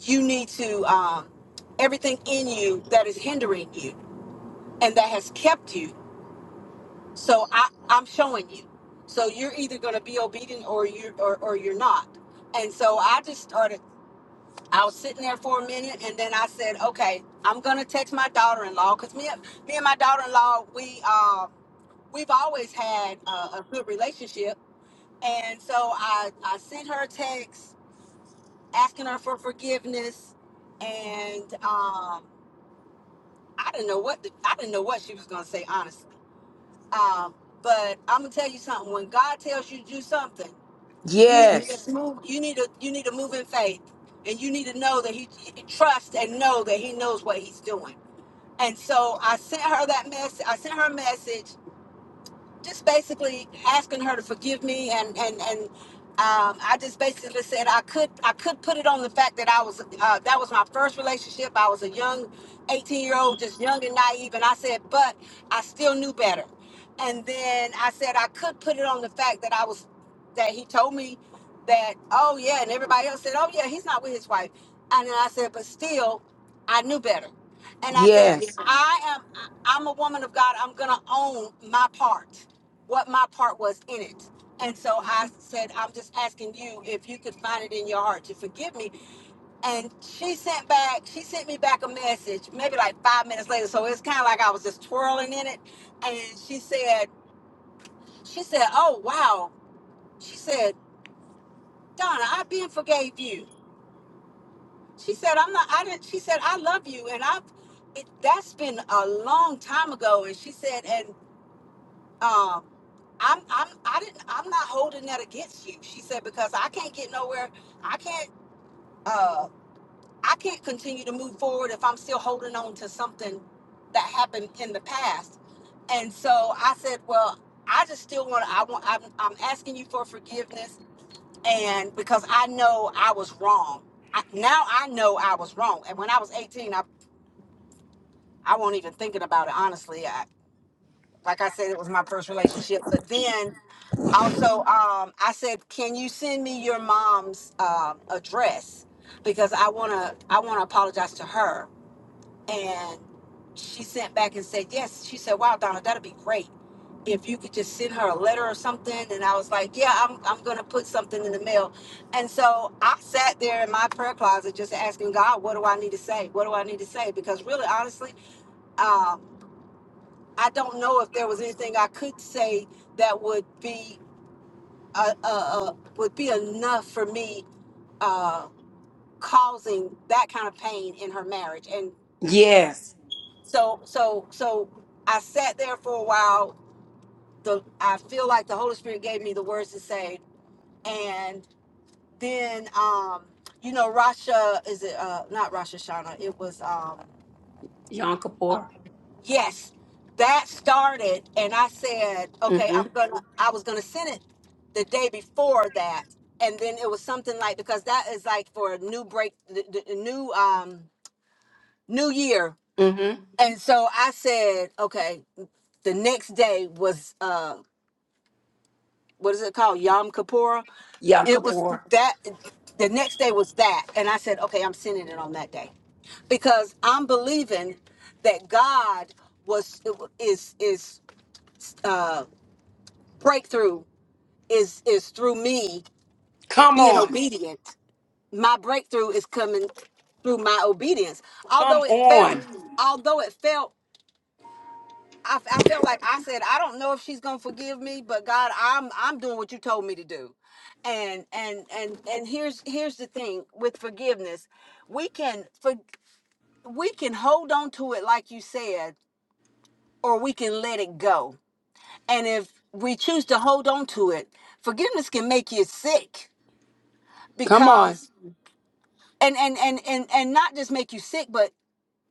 Speaker 3: you need to, um, everything in you that is hindering you and that has kept you. So I, I'm showing you. So you're either going to be obedient or you or, or you're not. And so I just started I was sitting there for a minute, and then I said, "Okay, I'm gonna text my daughter-in-law because me, and- me and my daughter-in-law, we uh, we've always had uh, a good relationship." And so I I sent her a text asking her for forgiveness, and um, I didn't know what the, I didn't know what she was gonna say honestly. Um, but I'm gonna tell you something: when God tells you to do something, You need to
Speaker 1: yes,
Speaker 3: just move. You need to you need to move in faith, and you need to know that he trust and know that he knows what he's doing. And so I sent her that message. I sent her a message just basically asking her to forgive me and and and um, I just basically said I could I could put it on the fact that I was uh, that was my first relationship. I was a young 18 year old, just young and naive, and I said, but I still knew better. And then I said I could put it on the fact that I was that he told me that oh yeah, and everybody else said oh yeah, he's not with his wife. And then I said, but still, I knew better. And I said,
Speaker 1: yes,
Speaker 3: I am I- I'm a woman of God. I'm gonna own my part what my part was in it. And so I said, I'm just asking you if you could find it in your heart to forgive me. And she sent back, she sent me back a message maybe like five minutes later. So it's kind of like I was just twirling in it. And she said, she said, oh, wow. She said, Donna, I've been forgave you. She said, I'm not, I didn't, she said, I love you. And I've, it, that's been a long time ago. And she said, and, um, I'm I'm I didn't I'm not holding that against you. She said because I can't get nowhere. I can't uh I can't continue to move forward if I'm still holding on to something that happened in the past. And so I said, well, I just still want to I want I'm, I'm asking you for forgiveness and because I know I was wrong. I, now I know I was wrong. And when I was 18, I I won't even thinking about it honestly. I, like I said it was my first relationship. But then Also, um, I said, can you send me your mom's um, address because I wanna I wanna apologize to her. And she sent back and said yes. She said, wow, Donna, that'd be great if you could just send her a letter or something. And I was like, yeah, I'm I'm gonna put something in the mail. And so I sat there in my prayer closet just asking God, what do I need to say? What do I need to say? Because really, honestly, um, I don't know if there was anything I could say that would be uh, uh, uh, would be enough for me uh, causing that kind of pain in her marriage. And
Speaker 1: yes.
Speaker 3: so, so, so I sat there for a while. The I feel like the Holy Spirit gave me the words to say, and then um, you know, Rasha is it uh, not Rasha Shana? It was. Um,
Speaker 1: Yom Kippur.
Speaker 3: Yes, that started, and I said, okay, I'm
Speaker 1: Mm-hmm.
Speaker 3: gonna. I was gonna send it the day before that, and then it was something like because that is like for a new break, the, the the new um new year, and so I said, okay, the next day was uh what is it called Yom Kippur?
Speaker 1: Yom
Speaker 3: It was
Speaker 1: Kippur.
Speaker 3: that. The next day was that, and I said, okay, I'm sending it on that day because I'm believing that God was is is. uh." breakthrough is is through me
Speaker 1: Come
Speaker 3: being
Speaker 1: on.
Speaker 3: obedient. My breakthrough is coming through my obedience.
Speaker 1: Come
Speaker 3: Although it felt,
Speaker 1: on.
Speaker 3: although it felt, I, I felt like I said, I don't know if she's gonna forgive me, but God, I'm I'm doing what you told me to do. And and and and here's here's the thing with forgiveness, we can for we can hold on to it like you said, or we can let it go. And if we choose to hold on to it, forgiveness can make you sick
Speaker 1: Come
Speaker 3: because
Speaker 1: on.
Speaker 3: and and and and and not just make you sick but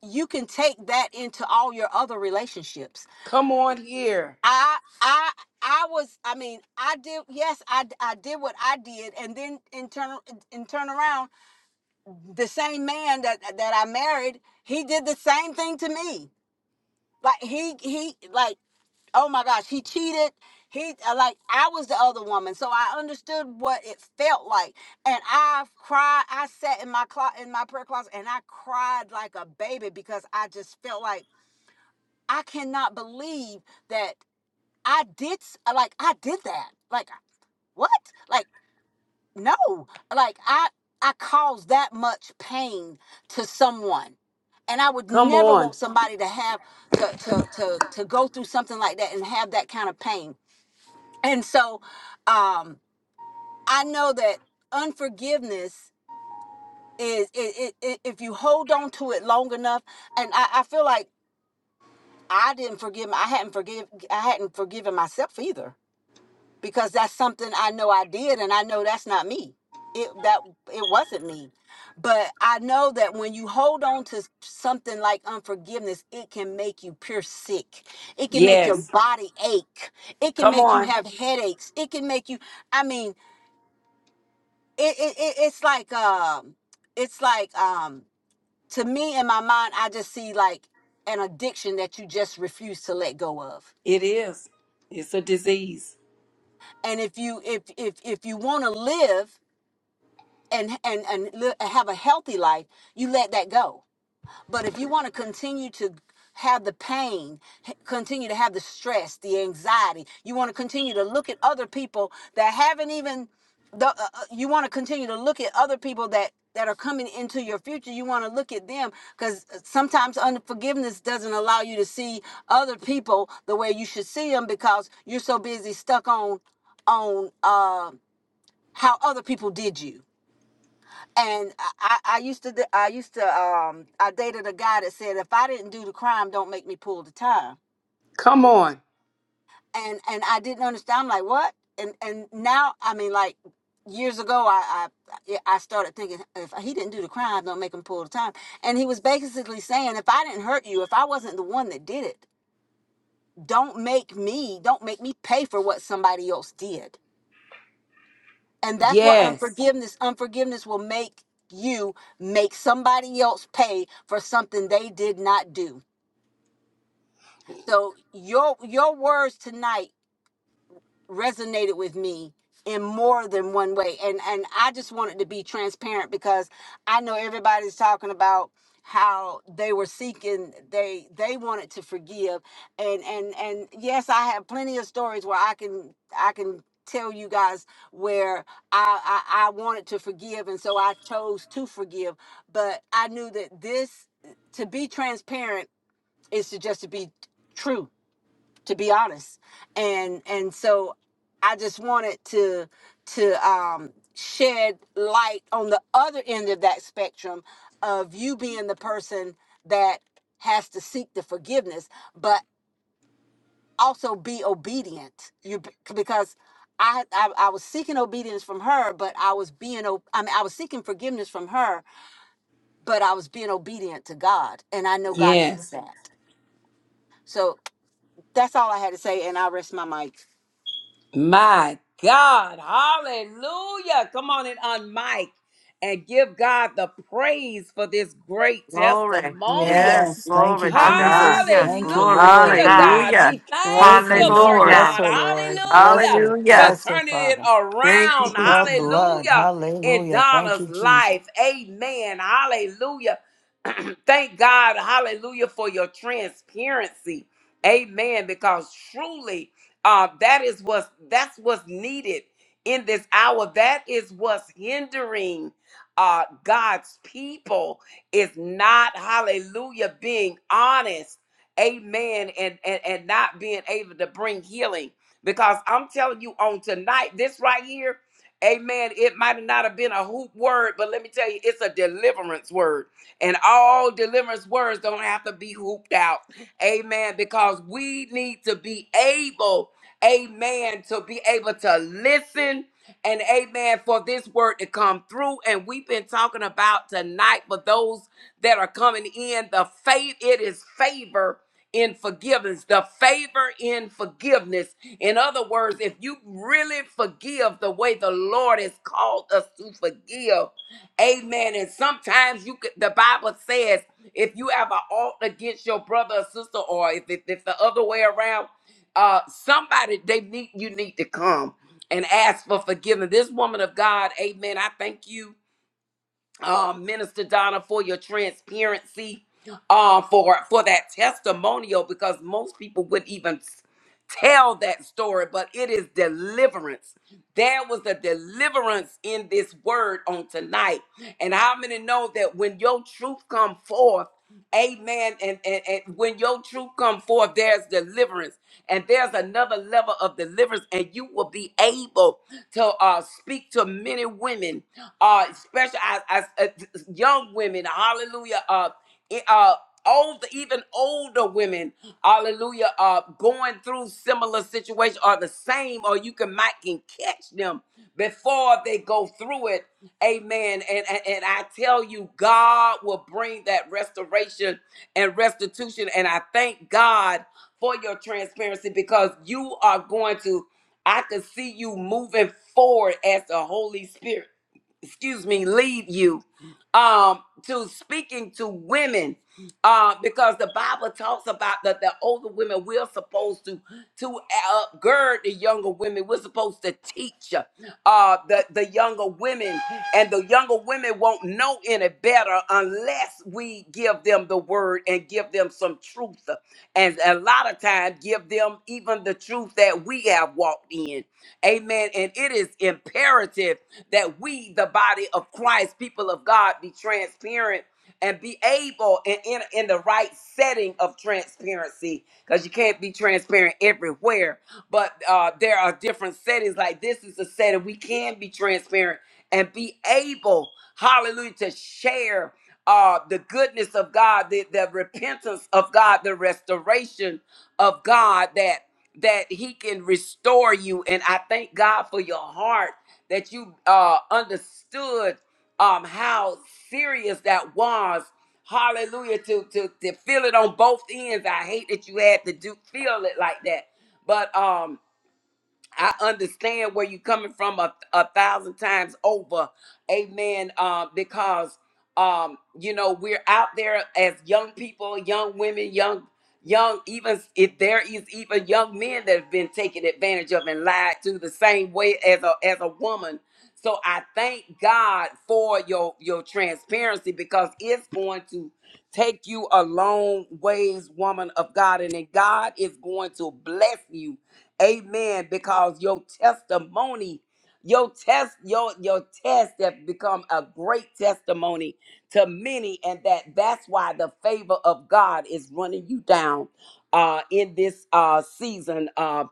Speaker 3: you can take that into all your other relationships
Speaker 1: Come on here.
Speaker 3: i i i was i mean i did yes I I did what i did and then in turn in turn around the same man that that i married he did the same thing to me like he he like oh my gosh, he cheated. He uh, like I was the other woman, so I understood what it felt like, and I cried. I sat in my clo- in my prayer closet and I cried like a baby because I just felt like I cannot believe that I did s- uh, like I did that. Like what? Like no. Like I I caused that much pain to someone, and I would
Speaker 1: Come
Speaker 3: never
Speaker 1: on.
Speaker 3: want somebody to have to to to to go through something like that and have that kind of pain and so um i know that unforgiveness is it, it, it if you hold on to it long enough and i i feel like i didn't forgive i hadn't forgive i hadn't forgiven myself either because that's something i know i did and i know that's not me it that it wasn't me but i know that when you hold on to something like unforgiveness it can make you pure sick it can make your
Speaker 1: Yes.
Speaker 3: body ache it can
Speaker 1: Come
Speaker 3: make you
Speaker 1: on.
Speaker 3: have headaches it can make you I mean it, it, it it's like um it's like um to me in my mind i just see like an addiction that you just refuse to let go of
Speaker 1: It is. It's a disease.
Speaker 3: and if you if if if you want to live and and and li- have a healthy life you let that go But if you want to continue to have the pain, continue to have the stress, the anxiety, you want to continue to look at other people that haven't even the, uh, uh, you want to continue to look at other people that that are coming into your future you want to look at them because sometimes unforgiveness doesn't allow you to see other people the way you should see them because you're so busy stuck on on uh, how other people did you and I, I I used to d- I used to um I dated a guy that said if I didn't do the crime, don't make me pull the time.
Speaker 1: Come on.
Speaker 3: And and I didn't understand. I'm like what? And and now I mean like years ago I I I started thinking if he didn't do the crime, don't make him pull the time. And he was basically saying if I didn't hurt you, if I wasn't the one that did it, don't make me don't make me pay for what somebody else did And that's what
Speaker 1: Yes.
Speaker 3: unforgiveness, unforgiveness will make you make somebody else pay for something they did not do. So your your words tonight resonated with me in more than one way and and I just wanted to be transparent because I know everybody's talking about how they were seeking they they wanted to forgive and and and yes I have plenty of stories where I can I can tell you guys where I I, I wanted to forgive and so I chose to forgive but I knew that this to be transparent is to just to be true to be honest and and so i just wanted to to um shed light on the other end of that spectrum of you being the person that has to seek the forgiveness but also be obedient you because I, I i was seeking obedience from her but i was being o- i mean i was seeking forgiveness from her but i was being obedient to god and i know god sees
Speaker 1: Yes.
Speaker 3: that so that's all i had to say and i rest my mic
Speaker 1: My God, hallelujah. Come on and unmic and give God the praise for this great
Speaker 2: Glory.
Speaker 1: testimonial.
Speaker 2: Yes,
Speaker 4: Yes, thank
Speaker 2: glory
Speaker 4: you,
Speaker 2: to God.
Speaker 4: Jesus. Thank you, Lord.
Speaker 1: Hallelujah, God.
Speaker 2: Hallelujah.
Speaker 1: We
Speaker 2: Thank
Speaker 1: thank
Speaker 2: you,
Speaker 1: you,
Speaker 4: Blessings.
Speaker 1: Lord
Speaker 2: Lord.
Speaker 4: Bless
Speaker 1: God.
Speaker 4: her, Lord. Bless
Speaker 1: Hallelujah
Speaker 4: her.
Speaker 1: for
Speaker 2: Hallelujah.
Speaker 4: Bless her,
Speaker 1: turning it
Speaker 4: Father.
Speaker 2: Thank you,
Speaker 1: around.
Speaker 2: Jesus.
Speaker 4: The blood.
Speaker 1: Hallelujah in
Speaker 4: Hallelujah. Thank you,
Speaker 1: Donna's
Speaker 4: Jesus.
Speaker 1: life. Amen. Hallelujah. thank God. Hallelujah for your transparency. Amen. Because truly, uh, that is what's that's what's needed in this hour. That is what's hindering uh, God's people is not Hallelujah being honest, Amen, and, and and not being able to bring healing. Because I'm telling you, on tonight, this right here, Amen. It might not have been a hoop word, but let me tell you, it's a deliverance word. And all deliverance words don't have to be hooped out. Amen. Because we need to be able Amen. To be able to listen and amen for this word to come through. And we've been talking about tonight for those that are coming in the faith, it is favor in forgiveness, the favor in forgiveness. In other words, if you really forgive the way the Lord has called us to forgive, amen. And sometimes you could, the Bible says, if you have an ought against your brother or sister, or if, if, if the other way around, uh somebody they need you need to come and ask for forgiveness this woman of god amen i thank you uh, minister donna for your transparency uh for for that testimonial because most people wouldn't even tell that story, but it is deliverance. There was a deliverance in this word on tonight. And how many know that when your truth come forth, amen, and, and, and when your truth come forth, there's deliverance. And there's another level of deliverance, and you will be able to uh, speak to many women, uh, especially as, as, uh, young women, hallelujah, uh, uh, old, even older women, hallelujah, are going through similar situations are the same, or you can might can catch them before they go through it. Amen. And, and and I tell you, God will bring that restoration and restitution. And I thank God for your transparency because you are going to. I can see you moving forward as the Holy Spirit excuse me, lead you um to speaking to women uh because the bible talks about that the older women we're supposed to to upgird the younger women we're supposed to teach uh the the younger women and the younger women won't know any better unless we give them the word and give them some truth and a lot of times give them even the truth that we have walked in Amen. And it is imperative that we, the body of Christ, people of God, be transparent and be able and in, in the right setting of transparency because you can't be transparent everywhere but uh, there are different settings. Like this is a setting we can be transparent and be able, hallelujah, to share uh, the goodness of God, the, the repentance of God, the restoration of God that that He can restore you. And I thank God for your heart that you uh, understood um, how serious that was. Hallelujah! To to to feel it on both ends. I hate that you had to do feel it like that but um I understand where you're coming from a, a thousand times over. Amen. Uh, because um, you know, we're out there as young people, young women, young, young, even if there is even young men that have been taken advantage of and lied to the same way as a as a woman. So I thank God for your your transparency because it's going to take you a long ways, woman of God, and then God is going to bless you Amen. Because your testimony, your test, your your test have become a great testimony to many, and that that's why the favor of God is running you down uh in this uh season uh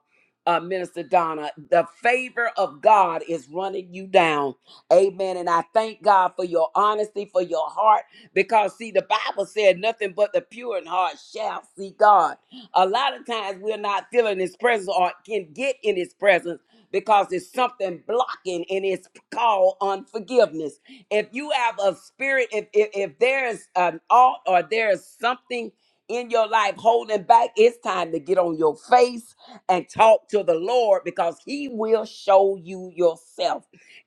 Speaker 1: uh, Minister Donna, the favor of God is running you down. Amen. And I thank God for your honesty, for your heart, because see, the Bible said nothing but the pure in heart shall see God. A lot of times we're not feeling his presence or can get in his presence because there's something blocking and it's called unforgiveness. If you have a spirit, if if, if there's an alt or there's something in your life holding back, it's time to get on your face and talk to the Lord because he will show you yourself.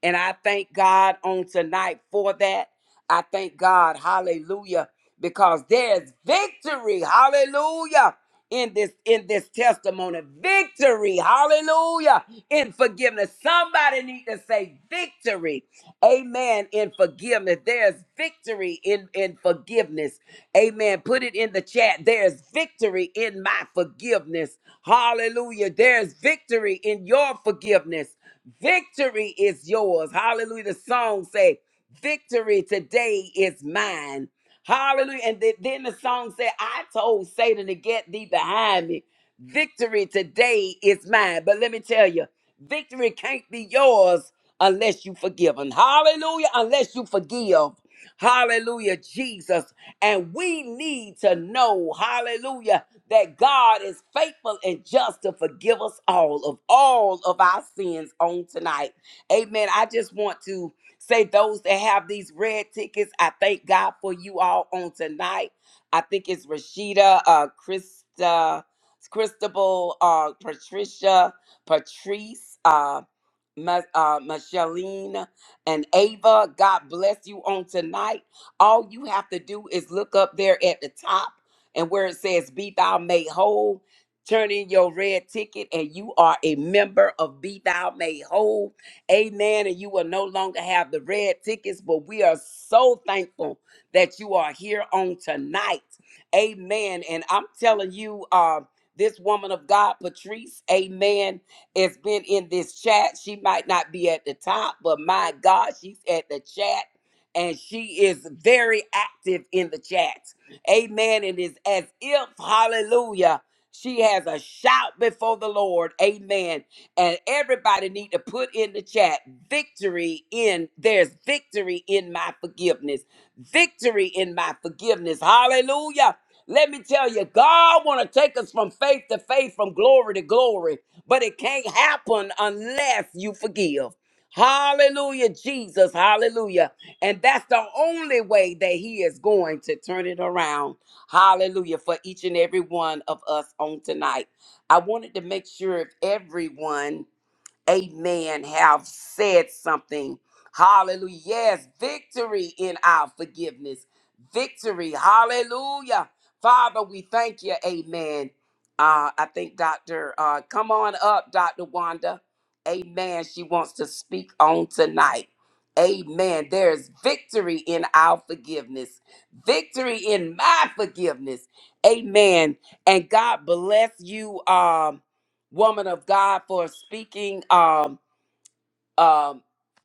Speaker 1: And I thank God on tonight for that. I thank God, hallelujah, because there's victory, hallelujah, in this in this testimony. Victory, hallelujah, in forgiveness. Somebody need to say victory. Amen. In forgiveness. There's victory in, in forgiveness. Amen. Put it in the chat. There's victory in my forgiveness. Hallelujah. There's victory in your forgiveness. Victory is yours. Hallelujah. The song say, "Victory today is mine." Hallelujah. And th- then the song said, "I told Satan to get thee behind me." Victory today is mine. But let me tell you, victory can't be yours unless you forgive. And hallelujah, unless you forgive. Hallelujah, Jesus. And we need to know, hallelujah, that God is faithful and just to forgive us all of all of our sins on tonight. Amen. I just want to say those that have these red tickets, I thank God for you all on tonight. I think it's Rashida, uh, Krista, Christabel, uh, Patricia, Patrice, uh, Ma- uh, Micheline and Ava. God bless you on tonight. All you have to do is look up there at the top and where it says Be Thou Made Whole. Turn in your red ticket, and you are a member of Be Thou Made Whole. Amen. And you will no longer have the red tickets, but we are so thankful that you are here on tonight. Amen. And I'm telling you, um, this woman of God, Patrice, amen has been in this chat. She might not be at the top, but my God, she's at the chat and she is very active in the chat. Amen. It is as if, hallelujah, she has a shout before the Lord. Amen. And everybody need to put in the chat victory in there's victory in my forgiveness. Victory in my forgiveness. Hallelujah. Let me tell you, God want to take us from faith to faith, from glory to glory, but it can't happen unless you forgive. Hallelujah, Jesus. Hallelujah. And that's the only way that He is going to turn it around. Hallelujah. For each and every one of us on tonight. I wanted to make sure if everyone amen, have said something. Hallelujah. Yes, victory in our forgiveness. Victory. Hallelujah. Father, we thank you. Amen. Uh, I think Dr. Uh, come on up, Dr. Wanda. Amen. She wants to speak on tonight. Amen. There is victory in our forgiveness, victory in my forgiveness. Amen. And God bless you. Um, woman of God for speaking, um, um,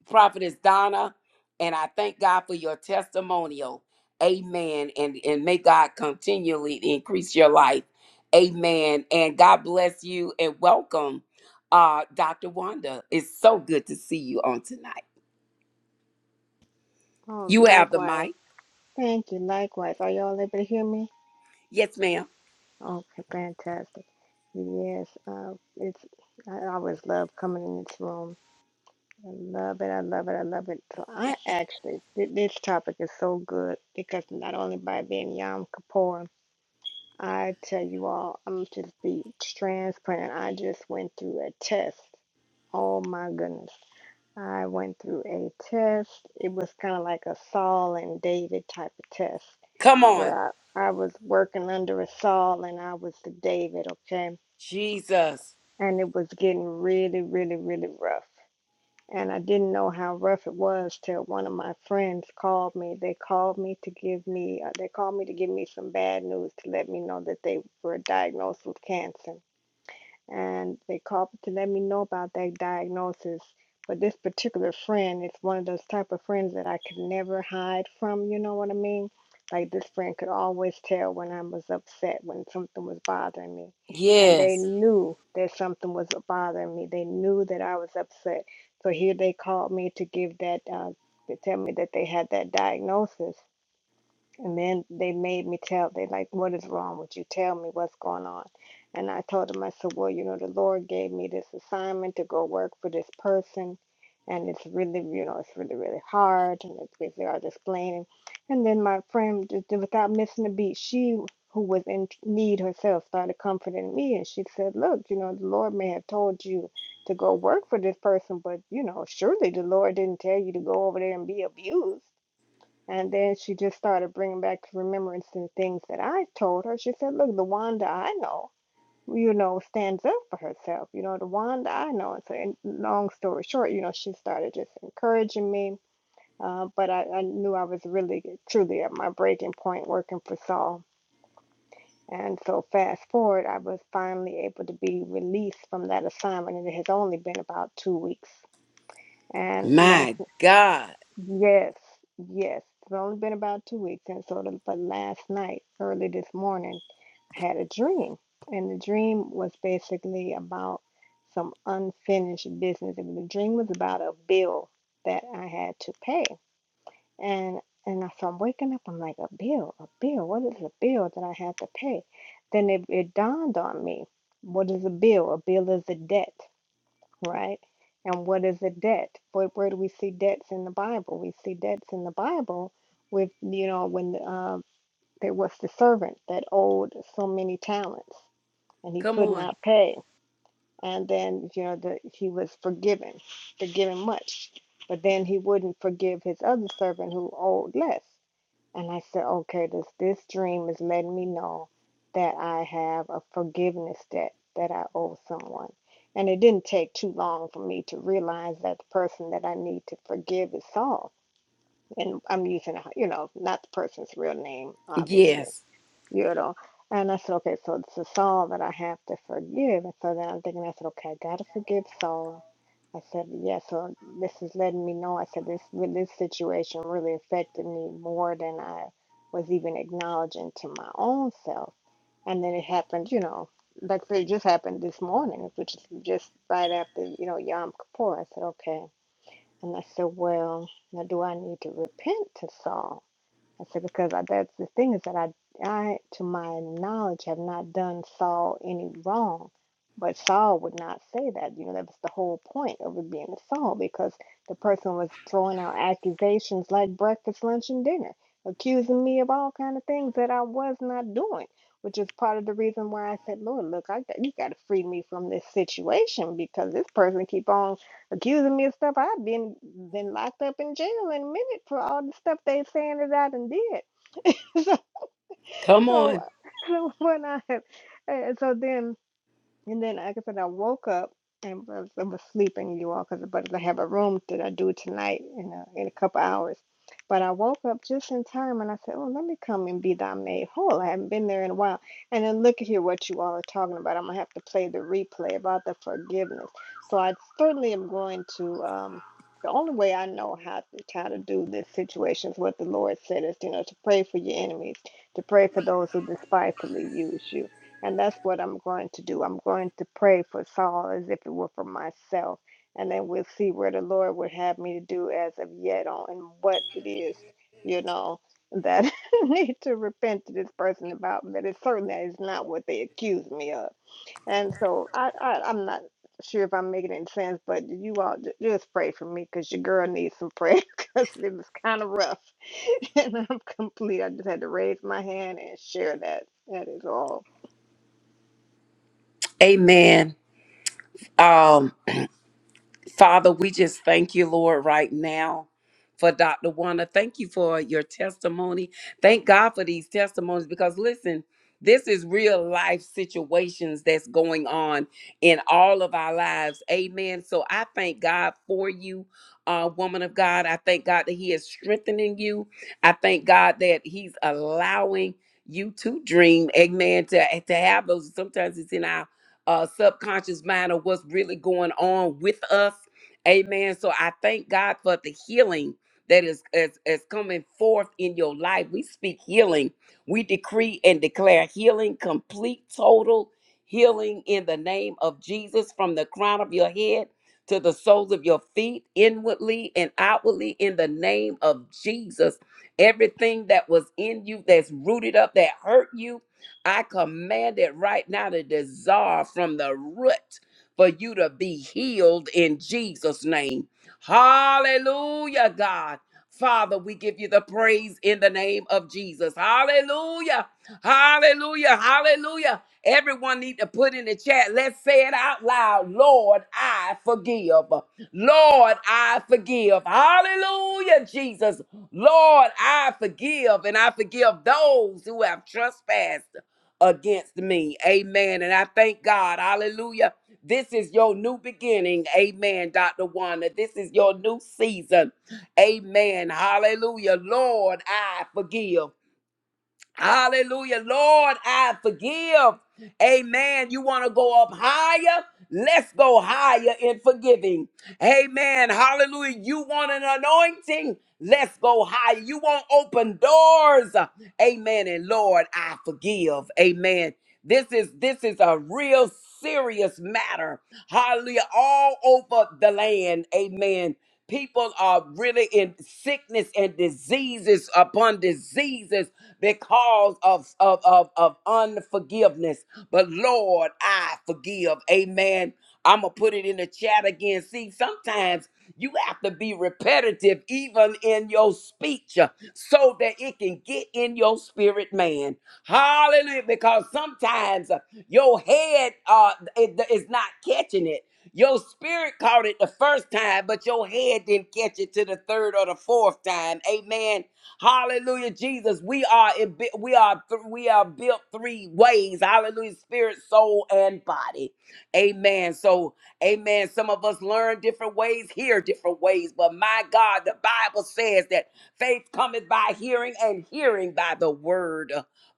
Speaker 1: prophetess Donna, and I thank God for your testimonial. Amen. And and may God continually increase your life. Amen. And God bless you and welcome, uh, Dr. Wanda. It's so good to see you on tonight.
Speaker 8: Oh,
Speaker 1: You have the
Speaker 8: likewise.
Speaker 1: mic.
Speaker 8: Thank you. Likewise. Are y'all able to hear me?
Speaker 1: Yes, ma'am.
Speaker 8: Okay, fantastic. Yes, uh, it's. I always love coming in this room. I love it. I love it. I love it. So I actually, th- this topic is so good because not only by being Yom Kippur, I tell you all, I'm just be transparent. I just went through a test. Oh my goodness. I went through a test. It was kind of like a Saul and David type of test
Speaker 1: Come on.
Speaker 8: where I, I was working under a Saul and I was the David, okay?
Speaker 1: Jesus.
Speaker 8: And it was getting really, really, really rough. And I didn't know how rough it was till one of my friends called me. They called me to give me, uh, they called me to give me some bad news to let me know that they were diagnosed with cancer and they called to let me know about that diagnosis. But this particular friend is one of those type of friends that I could never hide from, you know what I mean? Like this friend could always tell when I was upset, when something was bothering me. And they
Speaker 1: Yes.
Speaker 8: knew that something was bothering me. They knew that I was upset. So here they called me to give that, uh, to tell me that they had that diagnosis. And then they made me tell, they like, what is wrong with you? Tell me what's going on. And I told them, I said, well, you know, the Lord gave me this assignment to go work for this person. And it's really, you know, it's really, really hard. And it's basically I was explaining. And then my friend, just without missing a beat, she, who was in need herself, started comforting me. And she said, look, you know, the Lord may have told you to go work for this person, but, you know, surely the Lord didn't tell you to go over there and be abused. And then she just started bringing back to remembrance the things that I told her. She said, Look, the Wanda I know, you know, stands up for herself. You know, the Wanda I know. And so, in, long story short, you know, she started just encouraging me. Uh, but I, I knew I was really, truly at my breaking point working for Saul. And so, fast forward, I was finally able to be released from that assignment. And it has only been about two weeks. And last
Speaker 1: My God.
Speaker 8: Yes, yes. It's only been about two weeks, and so the, but last night, early this morning, I had a dream, and the dream was basically about some unfinished business. And the dream was about a bill that I had to pay, and and I- so I'm waking up, I'm like, a bill, a bill. What is a bill that I have to pay? Then it, it dawned on me, what is a bill? A bill is a debt. Right. And what is a debt? Where, where do we see debts in the Bible? We see debts in the Bible with, you know, when uh, there was the servant that owed so many talents and he
Speaker 1: Come
Speaker 8: could
Speaker 1: on.
Speaker 8: not pay. And then, you know, the, he was forgiven, forgiven much. But then he wouldn't forgive his other servant who owed less. And I said, okay, this this dream is letting me know that I have a forgiveness debt that I owe someone. And it didn't take too long for me to realize that the person that I need to forgive is Saul. And I'm using, you know, not the person's real name, obviously
Speaker 1: Yes.
Speaker 8: you know. And I said, okay, so it's a Saul that I have to forgive. And so then I'm thinking, I said, okay, I gotta forgive Saul. I said, yeah, so this is letting me know. I said, this this situation really affected me more than I was even acknowledging to my own self. And then it happened, you know, like it just happened this morning, which is just right after, you know, Yom Kippur. I said, okay. And I said, well, now do I need to repent to Saul? I said, because I, that's the thing is that I, I, to my knowledge, have not done Saul any wrong. But Saul would not say that. You know, that was the whole point of it being a Saul because the person was throwing out accusations like breakfast, lunch, and dinner, accusing me of all kind of things that I was not doing, which is part of the reason why I said, Lord, look, I you got to free me from this situation because this person keep on accusing me of stuff I've been been locked up in jail in a minute for all the stuff they saying that I done did.
Speaker 1: Come
Speaker 8: So
Speaker 1: on.
Speaker 8: so when I and so then and then, like I said, I woke up and was, I was sleeping, you all, because but I have a room that I do tonight in a, in a couple hours. But I woke up just in time and I said, Oh, let me come and be thy maid whole. I haven't been there in a while. And then look at here what you all are talking about. I'm going to have to play the replay about the forgiveness. So I certainly am going to. Um, the only way I know how to, how to do this situation is what the Lord said is, you know, to pray for your enemies, to pray for those who despitefully use you and that's what I'm going to do. I'm going to pray for Saul as if it were for myself. And then we'll see where the Lord would have me to do as of yet on and what it is, you know, that I need to repent to this person about. But it certainly is not what they accuse me of. And so I, I, I'm not sure if I'm making any sense, but you all ju- just pray for me because your girl needs some prayer because it was kind of rough. and I'm complete. I just had to raise my hand and share that. That is all.
Speaker 1: Amen. Um, Father, we just thank you, Lord, right now for Dr. Wanda. Thank you for your testimony. Thank God for these testimonies because listen, this is real life situations that's going on in all of our lives. Amen. So I thank God for you, uh, woman of God. I thank God that He is strengthening you. I thank God that He's allowing you to dream. Amen. To, to have those, sometimes it's in our uh, subconscious mind of what's really going on with us. Amen. So I thank God for the healing that is, is, is coming forth in your life. We speak healing. We decree and declare healing, complete, total healing in the name of Jesus from the crown of your head to the soles of your feet, inwardly and outwardly, in the name of Jesus. Everything that was in you that's rooted up, that hurt you, I command it right now to dissolve from the root for you to be healed in Jesus' name. Hallelujah, God. Father, we give you the praise in the name of Jesus. Hallelujah. Hallelujah. Hallelujah. Everyone need to put in the chat. Let's say it out loud. Lord, I forgive. Lord, I forgive. Hallelujah, Jesus. Lord, I forgive and I forgive those who have trespassed against me. Amen. And I thank God. Hallelujah. This is your new beginning. Amen, Dr. Wanda. This is your new season. Amen. Hallelujah. Lord, I forgive. Hallelujah. Lord, I forgive. Amen. You want to go up higher? Let's go higher in forgiving. Amen. Hallelujah. You want an anointing? Let's go higher. You want open doors? Amen. And Lord, I forgive. Amen. This is this is a real serious matter. Hallelujah. All over the land. Amen. People are really in sickness and diseases upon diseases because of, of, of, of unforgiveness. But Lord, I forgive. Amen. I'm going to put it in the chat again. See, sometimes you have to be repetitive, even in your speech, uh, so that it can get in your spirit, man. Hallelujah. Because sometimes uh, your head uh, it- is not catching it. Your spirit caught it the first time, but your head didn't catch it to the third or the fourth time. Amen. Hallelujah, Jesus. We are in- we are we are built three ways. Hallelujah, spirit, soul, and body. Amen. So, Amen. Some of us learn different ways, hear different ways, but my God, the Bible says that faith cometh by hearing, and hearing by the word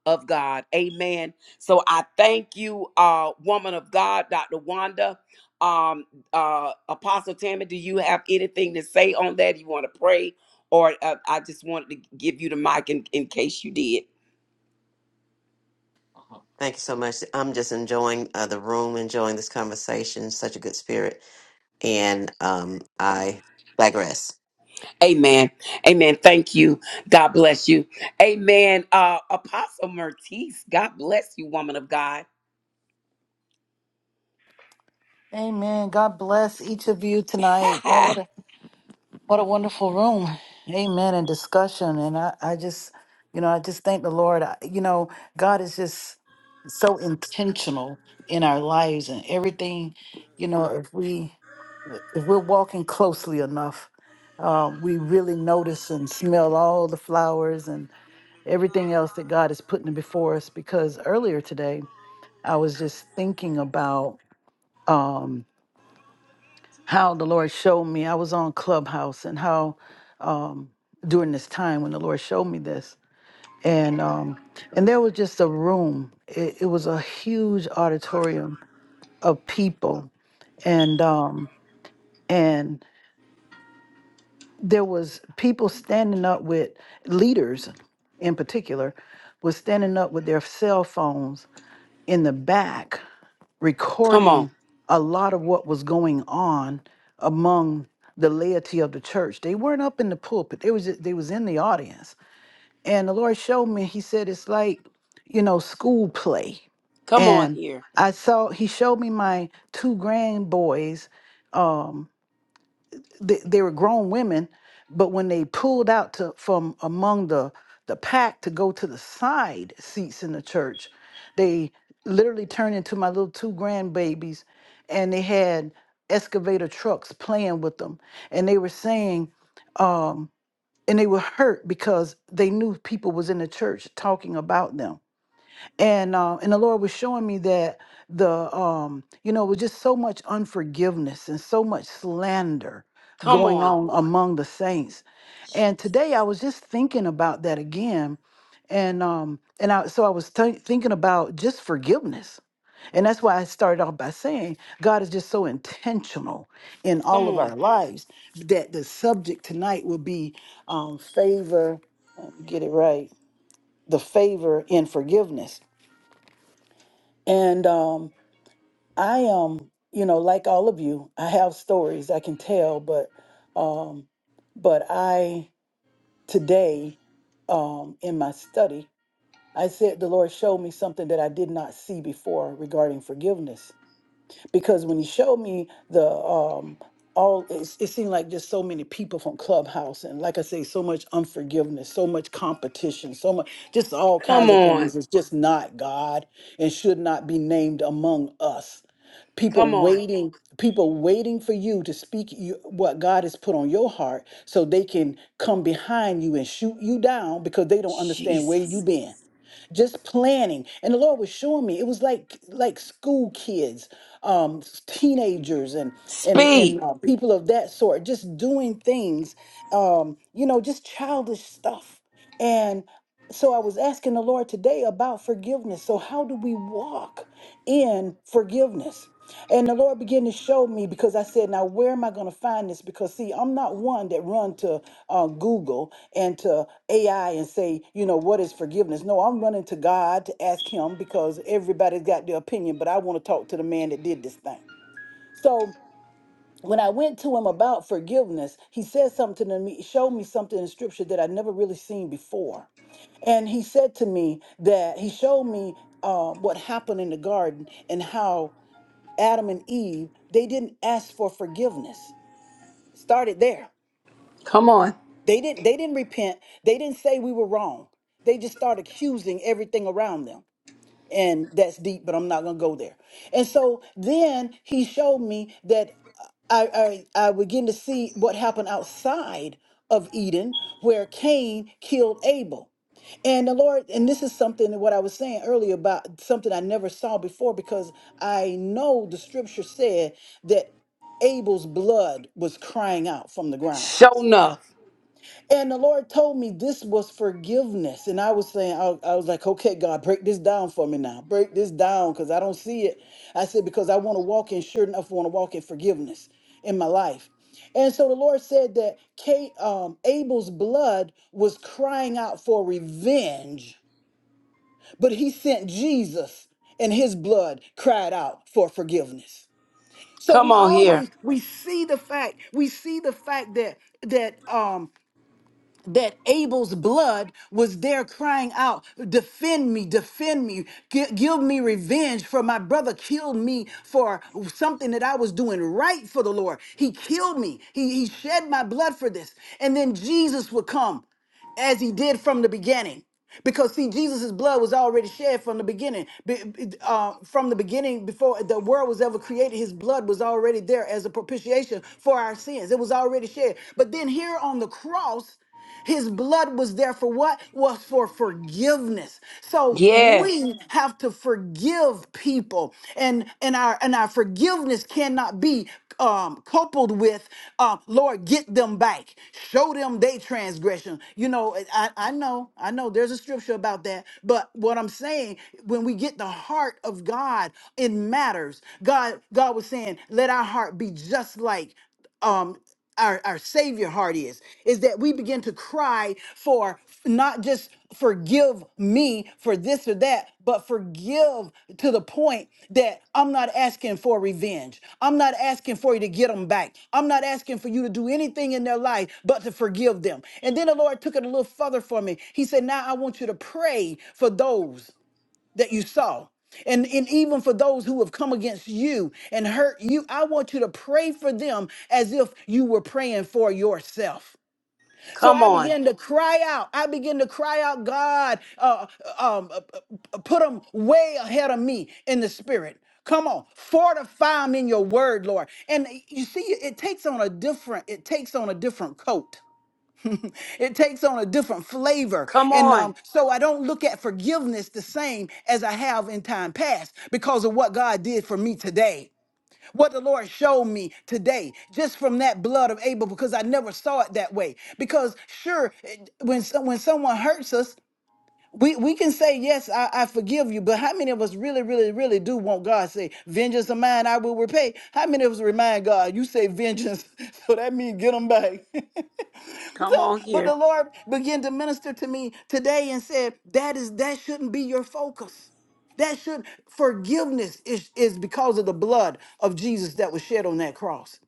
Speaker 1: of God. Amen. So I thank you, uh, woman of God, Dr. Wanda. Um, uh, Apostle Tammy, do you have anything to say on that? You want to pray? Or uh, I just wanted to give you the mic in, in case you did.
Speaker 2: Thank you so much. I'm just enjoying uh, the room, enjoying this conversation. Such a good spirit. And um, I digress.
Speaker 1: Amen. Amen. Thank you. God bless you. Amen. Uh, Apostle Mertiz, God bless you, woman of God.
Speaker 4: Amen. God bless each of you tonight. Oh, what a What a wonderful room. Amen. And discussion. And I, I just, you know, I just thank the Lord. I- You know, God is just so intentional in our lives and everything, you know, if we if we're walking closely enough, uh, we really notice and smell all the flowers and everything else that God is putting before us. Because earlier today, I was just thinking about um, how the Lord showed me. I was on Clubhouse and how um, during this time when the Lord showed me this, and um, and there was just a room. It, it was a huge auditorium of people, and um, and there was people standing up with leaders, in particular, was standing up with their cell phones in the back
Speaker 1: Come
Speaker 4: recording
Speaker 1: on.
Speaker 4: a lot of what was going on among the laity of the church. They weren't up in the pulpit. They was they was in the audience. And the Lord showed me, he said it's like, you know, school play.
Speaker 1: Come on
Speaker 4: And
Speaker 1: here.
Speaker 4: I saw he showed me my two grand boys they, they were grown women, but when they pulled out to from among the the pack to go to the side seats in the church, they literally turned into my little two grandbabies, and they had excavator trucks playing with them, and they were saying, um, and they were hurt because they knew people was in the church talking about them and uh, and the Lord was showing me that the um you know it was just so much unforgiveness and so much slander
Speaker 1: Come
Speaker 4: going
Speaker 1: on.
Speaker 4: on among the saints and today I was just thinking about that again and um and I so I was th- thinking about just forgiveness and that's why I started off by saying God is just so intentional in
Speaker 1: Come
Speaker 4: all of
Speaker 1: on.
Speaker 4: our lives that the subject tonight will be um favor let me get it right the favor in forgiveness and um, I am, um, you know, like all of you, I have stories I can tell, but um, but I today um, in my study, I said the Lord showed me something that I did not see before regarding forgiveness because when he showed me the um all it, it seemed like just so many people from clubhouse and like i say so much unforgiveness so much competition so much just all
Speaker 1: Come
Speaker 4: kinds of things
Speaker 1: on.
Speaker 4: it's just not god and should not be named among us people
Speaker 1: Come on.
Speaker 4: waiting people waiting for you to speak you, what god has put on your heart so they can come behind you and shoot you down because they don't understand where you
Speaker 1: Jesus.
Speaker 4: been just planning and the lord was showing me it was like like school kids um, teenagers and and and
Speaker 1: Speed.
Speaker 4: uh, people of that sort, just doing things, um, you know, just childish stuff. And so I was asking the Lord today about forgiveness. So how do we walk in forgiveness? And the Lord began to show me because I said, "Now where am I going to find this?" Because see, I'm not one that run to uh, Google and to AI and say, you know, what is forgiveness? No, I'm running to God to ask him because everybody's got their opinion, but I want to talk to the man that did this thing. So when I went to him about forgiveness, he said something to me, showed me something in scripture that I'd never really seen before. And he said to me that he showed me uh, what happened in the garden and how Adam and Eve, they didn't ask for forgiveness. Started there
Speaker 1: Come on.
Speaker 4: They didn't they didn't repent. They didn't say we were wrong. They just start accusing everything around them. And that's deep, but I'm not gonna go there. And so then he showed me that I I, I begin to see what happened outside of Eden, where Cain killed Abel. And the Lord, and this is something that what I was saying earlier about something I never saw before because I know the scripture said that Abel's blood was crying out from the ground.
Speaker 1: Show enough.
Speaker 4: And the Lord told me this was forgiveness. And I was saying, I, I was like, okay, God, break this down for me now. Break this down because I don't see it. I said, because I want to walk in, sure enough, I want to walk in forgiveness in my life. And so the Lord said that Kate, um, Abel's blood was crying out for revenge, but he sent Jesus and his blood cried out for forgiveness. So
Speaker 1: Come
Speaker 4: we
Speaker 1: on here.
Speaker 4: always we see the fact we see the fact that that um that Abel's blood was there crying out, Defend me, defend me, Gi- give me revenge for my brother killed me for something that I was doing right for the Lord. He killed me, he, he shed my blood for this. And then Jesus would come as he did from the beginning. Because see, Jesus' blood was already shed from the beginning. Be- be- uh, from the beginning, before the world was ever created, his blood was already there as a propitiation for our sins. It was already shed. But then here on the cross, his blood was there for what? Was for forgiveness. So
Speaker 1: Yes.
Speaker 4: we have to forgive people, and and our and our forgiveness cannot be um, coupled with, uh, Lord, get them back, show them they transgression. You know, I I know I know there's a scripture about that, but what I'm saying when we get the heart of God, it matters. God God was saying, let our heart be just like um our, our savior heart is is that we begin to cry for not just forgive me for this or that but forgive to the point that i'm not asking for revenge i'm not asking for you to get them back i'm not asking for you to do anything in their life but to forgive them and then the lord took it a little further for me he said now i want you to pray for those that you saw. And, and even for those who have come against you and hurt you, I want you to pray for them as if you were praying for yourself. So
Speaker 1: Come
Speaker 4: I
Speaker 1: on.
Speaker 4: began to cry out. I began to cry out, God, uh, uh, um, uh, uh, put them way ahead of me in the spirit. Come on, fortify them in your word, Lord. And eh, you see, it takes on a different, it takes on a different coat. It takes on a different flavor.
Speaker 1: Come
Speaker 4: And
Speaker 1: on.
Speaker 4: um, so I don't look at forgiveness the same as I have in time past because of what God did for me today. What the Lord showed me today, just from that blood of Abel, because I never saw it that way. Because sure, it- when, some- when someone hurts us, we we can say yes, I, I forgive you, but how many of us really, really, really do want God to say, "Vengeance of mine, I will repay"? How many of us remind God, "You say vengeance, so that means get them back."
Speaker 1: Come
Speaker 4: so,
Speaker 1: on
Speaker 4: but
Speaker 1: here.
Speaker 4: the Lord began to minister to me today and said, "That is that shouldn't be your focus. That should forgiveness is is because of the blood of Jesus that was shed on that cross."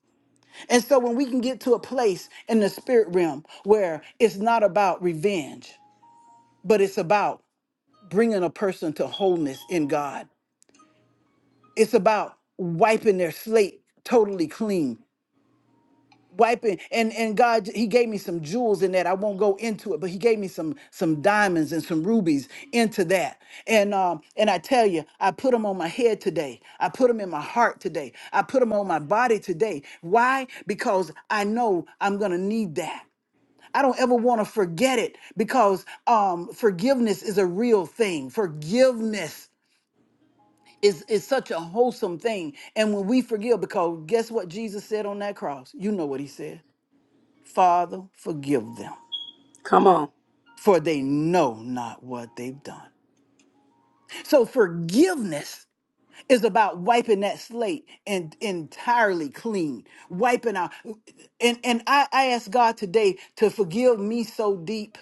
Speaker 4: And so, when we can get to a place in the spirit realm where it's not about revenge, but it's about bringing a person to wholeness in God. It's about wiping their slate totally clean. Wiping and and God he gave me some jewels in that. I won't go into it, but he gave me some some diamonds and some rubies into that. And um and I tell you, I put them on my head today. I put them in my heart today. I put them on my body today. Why? Because I know I'm going to need that. I don't ever want to forget it because um, forgiveness is a real thing. Forgiveness Is is such a wholesome thing. And when we forgive, because guess what Jesus said on that cross? You know what he said Father, forgive them,
Speaker 1: Come on.
Speaker 4: for they know not what they've done. So forgiveness is about wiping that slate and entirely clean, wiping out. And, and I, I ask God today to forgive me so deep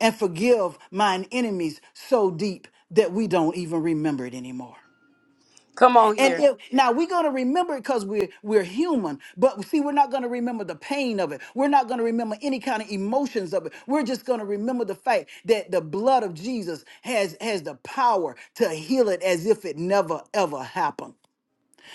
Speaker 4: and forgive mine enemies so deep that we don't even remember it anymore.
Speaker 1: Come on
Speaker 4: And
Speaker 1: here.
Speaker 4: if now we're gonna remember it because we're we're human, but see, we're not gonna remember the pain of it. We're not gonna remember any kind of emotions of it. We're just gonna remember the fact that the blood of Jesus has has the power to heal it as if it never ever happened.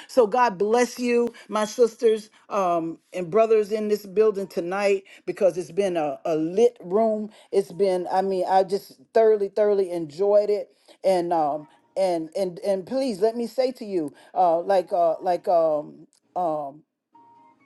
Speaker 4: So God bless you, my sisters um, and brothers in this building tonight, because it's been a, a lit room. It's been, I mean, I just thoroughly, thoroughly enjoyed it. And um, and and and please let me say to you, uh, like uh, like um, um,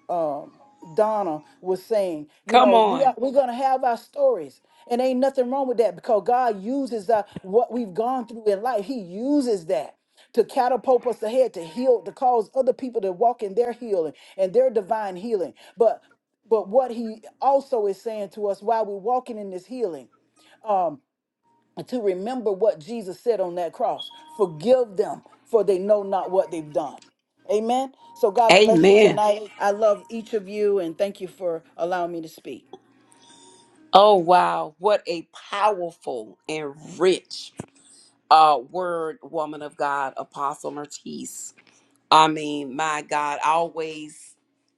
Speaker 4: um, Donna was saying, you
Speaker 1: Come
Speaker 4: know, we
Speaker 1: on.
Speaker 4: are, we're gonna have our stories, and ain't nothing wrong with that because God uses uh, what we've gone through in life. He uses that to catapult us ahead, to heal, to cause other people to walk in their healing and their divine healing. But but what He also is saying to us while we're walking in this healing. um, and to remember what Jesus said on that cross. Forgive them, for they know not what they've done. Amen. So God bless you
Speaker 1: Amen.
Speaker 4: tonight. I love each of you and thank you for allowing me to speak.
Speaker 1: Oh, wow. What a powerful and rich uh, word, woman of God, Apostle Mertice. I mean, my God, I always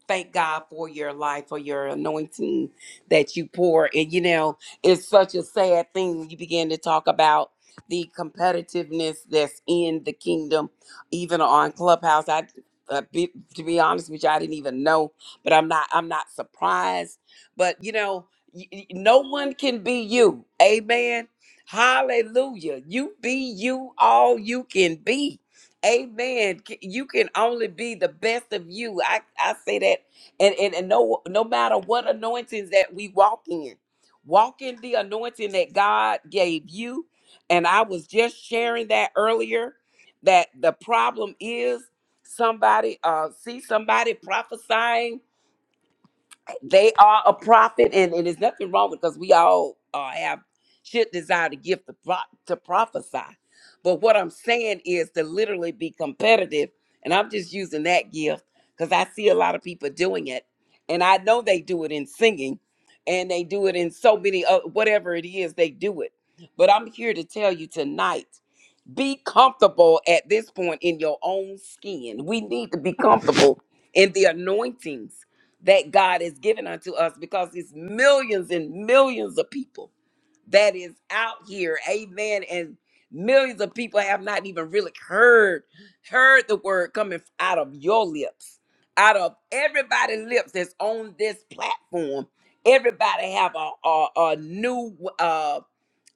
Speaker 1: thank God for your life, for your anointing that you pour. And you know, it's such a sad thing when you begin to talk about the competitiveness that's in the kingdom, even on Clubhouse. I uh, be, to be honest with you, I didn't even know, but I'm not. I'm not surprised. But you know, y- y- no one can be you. Amen. Hallelujah. You be you all you can be Amen. C- You can only be the best of you. I, I say that, and, and and no no matter what anointings that we walk in, walk in the anointing that God gave you. And I was just sharing that earlier. That the problem is somebody uh see somebody prophesying they are a prophet, and, and there's nothing wrong with because we all uh, have should desire to give the pro- to prophesy. But what I'm saying is to literally be competitive, and I'm just using that gift because I see a lot of people doing it, and I know they do it in singing, and they do it in so many uh, whatever it is they do it. But I'm here to tell you tonight. Be comfortable at this point in your own skin. We need to be comfortable in the anointings that God has given unto us because it's millions and millions of people that is out here. Amen. And millions of people have not even really heard heard the word coming out of your lips. Out of everybody's lips that's on this platform, everybody have a, a, a new uh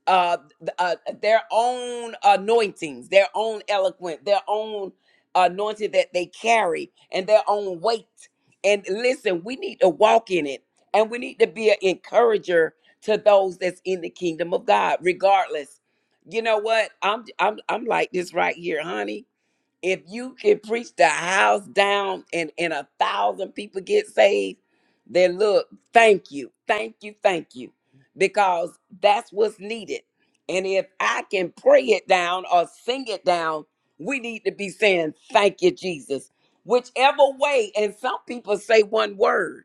Speaker 1: uh, uh their own anointings, their own eloquent, their own anointing that they carry, and their own weight. And listen, we need to walk in it, and we need to be an encourager to those that's in the kingdom of God, regardless. You know what? I'm I'm I'm like this right here, honey if you can preach the house down and and a thousand people get saved then look thank you thank you thank you because that's what's needed and if i can pray it down or sing it down we need to be saying thank you jesus whichever way and some people say one word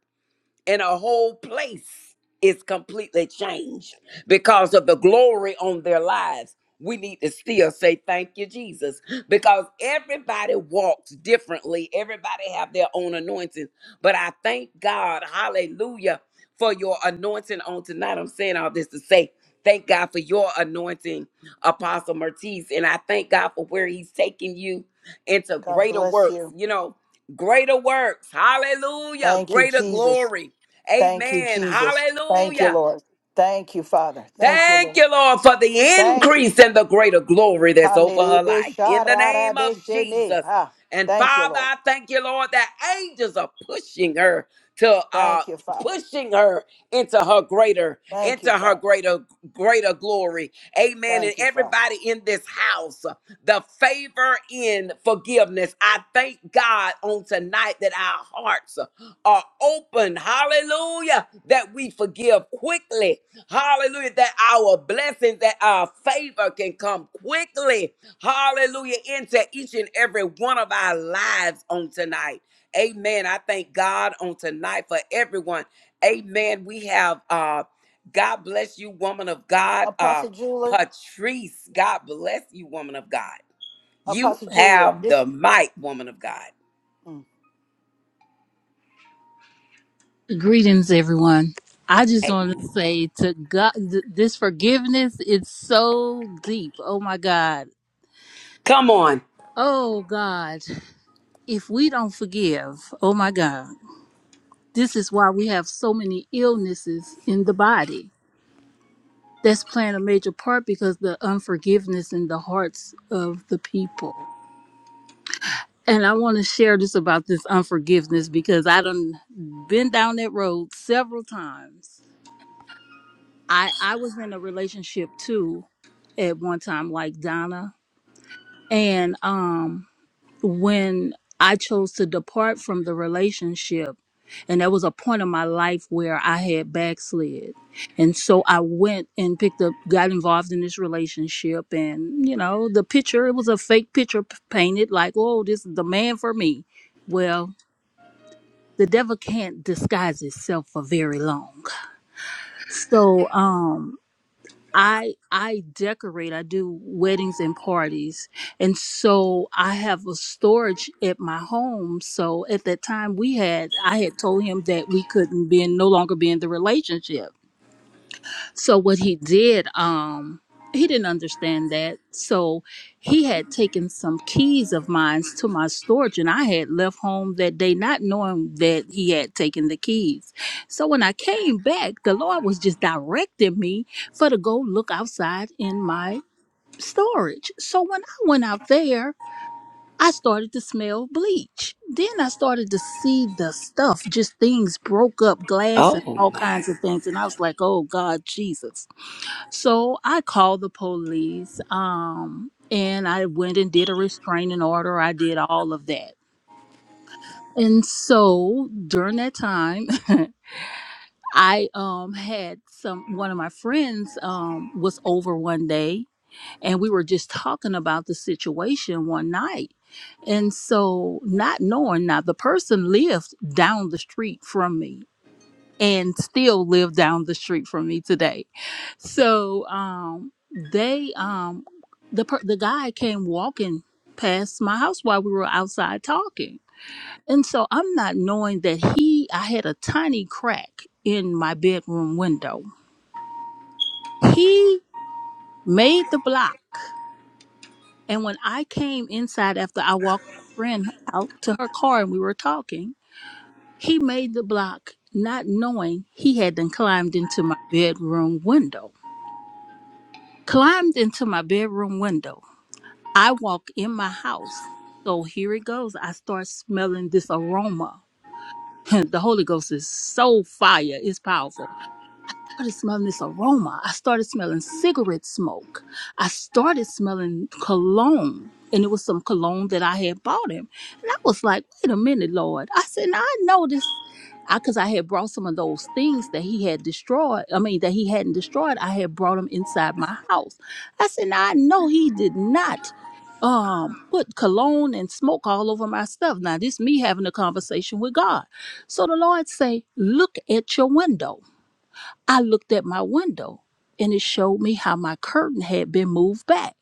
Speaker 1: and a whole place is completely changed because of the glory on their lives. We need to still say thank you, Jesus, because everybody walks differently. Everybody have their own anointing. But I thank God, hallelujah, for your anointing on tonight. I'm saying all this to say thank God for your anointing, Apostle Mertiz. And I thank God for where he's taking you into
Speaker 4: God
Speaker 1: greater
Speaker 4: bless
Speaker 1: works,
Speaker 4: you.
Speaker 1: you know, greater works. Hallelujah.
Speaker 4: Thank you,
Speaker 1: Greater
Speaker 4: Jesus.
Speaker 1: glory
Speaker 4: Thank you,
Speaker 1: Amen.
Speaker 4: Jesus. Thank you,
Speaker 1: Hallelujah.
Speaker 4: Lord. Thank you, Father. Thank you,
Speaker 1: Thank
Speaker 4: Lord.
Speaker 1: you, Lord, for the
Speaker 4: Thank you.
Speaker 1: increase and the greater glory that's over her life. In the name of
Speaker 4: Ha-ni-di-bi-sha-ra-ra-bi-shi-ni.
Speaker 1: Jesus.
Speaker 4: Ha.
Speaker 1: And
Speaker 4: Thank you,
Speaker 1: Father,
Speaker 4: Lord.
Speaker 1: I thank you, Lord, that angels are pushing her to uh
Speaker 4: Thank you, Father.
Speaker 1: pushing her into her greater,
Speaker 4: Thank you,
Speaker 1: into her
Speaker 4: Father.
Speaker 1: greater, greater glory. Amen. And
Speaker 4: Thank you, Father.
Speaker 1: everybody in this house, the favor in forgiveness. I thank God on tonight that our hearts are open. Hallelujah. That we forgive quickly Hallelujah. That our blessings, that our favor can come quickly. Hallelujah. Into each and every one of our lives on tonight. Amen. I thank God on tonight for everyone. Amen. We have uh God bless you, woman of God. Uh
Speaker 4: Apostle Julia,
Speaker 1: Patrice, God bless you, woman of God. You
Speaker 4: Apostle Julia,
Speaker 1: have
Speaker 4: this.
Speaker 1: the mic, woman of God.
Speaker 4: mm.
Speaker 9: Greetings, everyone. I just
Speaker 1: Hey,
Speaker 9: want to say to God, th- this forgiveness is so deep. Oh my God.
Speaker 1: come on.
Speaker 9: Oh God. If we don't forgive, oh my God, this is why we have so many illnesses in the body. That's playing a major part because the unforgiveness in the hearts of the people. And I want to share this about this unforgiveness because I done been down that road several times I I was in a relationship too at one time like Donna and um when I chose to depart from the relationship and there was a point in my life where I had backslid and so I went and picked up got involved in this relationship and you know the picture it was a fake picture p- painted like oh this is the man for me well the devil can't disguise itself for very long so um I I decorate. I do weddings and parties. And so I have a storage at my home. So at that time we had I had told him that we couldn't be in, no longer be in the relationship. So what he did, um, he didn't understand that. So he had taken some keys of mine to my storage, and I had left home that day not knowing that he had taken the keys. So when I came back, the Lord was just directing me for to go look outside in my storage. So when I went out there, I started to smell bleach. Then I started to see the stuff, just things broke up, glass and
Speaker 1: Oh
Speaker 9: all
Speaker 1: my.
Speaker 9: kinds of things. And I was like, oh God, Jesus. So I called the police um, and I went and did a restraining order. I did all of that. And so during that time, I um, had some, one of my friends um, was over one day and we were just talking about the situation one night. And so, not knowing now, the person lived down the street from me and still live down the street from me today. So um they um the per- the guy came walking past my house while we were outside talking. And so I'm not knowing that he I had a tiny crack in my bedroom window. He made the block and when I came inside after I walked my friend out to her car and we were talking, he made the block not knowing he had then climbed into my bedroom window. climbed into my bedroom window. I walk in my house. So here it goes. I start smelling this aroma. the Holy Ghost is so fire. It's powerful started smelling this aroma. I started smelling cigarette smoke. I started smelling cologne. And it was some cologne that I had bought him. And I was like, wait a minute, Lord. I said, now I know this. I, cause I had brought some of those things that he had destroyed. I mean, that he hadn't destroyed. I had brought them inside my house. I said, now I know he did not um put cologne and smoke all over my stuff. Now this me having a conversation with God. So the Lord say, look at your window I looked at my window and it showed me how my curtain had been moved back.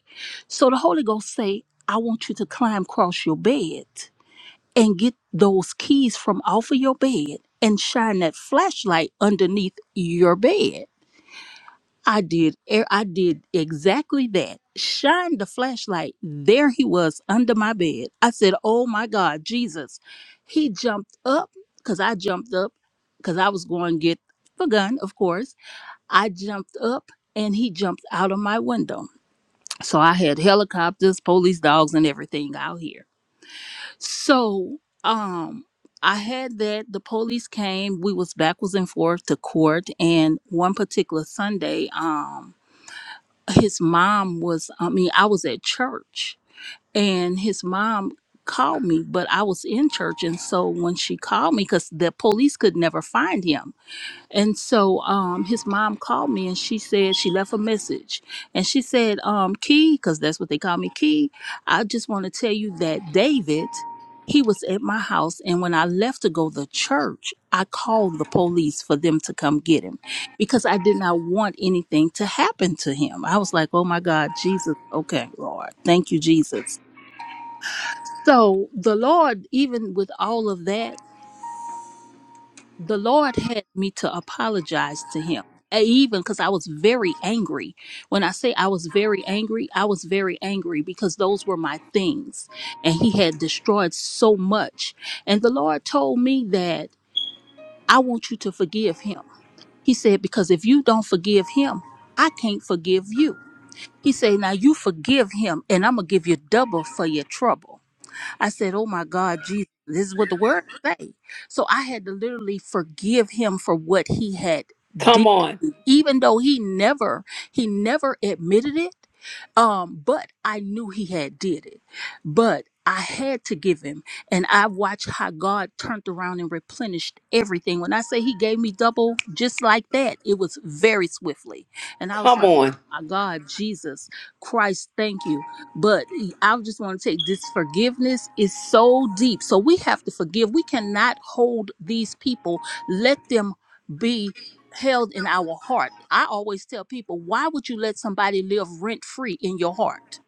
Speaker 9: So the Holy Ghost say, I want you to climb across your bed and get those keys from off of your bed and shine that flashlight underneath your bed. I did e- I did exactly that. Shined the flashlight. There he was under my bed. I said, "Oh my God, Jesus." He jumped up cuz I jumped up cuz I was going to get the gun, of course I jumped up and he jumped out of my window. So I had helicopters, police dogs, and everything out here. So um I had that. The police came. We was backwards and forth to court. And one particular Sunday, um, his mom was I mean, I was at church and his mom called me, but I was in church. And so when she called me, because the police could never find him. And so um, his mom called me and she said she left a message. And she said, um, Key, because that's what they call me, Key, I just want to tell you that David, he was at my house. And when I left to go to church, I called the police for them to come get him because I did not want anything to happen to him. I was like, oh my God, Jesus. Okay, Lord. Thank you, Jesus. So the Lord, even with all of that, the Lord had me to apologize to him. And Even because I was very angry. When I say I was very angry, I was very angry because those were my things. And he had destroyed so much. And the Lord told me that I want you to forgive him. He said, Because if you don't forgive him, I can't forgive you. He said, Now you forgive him, and I'm going to give you double for your trouble. I said, "Oh my God, Jesus, this is what the word say." So I had to literally forgive him for what he had did
Speaker 1: Come on.
Speaker 9: even though he never he never admitted it um but i knew he had did it but i had to give him and i watched how god turned around and replenished everything when i say he gave me double just like that it was very swiftly and i was
Speaker 1: Come
Speaker 9: like oh
Speaker 1: on.
Speaker 9: my god jesus christ thank you but he- i just want to take this forgiveness is so deep so we have to forgive we cannot hold these people let them be held in our heart. I always tell people, why would you let somebody live rent free in your heart?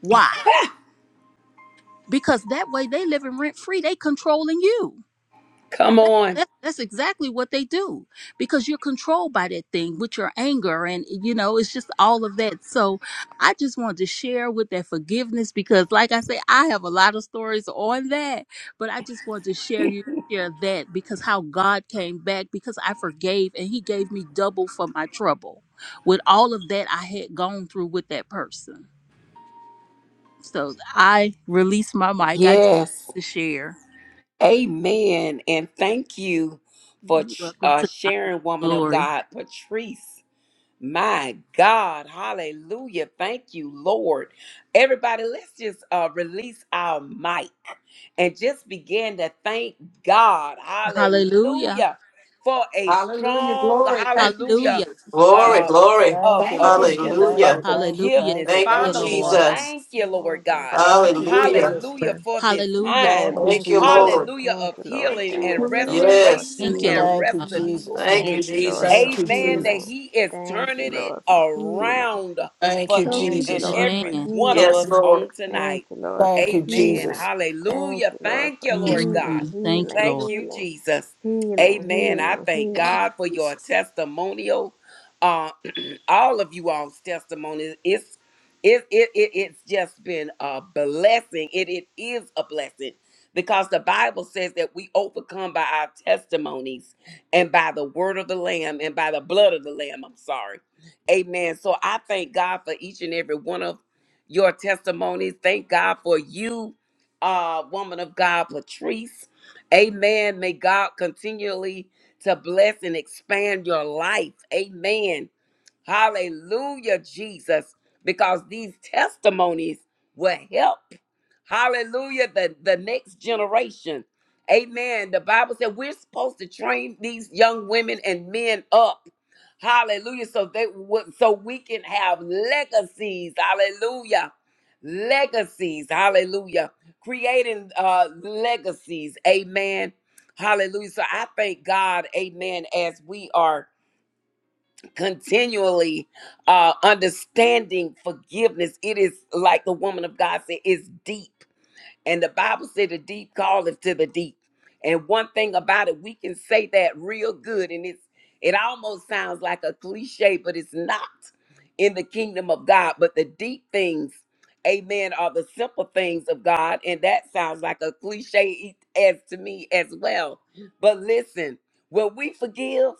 Speaker 9: Why? Because that way they live in rent free, they controlling you.
Speaker 1: Come
Speaker 9: That,
Speaker 1: on.
Speaker 9: that, that's exactly what they do because you're controlled by that thing with your anger and you know it's just all of that so i just wanted to share with that forgiveness because like i say i have a lot of stories on that but i just wanted to share you share that because how god came back because i forgave and he gave me double for my trouble with all of that i had gone through with that person so i release my mic i just
Speaker 1: Yes.
Speaker 9: wanted to share
Speaker 1: Amen. And thank you for
Speaker 9: You're welcome
Speaker 1: uh,
Speaker 9: to God
Speaker 1: sharing, woman of
Speaker 9: glory
Speaker 1: God, Patrice. My God. Hallelujah. Thank you, Lord. Everybody, let's just uh, release our mic and just begin to thank God.
Speaker 9: Hallelujah.
Speaker 1: Hallelujah. For a
Speaker 3: Hallelujah.
Speaker 1: strong,
Speaker 3: Glory. Thank you,
Speaker 1: hallelujah.
Speaker 9: Hallelujah.
Speaker 3: Jesus.
Speaker 2: Glory,
Speaker 1: uh,
Speaker 2: glory.
Speaker 4: Thank
Speaker 1: of,
Speaker 4: you,
Speaker 3: Thank
Speaker 1: of
Speaker 3: you,
Speaker 4: thank you,
Speaker 1: repentance,
Speaker 3: Jesus.
Speaker 4: thank
Speaker 1: of
Speaker 4: you,
Speaker 2: Hallelujah.
Speaker 4: thank you,
Speaker 9: Hallelujah.
Speaker 4: thank
Speaker 1: forgiveness.
Speaker 4: you,
Speaker 2: Thank
Speaker 9: Thank
Speaker 2: you,
Speaker 9: you,
Speaker 4: thank
Speaker 1: Father,
Speaker 3: Thank
Speaker 4: you,
Speaker 3: you,
Speaker 1: we
Speaker 9: Lord.
Speaker 4: thank you.
Speaker 2: Jesus.
Speaker 1: thank
Speaker 3: Jesus.
Speaker 1: you, Lord
Speaker 8: Lord, we
Speaker 1: God.
Speaker 8: do
Speaker 4: Thank
Speaker 3: Thank
Speaker 4: you,
Speaker 8: thank
Speaker 3: you, Lord.
Speaker 8: you.
Speaker 2: Hallelujah.
Speaker 4: Jesus.
Speaker 1: Hallelujah for this
Speaker 9: Hallelujah.
Speaker 8: We
Speaker 4: Thank
Speaker 1: time.
Speaker 4: you,
Speaker 8: thank
Speaker 2: Thank you,
Speaker 8: you,
Speaker 4: Jesus.
Speaker 8: Lord.
Speaker 2: Lord.
Speaker 1: Hallelujah
Speaker 8: Thank
Speaker 1: of
Speaker 8: you, Lord.
Speaker 3: Thank
Speaker 1: healing
Speaker 3: you,
Speaker 8: Thank
Speaker 1: and
Speaker 3: Lord.
Speaker 8: you, Lord,
Speaker 5: Glory,
Speaker 8: for
Speaker 2: Yes.
Speaker 1: restoration
Speaker 9: Thank you, Lord
Speaker 1: and
Speaker 8: healing.
Speaker 4: Thank you,
Speaker 9: God.
Speaker 4: Jesus.
Speaker 2: Thank you,
Speaker 1: restitution.
Speaker 8: Thank you, Lord,
Speaker 2: Jesus.
Speaker 8: for
Speaker 4: Thank you,
Speaker 1: Amen. That
Speaker 8: healing.
Speaker 4: Jesus.
Speaker 1: He is
Speaker 8: Thank you,
Speaker 1: turning it
Speaker 8: Lord, for healing.
Speaker 1: around
Speaker 4: Thank
Speaker 1: for
Speaker 4: you,
Speaker 8: Thank
Speaker 1: each
Speaker 8: you,
Speaker 4: Jesus.
Speaker 1: and
Speaker 8: Lord, for
Speaker 1: every
Speaker 9: Amen.
Speaker 1: one of
Speaker 8: healing.
Speaker 2: Yes,
Speaker 1: us
Speaker 2: Lord.
Speaker 1: on
Speaker 8: Thank
Speaker 1: tonight.
Speaker 8: you, Lord,
Speaker 4: Thank
Speaker 8: for
Speaker 4: you,
Speaker 1: Amen.
Speaker 8: healing.
Speaker 4: Jesus.
Speaker 8: Thank
Speaker 1: Hallelujah.
Speaker 8: you, Lord,
Speaker 1: Thank
Speaker 8: for
Speaker 1: you, Lord God.
Speaker 8: healing,
Speaker 9: Mhm. Thank you,
Speaker 8: healing,
Speaker 9: Lord.
Speaker 1: Thank you,
Speaker 8: healing,
Speaker 1: Jesus.
Speaker 8: healing,
Speaker 1: Amen. I
Speaker 8: healing,
Speaker 1: thank
Speaker 8: healing.
Speaker 3: Thank
Speaker 1: God
Speaker 3: you,
Speaker 1: for your
Speaker 3: Jesus.
Speaker 1: testimonial. uh, all of you all's testimonies. It's it, it, it it's just been a blessing. It it is a blessing because the Bible says that we overcome by our testimonies and by the word of the Lamb and by the blood of the Lamb. I'm sorry. Amen. So I thank God for each and every one of your testimonies. Thank God for you, uh, woman of God, Patrice. Amen. May God continually to bless and expand your life. Amen Hallelujah, Jesus, because these testimonies will help. Hallelujah, the, the next generation. Amen. The Bible said we're supposed to train these young women and men up. Hallelujah. So they would so we can have legacies. Hallelujah. Legacies. Hallelujah. Creating uh legacies. Amen. Hallelujah. So I thank God, amen, as we are continually uh understanding forgiveness it is like the woman of god said it's deep and the bible said the deep calleth to the deep and one thing about it we can say that real good and it's it almost sounds like a cliche but it's not in the kingdom of god but the deep things amen are the simple things of god and that sounds like a cliche as to me as well but listen when we forgive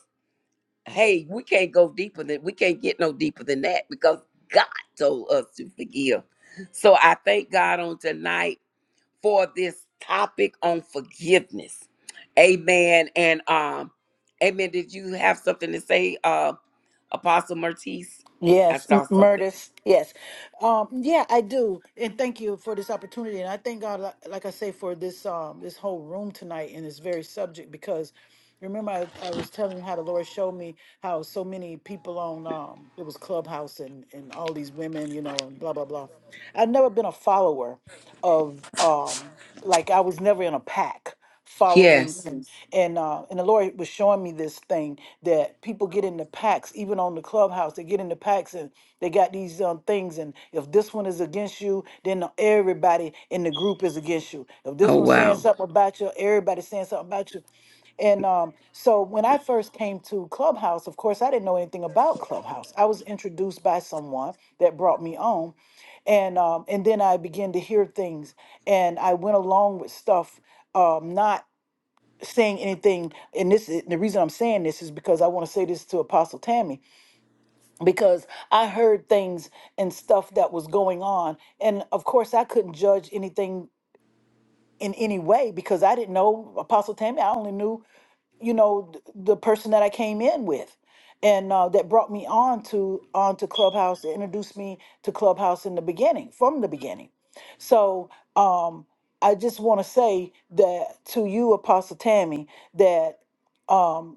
Speaker 1: hey, we can't go deeper than we can't get no deeper than that because God told us to forgive. So I thank God on tonight for this topic on forgiveness. Amen. And um, Amen. Did you have something to say, uh, Apostle Mertiz? I
Speaker 4: Yes, M-
Speaker 1: saw something.
Speaker 4: Murtis. Yes, um, yeah, I do, and thank you for this opportunity. And I thank God, li- like I say, for this um, this whole room tonight and this very subject. Because remember, I, I was telling you how the Lord showed me how so many people on um, it was Clubhouse and and all these women, you know, and blah blah blah. I've never been a follower of um, like I was never in a pack
Speaker 1: Yes.
Speaker 4: following and uh, and the Lord was showing me this thing that people get into packs, even on the clubhouse, they get into packs and they got these um, things. And if this one is against you, then everybody in the group is against you. If this
Speaker 1: Oh
Speaker 4: one's saying
Speaker 1: wow.
Speaker 4: something about you, everybody's saying something about you. And um, so when I first came to Clubhouse, of course, I didn't know anything about Clubhouse. I was introduced by someone that brought me on, and um, and then I began to hear things, and I went along with stuff, um, not saying anything and this is- the reason i'm saying this is because i want to say this to apostle tammy because i heard things and stuff that was going on and of course i couldn't judge anything in any way because i didn't know apostle tammy i only knew you know th- the person that I came in with, and uh, that brought me on to onto Clubhouse, that introduced me to Clubhouse in the beginning, from the beginning. So um, I just want to say that to you, Apostle Tammy, that. Um,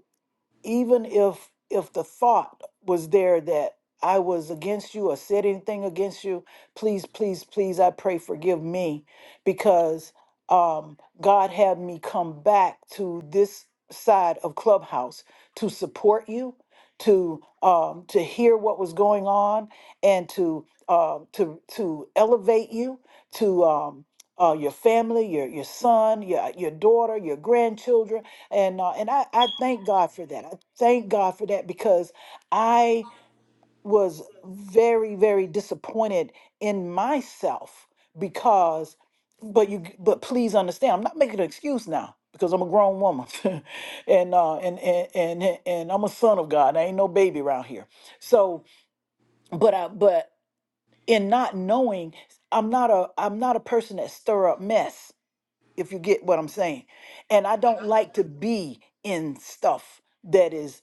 Speaker 4: even if if the thought was there that I was against you or said anything against you, please, please, please, I pray forgive me because um, God had me come back to this side of Clubhouse to support you, to um, to hear what was going on, and to um to to elevate you to um, uh, your family, your your son, your your daughter, your grandchildren and uh, and I, I thank God for that. I thank God for that because I was very very disappointed in myself because but you but please understand I'm not making an excuse now because I'm a grown woman and uh and and and and I'm a son of God. I ain't no baby around here. So but I but in not knowing I'm not a I'm not a person that stir up mess if you get what I'm saying. And I don't like to be in stuff that is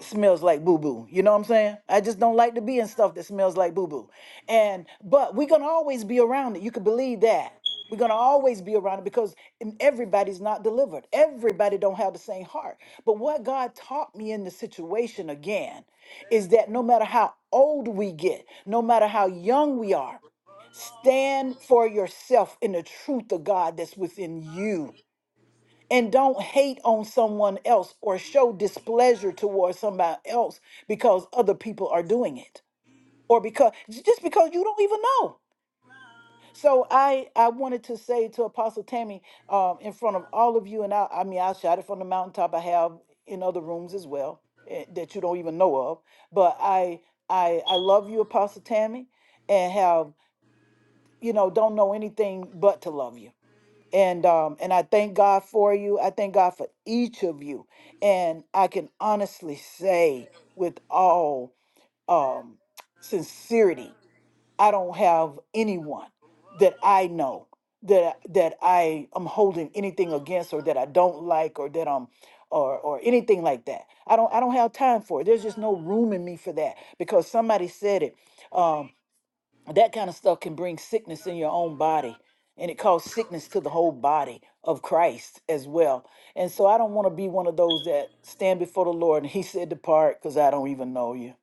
Speaker 4: smells like boo boo. You know what I'm saying? I just don't like to be in stuff that smells like boo boo. And but we're gonna always be around it. You can believe that. We're gonna always be around it because n- everybody's not delivered. Everybody don't have the same heart. But what God taught me in the situation again is that no matter how old we get, no matter how young we are, stand for yourself in the truth of God that's within you and don't hate on someone else or show displeasure towards somebody else because other people are doing it or because just because you don't even know so i i wanted to say to apostle tammy um, in front of all of you and i i mean i shout it from the mountaintop i have in other rooms as well eh, that you don't even know of but i i i love you apostle tammy and have you know don't know anything but to love you and um and I thank God for you. I thank God for each of you. And I can honestly say with all um sincerity, I don't have anyone that I know that that I am holding anything against or that I don't like or that I'm or or anything like that. I don't I don't have time for it. There's just no room in me for that because somebody said it. um, that kind of stuff can bring sickness in your own body and it caused sickness to the whole body of Christ as well. And so I don't want to be one of those that stand before the Lord and he said depart because I don't even know you.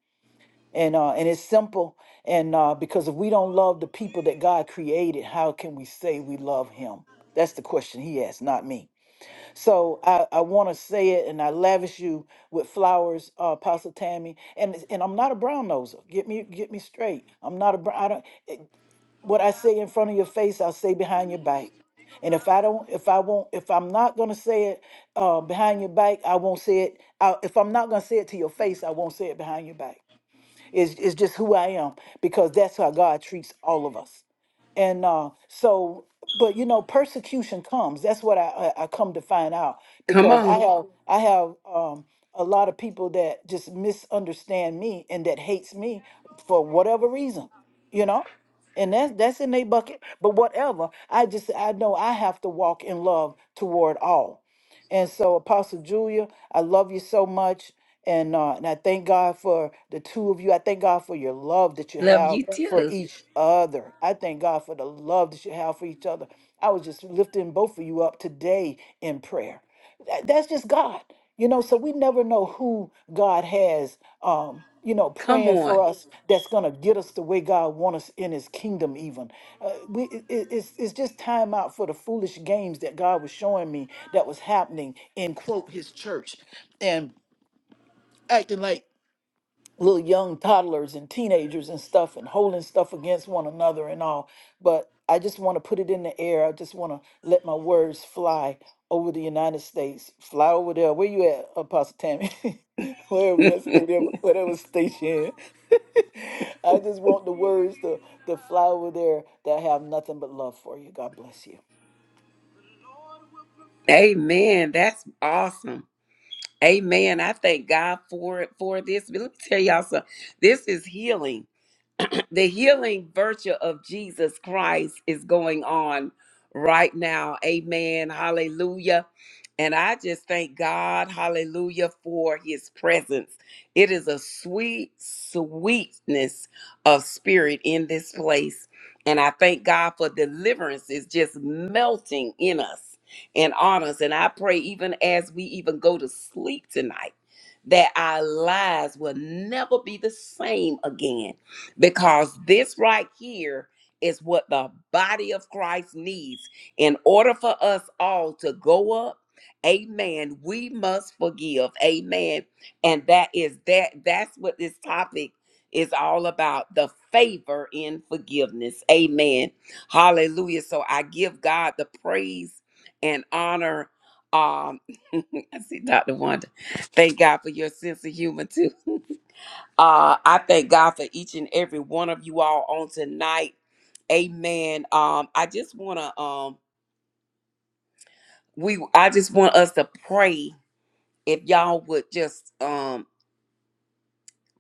Speaker 4: And uh and it's simple and uh because if we don't love the people that God created, how can we say we love him? That's the question he asked, not me. So I, I want to say it, and I lavish you with flowers, uh, Apostle Tammy. And it's- and I'm not a brown noser. Get me get me straight. I'm not a brown. I don't. It, what I say in front of your face, I'll say behind your back. And if I don't, if I won't, if I'm not gonna say it uh, behind your back, I won't say it. I, if I'm not gonna say it to your face, I won't say it behind your back. It's, it's just who I am because that's how God treats all of us. And uh, so, but you know, persecution comes. That's what I, I, I come to find out
Speaker 1: Come
Speaker 4: because I
Speaker 1: on.
Speaker 4: Yeah. have I have um, a lot of people that just misunderstand me and that hates me for whatever reason, you know. And that's that's in their bucket. But whatever, I just I know I have to walk in love toward all. And so, Apostle Julia, I love you so much. And uh, and I thank God for the two of you. I thank God for your love that you
Speaker 1: Love
Speaker 4: have
Speaker 1: you
Speaker 4: Yes. for
Speaker 1: too.
Speaker 4: each other. I thank God for the love that you have for each other. I was just lifting both of you up today in prayer. That- That's just God, you know. So we never know who God has, um, you know,
Speaker 1: Come
Speaker 4: praying
Speaker 1: on.
Speaker 4: for us. That's gonna get us the way God wants us in His kingdom. Even uh, we, it, it- it's it's just time out for the foolish games that God was showing me that was happening in quote His church, and acting like little young toddlers and teenagers and stuff and holding stuff against one another and all. But I just want to put it in the air. I just want to let my words fly over the United States. Fly over there. Where you at, Apostle Tammy? Wherever you stay there, whatever state you're in. I just want the words to, to fly over there that have nothing but love for you. God bless you.
Speaker 1: Amen. That's awesome. Amen. I thank God for it for this. But let me tell y'all something. This is healing the healing virtue of Jesus Christ is going on right now. Amen. Hallelujah. And I just thank God, hallelujah, for his presence. It is a sweet sweetness of spirit in this place. And I thank God for deliverance is just melting in us and on us. And I pray, even as we even go to sleep tonight, that our lives will never be the same again because this right here is what the body of Christ needs in order for us all to go up. Amen. We must forgive. Amen. And that is that that's what this topic is all about the favor in forgiveness. Amen. Hallelujah. So I give God the praise and honor um I see Dr. Wanda. Thank God for your sense of humor too. Uh, I thank God for each and every one of you all on tonight. Amen. Um, I just wanna um we I just want us to pray if y'all would just um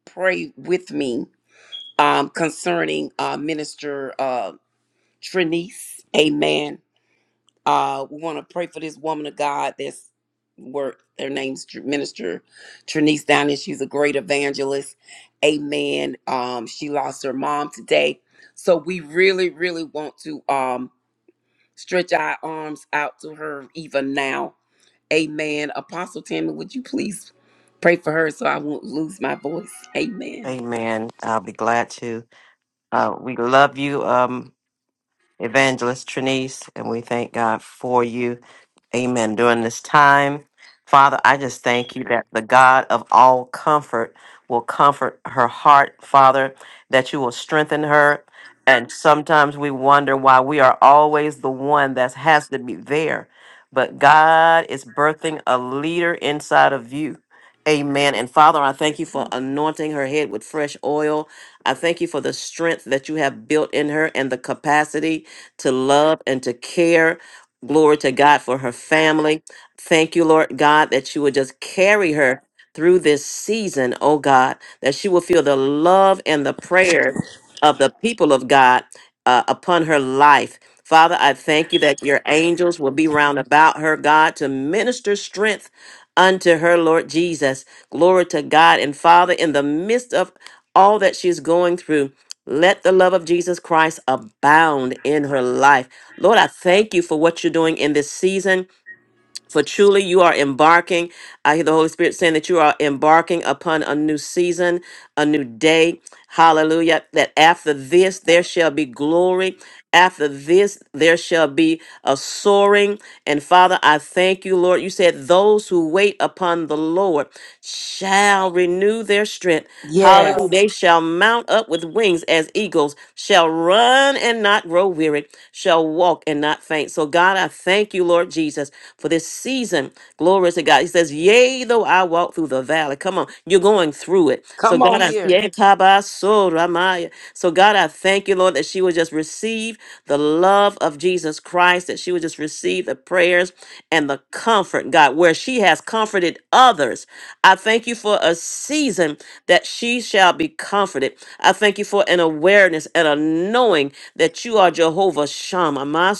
Speaker 1: pray with me um concerning uh minister uh Trinice. Amen. Uh, we want to pray for this woman of God that's work. Their name's Tr- Minister Trinice Downing. She's a great evangelist. Amen. Um, she lost her mom today. So we really, really want to um, stretch our arms out to her even now. Amen. Apostle Tammy, would you please pray for her so I won't lose my voice? Amen.
Speaker 2: Amen. I'll be glad to. Uh, we love you, um, Evangelist Trinice, and we thank God for you. Amen. During this time, Father, I just thank you that the God of all comfort will comfort her heart, Father, that you will strengthen her. And sometimes we wonder why we are always the one that has to be there. But God is birthing a leader inside of you. Amen. And Father, I thank you for anointing her head with fresh oil. I thank you for the strength that you have built in her and the capacity to love and to care Glory to God for her family. Thank you, Lord God, that you would just carry her through this season, oh God, that she will feel the love and the prayer of the people of God uh, upon her life. Father, I thank you that your angels will be round about her, God, to minister strength unto her, Lord Jesus. Glory to God. And Father, in the midst of all that she's going through, let the love of Jesus Christ abound in her life. Lord, I thank you for what you're doing in this season. For truly, you are embarking. I hear the Holy Spirit saying that you are embarking upon a new season, a new day. Hallelujah. That after this, there shall be glory. After this, there shall be a soaring. And Father, I thank you, Lord. You said, Those who wait upon the Lord shall renew their strength. Hallelujah.
Speaker 1: Yes.
Speaker 2: Yes. They shall mount up with wings as eagles, shall run and not grow weary, shall walk and not faint. So, God, I thank you, Lord Jesus for this season. Glory to God. He says, Yea, though I walk through the valley. Come on, you're going through it. So
Speaker 1: Come on
Speaker 2: God, I
Speaker 1: here.
Speaker 2: Yea, tabasoramaya. so God, I thank you, Lord, that she would just receive the love of Jesus Christ, that she would just receive the prayers and the comfort, God, where she has comforted others. I thank you for a season that she shall be comforted. I thank you for an awareness and a knowing that you are Jehovah Shammah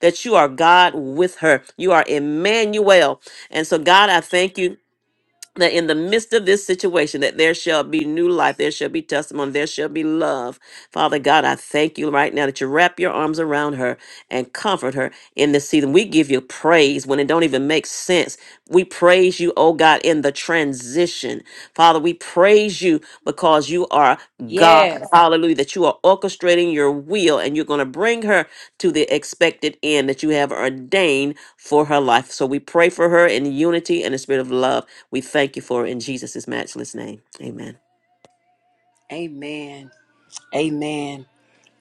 Speaker 2: that you are God with her. You are Emmanuel. And so, God, I thank you that in the midst of this situation that there shall be new life there shall be testimony there shall be love father god i thank you right now that you wrap your arms around her and comfort her in this season we give you praise when it don't even make sense we praise you oh god in the transition father we praise you because you are god
Speaker 1: Yes.
Speaker 2: hallelujah that you are orchestrating your will and you're going to bring her to the expected end that you have ordained for her life so we pray for her in unity and the spirit of love we thank you for it in Jesus' matchless name. Amen.
Speaker 1: Amen. Amen.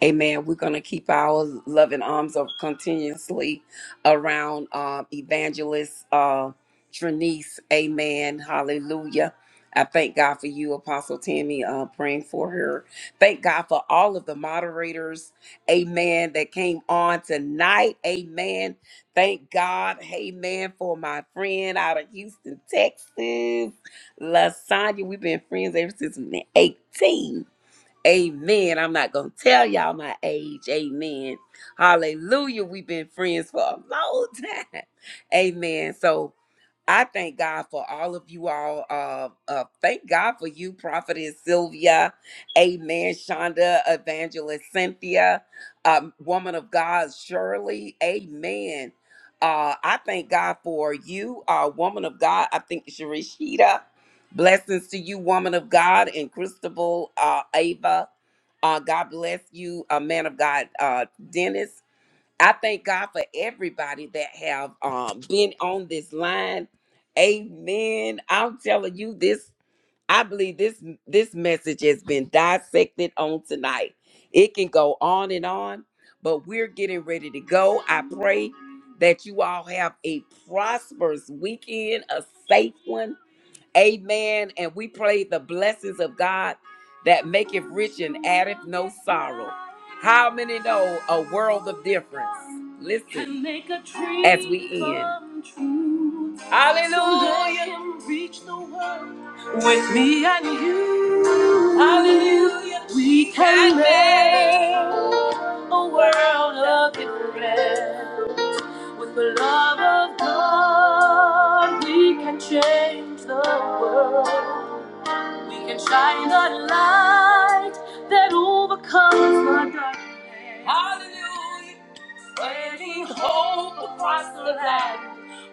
Speaker 1: Amen. We're going to keep our loving arms of continuously around uh, evangelist uh, Trinice. Amen. Hallelujah. I thank God for you, Apostle Tammy, uh, praying for her. Thank God for all of the moderators. Amen. That came on tonight. Amen. Thank God. Amen. For my friend out of Houston, Texas, Lasagna. We've been friends ever since we were 18. Amen. I'm not going to tell y'all my age. Amen. Hallelujah. We've been friends for a long time. Amen. So, I thank God for all of you all. Uh, uh, thank God for you, Prophetess Sylvia. Amen. Shonda, Evangelist Cynthia, um, Woman of God, Shirley. Amen. Uh, I thank God for you, uh, Woman of God. I think Sharishita. Blessings to you, Woman of God, and Christabel, uh, Ava. Uh, God bless you, uh, Man of God, uh, Dennis. I thank God for everybody that have um, been on this line. Amen. I'm telling you this. I believe this this message has been dissected on tonight. It can go on and on, but we're getting ready to go. I pray that you all have a prosperous weekend, a safe one Amen. And we pray the blessings of God that maketh rich and addeth no sorrow. How many know a world of difference? Listen Can make a dream as we end. come true. Hallelujah. Someday can reach the world With me, hallelujah, we can make a world of difference. With the love of God, we can change the world can shine the light that overcomes the darkness. Hallelujah. Spreading hope across the land,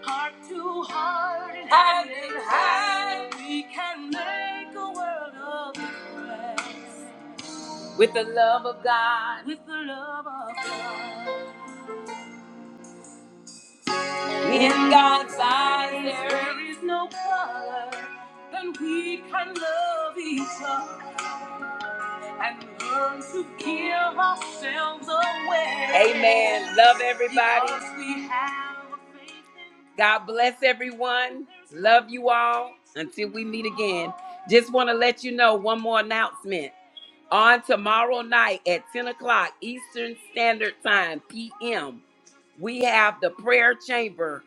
Speaker 1: heart to heart and hand in hand. We can make a world of difference. With the love of God, with the love of God. In God's eyes, there is no color. Then we can love each other. and learn to give ourselves away. Amen. Love everybody. God bless everyone. Love you all. Until we meet again, just want to let you know one more announcement. On tomorrow night at 10 o'clock Eastern Standard Time, PM, we have the prayer chamber.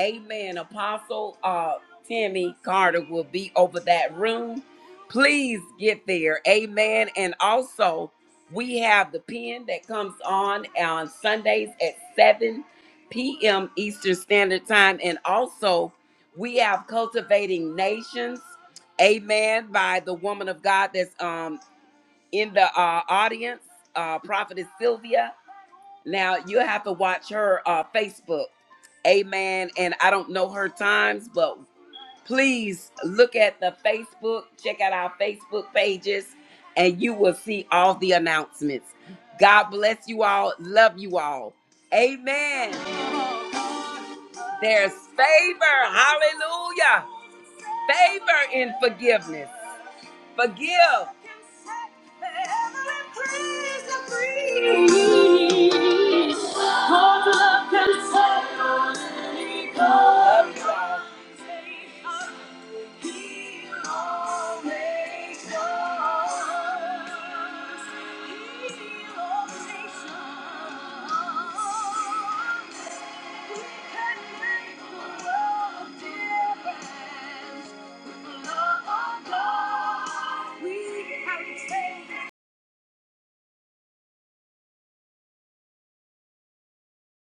Speaker 1: Amen. Apostle uh, Timmy Carter will be over that room. Please get there. Amen. And also, we have the pen that comes on on Sundays at 7 p.m. Eastern Standard Time. And also, we have Cultivating Nations. Amen. By the woman of God that's um in the uh, audience, uh, Prophetess Sylvia. Now you have to watch her uh, Facebook. Amen. And I don't know her times, but please look at the Facebook, check out our Facebook pages, and you will see all the announcements. God bless you all. Love you all. Amen. There's favor. Hallelujah. Favor in forgiveness. Forgive. We can change.